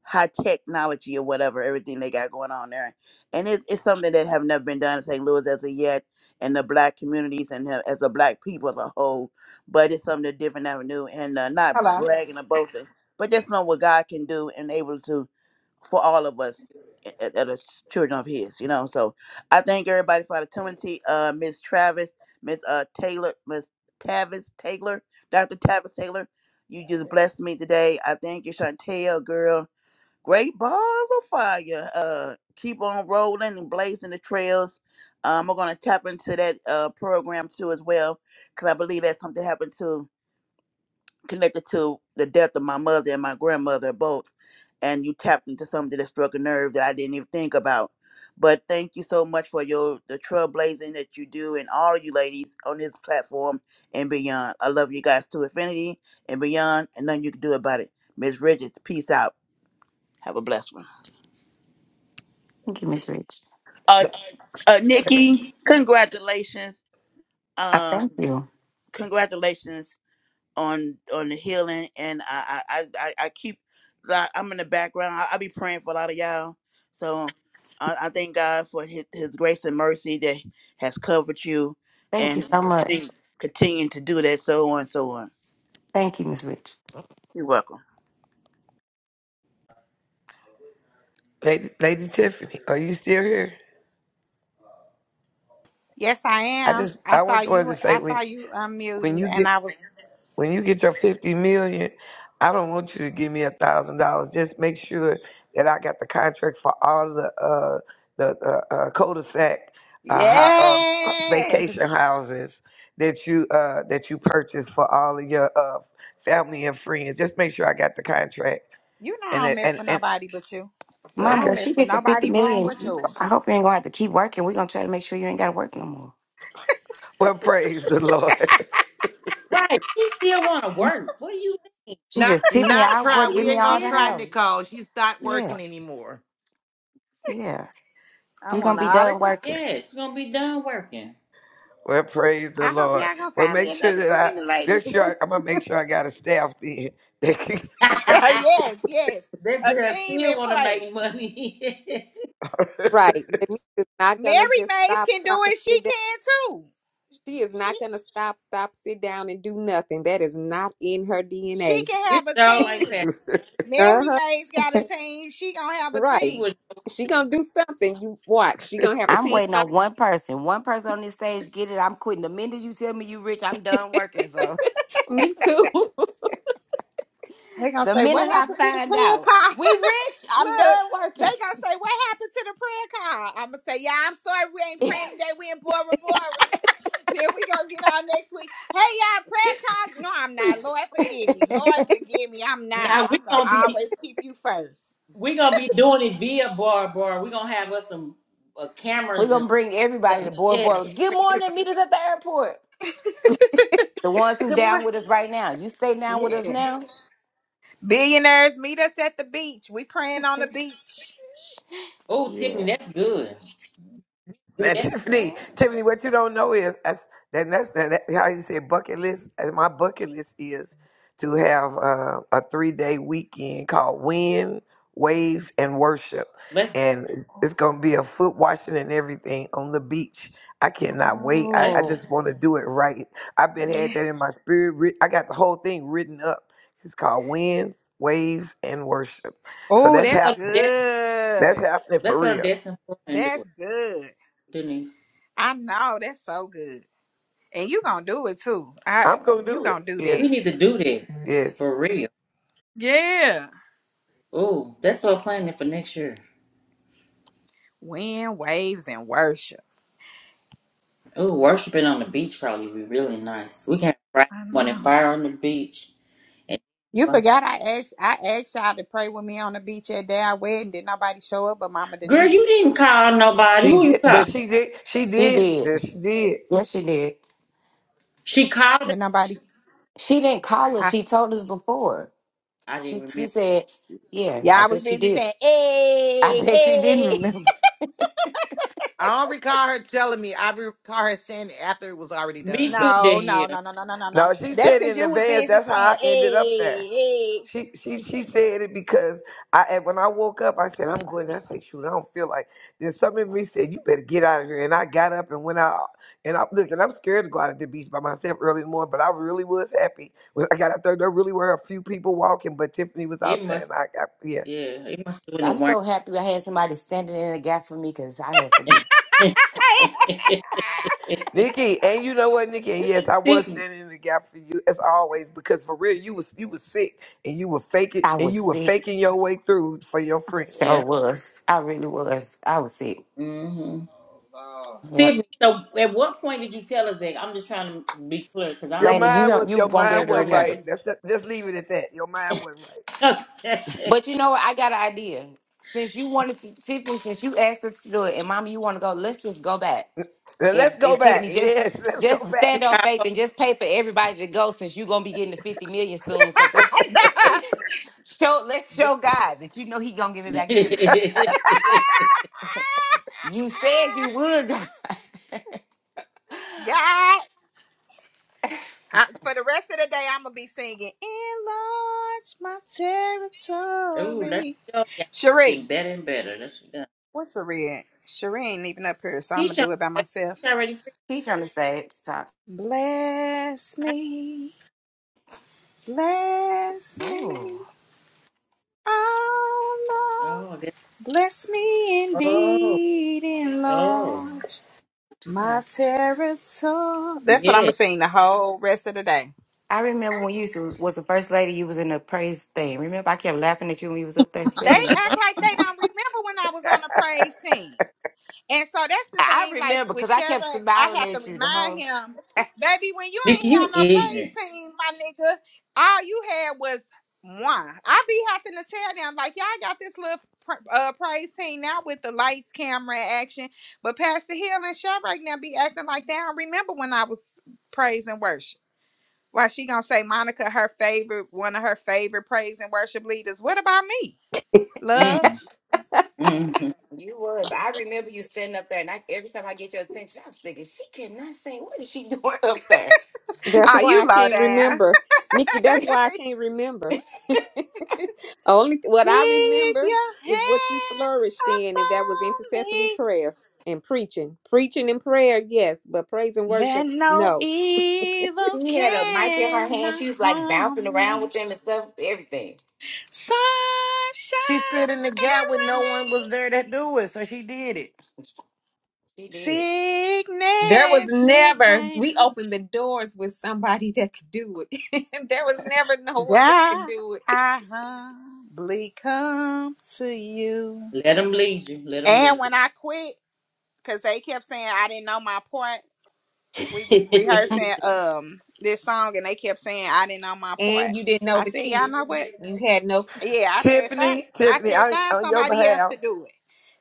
high technology or whatever. Everything they got going on there, and it's it's something that have never been done in St. Louis as of yet, and the black communities and the- as a black people as a whole. But it's something different avenue, and uh, not
hello
bragging or boasting, but just know what God can do and able to for all of us that that are children of his, you know. So I thank everybody for the opportunity. Uh Miss Travis, Miss uh Taylor, Miss Tavis Taylor, Dr. Tavis Taylor. You just blessed me today. I thank you, Chantel, girl. Great balls of fire. Uh keep on rolling and blazing the trails. Um, we're gonna tap into that uh program too as well. Cause I believe that something happened to connected to the death of my mother and my grandmother both and you tapped into something that struck a nerve that i didn't even think about but thank you so much for your the trailblazing that you do and all of you ladies on this platform and beyond i love you guys to infinity and beyond and nothing you can do about it Miss Richards, peace out have a blessed one
Thank you, Miss Rich.
uh,
la-
uh
la-
nikki congratulations
I
um
thank you.
congratulations on on the healing and I I I, I I keep like I'm in the background. I, I be praying for a lot of y'all. So I, I thank God for his, his grace and mercy that has covered you
Thank you
and
so much.
continue, continue to do that so on and so on.
Thank you, Miss Rich.
You're welcome.
Lady, Lady Tiffany, are you still here?
Yes, I
I
am.
just
I
I
saw
just wanted
you.
to say
I
when
saw you
when
unmuting,
you
and
get
I was
When you get your fifty million, I don't want you to give me a thousand dollars. Just make sure that I got the contract for all the uh the uh, uh, cul-de-sac uh, ho- uh,
yes.
vacation houses that you uh that you purchased for all of your uh family and friends. Just make sure I got the contract
You know I
and
don't
it-
mess
and
with
and
nobody but you. I
Mama,
don't
when
okay.
she
mess with
get the 50
nobody bone
million,
but
you- I
yours.
hope you ain't gonna have to keep working. We're gonna try to make sure you ain't gotta work no more.
Well, praise the Lord.
Right. She still wanna work. What do you mean?
She
Not,
just, Tiffany,
not
I
Are
try.
work, give
We
you
me
ain't
all
gonna
the
try
serious?
house.
Nicole. She's not
Yeah,
working anymore.
yeah.
I
you gonna
want an
be done
autograph.
working. [LAUGHS]
Yes, we're gonna be done working.
[LAUGHS] well, praise the
I hope
Lord.
y'all gonna
Well,
find
make
me
sure
another
that I
cleaning lady.
make sure I, I'm gonna make sure I got a staff then. [LAUGHS]
[LAUGHS]
[LAUGHS]
yes, yes.
That
A
girl
team
still
in
want to make
place.
money. [LAUGHS]
right denise is not gonna
Mary
just
Mays
stop
can do
stop and
it. She
sit down
can too.
she is
She
not gonna stop stop sit down and do nothing that is not in her
she
dna
can
it's
have a
all like
team.
Pat.
Mary
uh-huh
Mays got a team. She gonna
[LAUGHS]
have a
She
right
team.
wouldn't know what
she
to do
gonna
with her.
do something you watch she gonna have a
I'm
team
waiting on one person. One person on this stage get it. I'm quitting. The minute you tell me you rich, I'm done
[LAUGHS]
working. So
me too [LAUGHS]
They
[LAUGHS]
gonna
the
say
minute
what
I
happened to the
find out
prayer
we rich, I'm
Look,
done
they
working.
gonna say, What happened to the prayer call? I'ma say, Yeah, I'm sorry we ain't praying today. We in Bora Bora. [LAUGHS] Then we gonna get on next week. Hey y'all, prayer call. No, I'm not. Lord forgive me.
[LAUGHS]
Lord forgive me. I'm not.
Now we
I'm gonna
gonna be
always keep you first.
we gonna be doing it via bar bar. We gonna have us some uh,
We're
cameras and
gonna bring everybody
stuff.
to
[LAUGHS]
board
Yeah.
board. Good morning, meet us at the airport. The ones who
Good
down
morning.
with us right now. You stay down with us
Yeah.
now?
Billionaires meet us at the beach. We praying on the beach.
Oh, Tiffany,
Yeah.
that's good. Do
Now, [LAUGHS]
that.
Tiffany,
Yeah.
Tiffany, what you don't know is that's, that, that's that, that- how you say bucket list. And my bucket list is to have uh, a three day weekend called Wind, Waves, and Worship.
Let's
And it's, it's going to be a foot washing and everything on the beach. I cannot wait. I,
let's
I
Oh.
just want to do it right. I've been had
Yeah.
that in my spirit. writ- I got the whole thing written up. It's called Winds, Waves, and Worship. So
Oh,
that's
that's
go to
happening.
Des.
That's
good.
happening for
Let's go to
real.
Destin Florida and do
That's
it,
good.
Denise.
I know. That's so good. And you gonna do it too. I
I'm going to
you
do it.
gonna do
We
that.
Yes.
need to do that
Yes.
for real.
Yeah.
Oh, that's what I'm planning for next year.
Wind, waves, and worship.
Oh, worshiping on the beach probably would be really nice. We can have Friday
I
morning
know.
fire on the beach. and.
You forgot I asked I asked y'all to pray with me on the beach that day I wedding. Did nobody show up but Mama
Girl, you
Denise?
didn't call nobody.
She
Who you
did,
call?
but she did, she
She
did,
did.
Yes, she did.
Yes, she did.
She called. her-
Did nobody
She didn't call us.
I
She told us before.
I
She
didn't
she
remember.
said, "Yeah, I
yeah, I was
bet you
busy
did.
saying,
[LAUGHS] I
hey,
bet you didn't
hey.
remember."
I don't recall her telling me. I recall her saying it after it was already
Me
done.
too.
No,
Then
no,
yeah,
no, no, no, no, no, no.
No, she
That's
said
because
in
you was
advance.
busy
That's how
saying,
I ended up there.
hey,
She she she said it because I and when I woke up, I said I'm going. I said, shoot, I don't feel like. Then some of me said, you better get out of here. And I got up and went out. And I listen, I'm scared to go out at the beach by myself early in the morning, but I really was happy when I got out there. There really were a few people walking, but Tiffany was
it
out there,
must.
and I got yeah.
Yeah, it must have been the
I'm
one.
so happy I had somebody standing in the gap for me because I had forget.
[LAUGHS]
Nikki, and you know what, Nikki, and yes, I was
Tiffany.
standing in the gap for you as always because for real, you was you was sick and you were faking
I
and
was
you were
sick.
faking your way through for your
I
friend.
sure
Yeah.
was. I really was. I was sick.
Mm-hmm.
Yep.
Tiffany. So, at what point did you tell us that? I'm just trying to be clear because
Your
I
Lana, you
mind
don't,
was
you
your
won't be
mind
able
That's
to
wasn't right.
remember.
okay.
That's just, just leave it at that. Your mind wasn't right.
don't. Okay.
But you know what? I got an idea. Since you wanted to, Tiffany, since you asked us to do it, and Mama, you want to go, let's just go back.
Now let's
And,
go
and
back.
Tiffany, just
Yes, [LAUGHS] let's go
just stand
back.
on faith and just pay for everybody to go since you're gonna be getting the 50 million soon. So just
hey.
show let's show God that you know He gonna give it
[LAUGHS]
back to you. You said you would. God. [LAUGHS]
[LAUGHS] God I, for the rest of the day, I'm gonna be singing "Enlarge My
Ooh, let's
Territory."
go. Yeah, getting
Cherie,
better and better. Let's go.
what's Cherie at? Cherie ain't even up here, so I'm gonna
Keisha,
do it by
she
myself.
already speaking.
He's on the stage to talk.
Bless me, bless me,
Oh,
oh
Oh,
Lord,
I guess.
bless me
Oh,
indeed,
oh,
enlarge
yeah.
my territory. That's what I'm
yeah.
gonna sing the whole rest of the day.
I remember when you used to, was the first lady, you was in the praise thing. Remember, I kept laughing at you when you was up there
They
singing it.
act like they don't remember when I was on the praise team. And so that's the
I
thing, like
remember
with
because I kept
Sherrod, I
smiling
have to
at you the
remind
whole
him,
time. [LAUGHS]
baby, when you
Nick,
ain't
you
have no
ignorant.
praise team, my nigga, all you had was one. I be having to tell them, like, y'all got this little pr- uh, praise team now with the lights, camera, and action. But Pastor Hill and Sherrod now be acting like they don't remember when I was praise and worship. Why she gonna say Monica her favorite, one of her favorite praise and worship leaders? What about me? Love.
Mm, mm-hmm.
You was. I remember you standing up there, and I, every time I get your attention, I was thinking, she cannot sing. What is she [LAUGHS] doing up there?
That's
Oh,
why
you
I
low
can't
down.
remember. Nikki, that's why I can't remember. [LAUGHS] Only what I
Keep
remember
your
is what you
hands
flourished in, and that was
upon
intercessory
me,
prayer and preaching. Preaching and prayer, yes, but praise and
that
worship,
no
no.
evil
She had a mic in her hand.
cannot
She was like bouncing
harm
around
me.
with them and stuff. Everything
Sunshine
She stood in the gap when
and
no one was there to do it, so she did it.
she did.
There was
rain, sickness and
never, we
pain.
opened the doors with somebody [LAUGHS] that could do it. [LAUGHS] there was never no one that could
God,
do it.
I humbly come to you.
Let him lead you. Let him
And
lead
when I quit, because they kept saying I didn't know my part, we was
you.
rehearsing um this song and they kept saying I didn't know my part.
And you didn't know
I
the
said, Y'all
key.
know what?
You had no,
Yeah, I said find
Tiffany,
I
Tiffany,
said
on,
find
on your
somebody else
behalf.
to do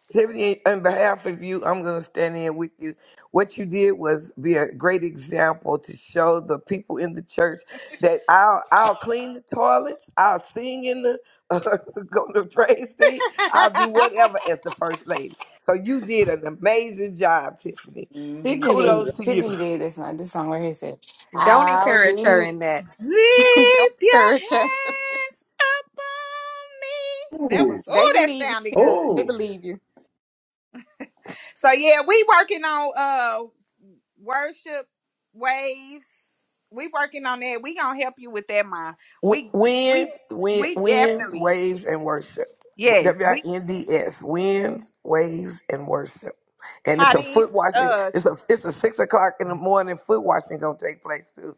Tiffany, on behalf of you, I'm going to stand in with you. What you did was be a great example to show the people in the church that I'll, I'll clean the toilets, I'll sing in the, [LAUGHS] uh, go to praise team, I'll do
it. [LAUGHS]
whatever as the first lady. So you did an amazing job, Tiffany.
[LAUGHS] hmm
Tiffany
She was
Kudos
like,
did.
to you.
Tiffany did. That's not this song right here. Said,
don't
"I'll
encourage her
do."
in that. [LAUGHS] don't
Zip your
encourage her.
hands up on me. That
ooh,
was
They
oh that
believe you.
sounded good.
They
oh,
believe you.
So yeah, we working on uh worship waves. We working on that. We gonna help you with that, ma.
Wi-
We
Wind,
we
wind,
we
winds,
definitely
waves, and worship.
yes.
W I
We
N D S. Winds, waves, and worship. And
how
it's a foot
these
washing.
uh
It's a it's a six o'clock in the morning foot washing gonna take place too.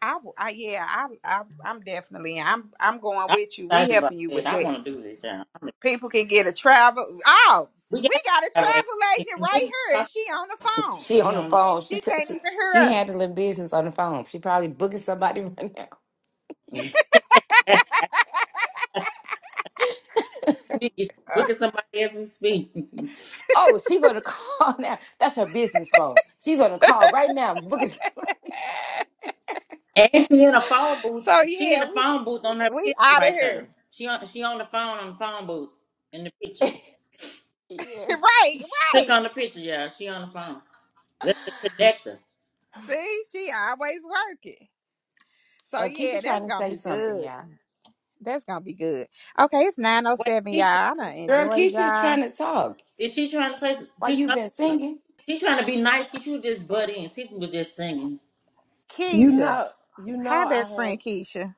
I, w- I yeah, I, I, I'm definitely, I'm, I'm going
I'm
with you. We
excited about
helping you
that.
with
I
that.
want to do this, y'all. I'm like,
People can get a travel. Oh,
we got it
we got a
that way.
travel agent
What
right
is she talking
here, and
about?
she on the phone.
She
She
on the
on?
phone. She
She
t-
can't
she
even
she
hear
handling
us.
business on the phone. She probably booking somebody [LAUGHS] right now.
[LAUGHS] Nikki, she's
[LAUGHS]
booking somebody as we speak. [LAUGHS] and
Oh, she's on the call [LAUGHS] now. That's her business phone. She's on the call right now. Booking. [LAUGHS]
she in a phone booth.
So
She in
yeah,
the
we,
phone booth on her
we
picture
out of
right there.
here.
She on, she on the phone on the phone booth in the picture.
[LAUGHS]
Yeah.
right,
Click
right.
on the picture, y'all. She on the phone. That's the connector.
See, she always working. So
Uh,
yeah,
Keisha's
that's
trying to
gonna
say
be
something,
good.
y'all.
That's gonna be good. Okay, it's nine oh seven,
Wait,
y'all. I done
Girl,
enjoyed
Keisha's
y'all.
trying to talk.
Is she trying to say?
Why you
Keisha,
been
unmute.
singing?
She trying to be nice. Keisha was just butt in. Tiffany was just singing.
You
Keisha,
know, you know,
hi,
I
best
have,
friend Keisha.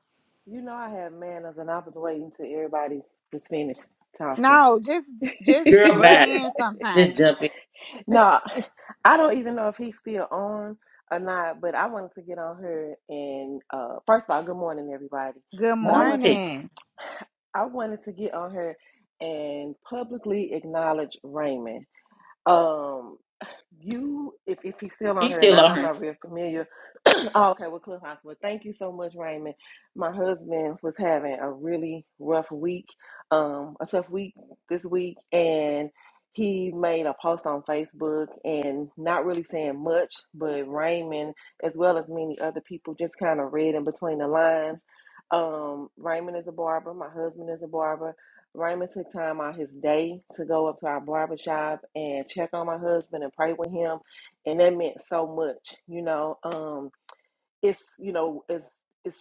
you know, I have manners, and I was waiting till everybody was finished talking.
No, just
[LAUGHS]
just
Girl,
butt
bye.
in sometimes.
Just jump in.
no, I don't even know if he's still on or not, but I wanted to get on here and uh first of all, good morning everybody.
Good
But I
Morning,
wanted to
Tiffany.
morning,
I wanted to get on here and publicly acknowledge Raymond. Um you if, if he's still
He
on here or
still
not,
on
I'm
her.
not real familiar [LAUGHS] Oh, okay, well, Cliff Hospital. thank you so much, Raymond. My husband was having a really rough week, um, a tough week this week, and he made a post on Facebook and not really saying much, but Raymond, as well as many other people, just kind of read in between the lines. Um, Raymond is a barber. My husband is a barber. Raymond took time out his day to go up to our barber shop and check on my husband and pray with him, and that meant so much, you know. Um, it's you know as as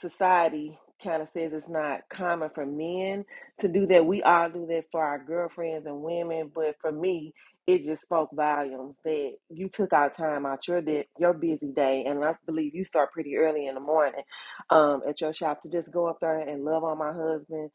society kind of says it's not common for men to do that we all do that for our girlfriends and women but for me it just spoke volumes that you took our time out your day, your busy day and i believe you start pretty early in the morning um, at your shop to just go up there and love on my husband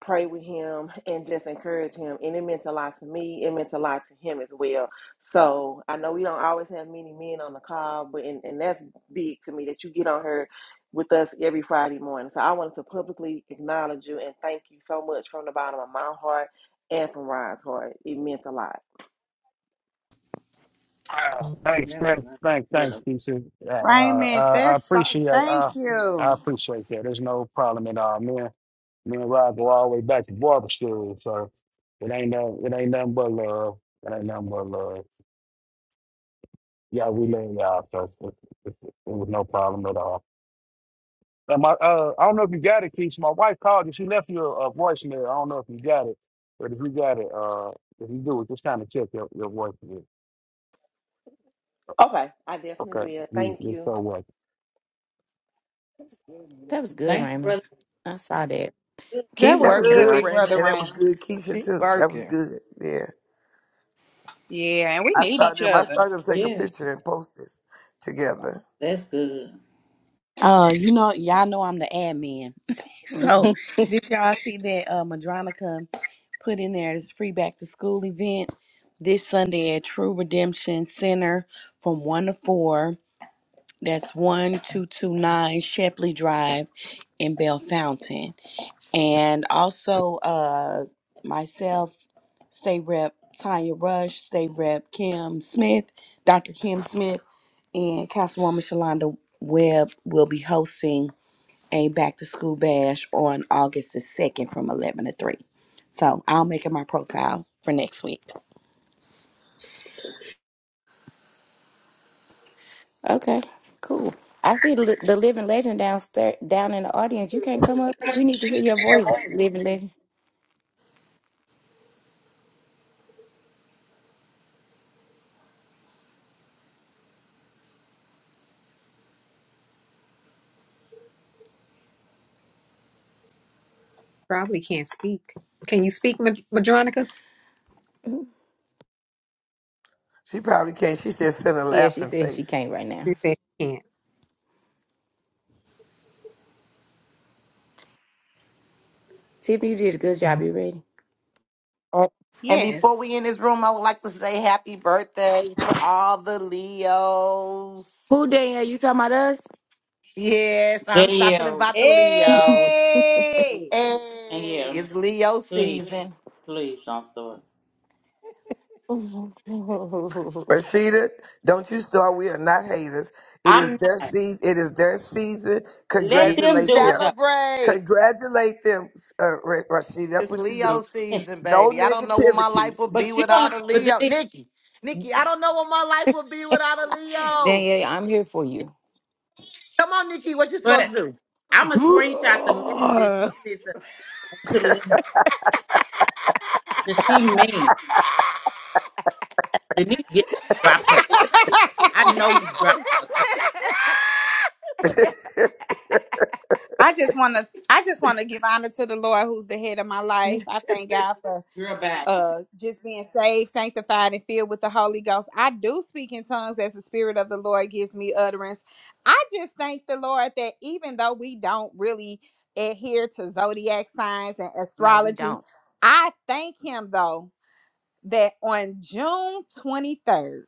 pray with him and just encourage him. And it meant a lot to me. It meant a lot to him as well. So I know we don't always have many men on the call, but and, and that's big to me that you get on here with us every Friday morning. So I wanted to publicly acknowledge you and thank you so much from the bottom of my heart and from Ryan's heart. It meant a lot.
Uh, thanks,
That was
thanks,
nice,
thanks,
brother.
thanks, DC. Uh,
Raymond.
I, I
That's so,
appreciate, uh,
thank
I
you.
appreciate that. There's no problem at all. Me and me and Rob go all the way back to barber school, so it ain't no, it ain't nothing but love. It ain't nothing but love. Yeah, we love y'all, so it, it, it was no problem at all. And my, uh, I don't know if you got it, Keith. My wife called you. She left you a, a voicemail. I don't know if you got it, but if you got it, uh, if you do it, just kind of check your your voicemail.
Okay, I definitely
Okay,
will.
you,
Thank
you're
you.
so welcome.
That was good,
Thanks,
Raymond.
brother.
I saw that.
That
Keep
That
was
was
working,
good,
good,
right?
Big
Raymond,
Brother
and that was
Raymond.
good, Keisha
Keep
too. That was
working.
good. Yeah,
Yeah, and we
I
need
saw
each
them. I
other.
saw them take a
Yeah,
picture and post this together.
that's good.
Uh, you know, y'all know I'm the admin. [LAUGHS]
[LAUGHS]
so did y'all see that uh Madronica put in there this free back to school event this Sunday at True Redemption Center from one to four. That's one two two nine Shepley Drive in Bell Fountain. And also uh myself, State Rep Tanya Rush, State Rep Kim Smith, Dr. Kim Smith, and Councilwoman Shalonda Webb will be hosting a back to school bash on August the 2nd from 11 to 3. So I'll make it my profile for next week.
Okay, cool. I see the, the living legend downstairs, down in the audience. You can't come up. We need to hear your voice, living legend.
Probably can't speak. Can you speak, Ma- Madronica?
She probably can't. She said send a
Yeah, she
laughing
says she
face.
can't right now.
She said she can't.
Tiffany, you did a good job. You ready?
And and before
Yes.
we end this room, I would like to say happy birthday to all the Leos.
Who, Danielle? You talking about us?
Yes, I'm talking
Danielle,
about the Leos.
Hey.
Hey,
Danielle,
it's Leo
please,
season.
please don't start.
[LAUGHS]
Rashida, don't you start. We are not haters. It is
I'm
their
not.
season. It is their season.
Let
You
them
Congratulate
do
them.
it though.
celebrate.
Congratulate them, uh, Ra- Rashida. That's
It's
what you
Leo
do.
[LAUGHS]
season,
No
baby. I don't know what my life
negativity.
would be
but you don't.
without a
But
Leo.
Denise,
Nikki, Nikki, I don't know what my life would be without a Leo.
Danielle, I'm here for you.
Come on, Nikki, what you supposed
but
to do? [LAUGHS]
I'm gonna screenshot the message that
Roar!
she sent us and put it in here. Cause she mean Denise get dropped
[LAUGHS]
her. I know you dropped a couple.
I just want to. I just want to give honor to the Lord, who's the head of my life. I thank God for
Girl back.
uh just being saved sanctified and filled with the holy ghost i do speak in tongues as the spirit of the lord gives me utterance i just thank the lord that even though we don't really adhere to zodiac signs and
No, we
astrology
don't.
i thank him though that on june 23rd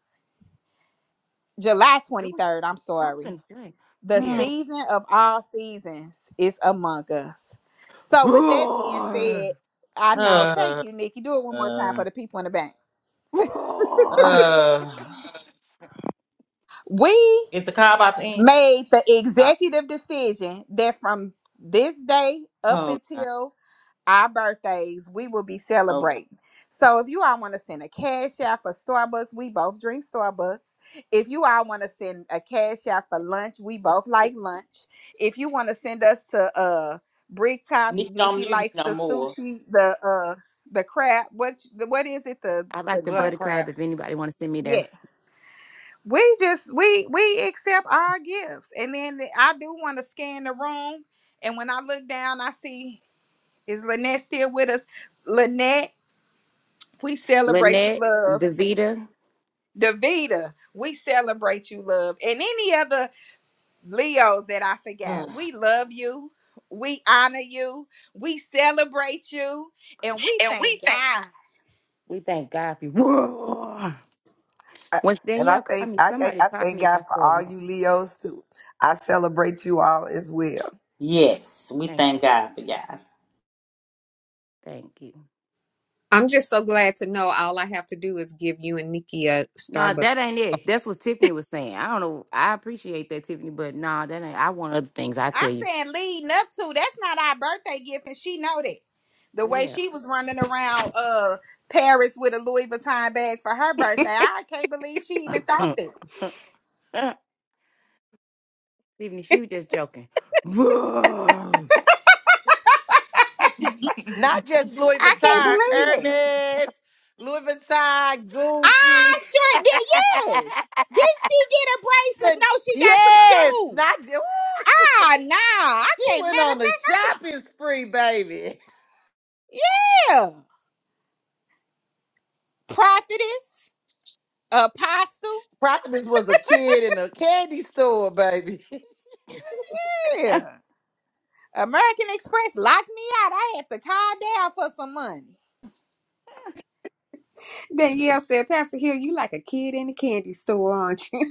july
Do what
23rd i'm
something
sorry
to say.
the
Hmm.
Yeah,
season of all seasons is among us so with that being
Roar!
said i know thank
Uh,
you nikki do it one more time for
uh,
the people in the back
Roar!
uh,
We
is the car about to end?
made the
Oh,
executive decision that from this day up
oh God.
until our birthdays, we will be
Oh, God.
celebrating. So if you all want to send a cash out for Starbucks, we both drink Starbucks. If you all want to send a cash out for lunch, we both like lunch. If you want to send us to uh Brick Tops,
Nick don't
Nikki
mute me
likes
no
the
more. [SIGHS]
sushi, the uh the crab. What what is it? The
I
the
like the
Butter
crab.
butter crab.
crap.
If anybody want to send me there,
Yes we just we we accept our gifts and then i do want to scan the room and when i look down i see is lynette still with us lynette we celebrate you
Lynette,
love
Davita,
davita we celebrate you love and any other leos that i
Uh,
forgot we love you we honor you we celebrate you and we thank god
We thank God for you.
I,
When
and I
Danielle called
thank
me,
I, I
somebody
I
called
thank
me. I
God for
saw a
all
room.
you Leos too. I celebrate you all as well.
yes, we
Thanks,
thank
mom.
God for y'all.
Thank you.
I'm just so glad to know all I have to do is give you and Nikki a
No, that
Starbucks.
ain't it. That's what
[LAUGHS]
Tiffany was saying. I don't know. I appreciate that, Tiffany, but no, that ain't. I want other things. I tell
I'm
you.
saying leading up to that's not our birthday gift, and she know that. The
Oh
way
yeah.
she was running around uh Paris with a Louis Vuitton bag for her birthday, I can't believe she even thought that.
[LAUGHS] Tiffany, she was just joking. [LAUGHS]
Not just Louis
I can't
Vuitton,
believe it.
Hermes, Louis Vuitton, Gucci.
I sure did. Yes. Did she get a bracelet?
Chanel.
No, she got some
Yes, not
shoes.
just.
Ah, no, I
she
can't.
went
Matter
on
of
a
fact, I think
shopping spree, baby.
yeah, prophetess, apostle,
Prophetess was a kid in a candy store, baby. [LAUGHS]
yeah. American Express locked me out. I had to call down for some money.
Danielle said, Pastor Hill, you like a kid in a candy store, aren't you? [LAUGHS]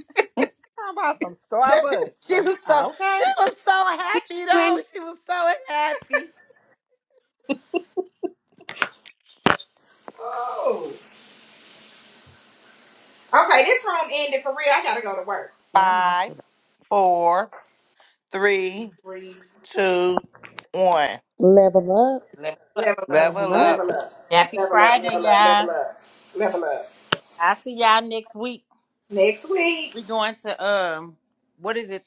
How about some Starbucks?
she was so
Uh, okay.
she was so happy
You
though.
and
She was so happy.
Oh. Okay, this room ended for real. I gotta go to work.
yeah, I'm off
Five,
today.
four, three,
Breathe.
two, one.
Level up,
Let's go.
Level up.
level
Level
up.
Level
up.
up.
Happy
Level up.
Friday,
Level up.
y'all.
Level up. Level up.
I'll see y'all next week.
Next week.
we going to, um, what is it?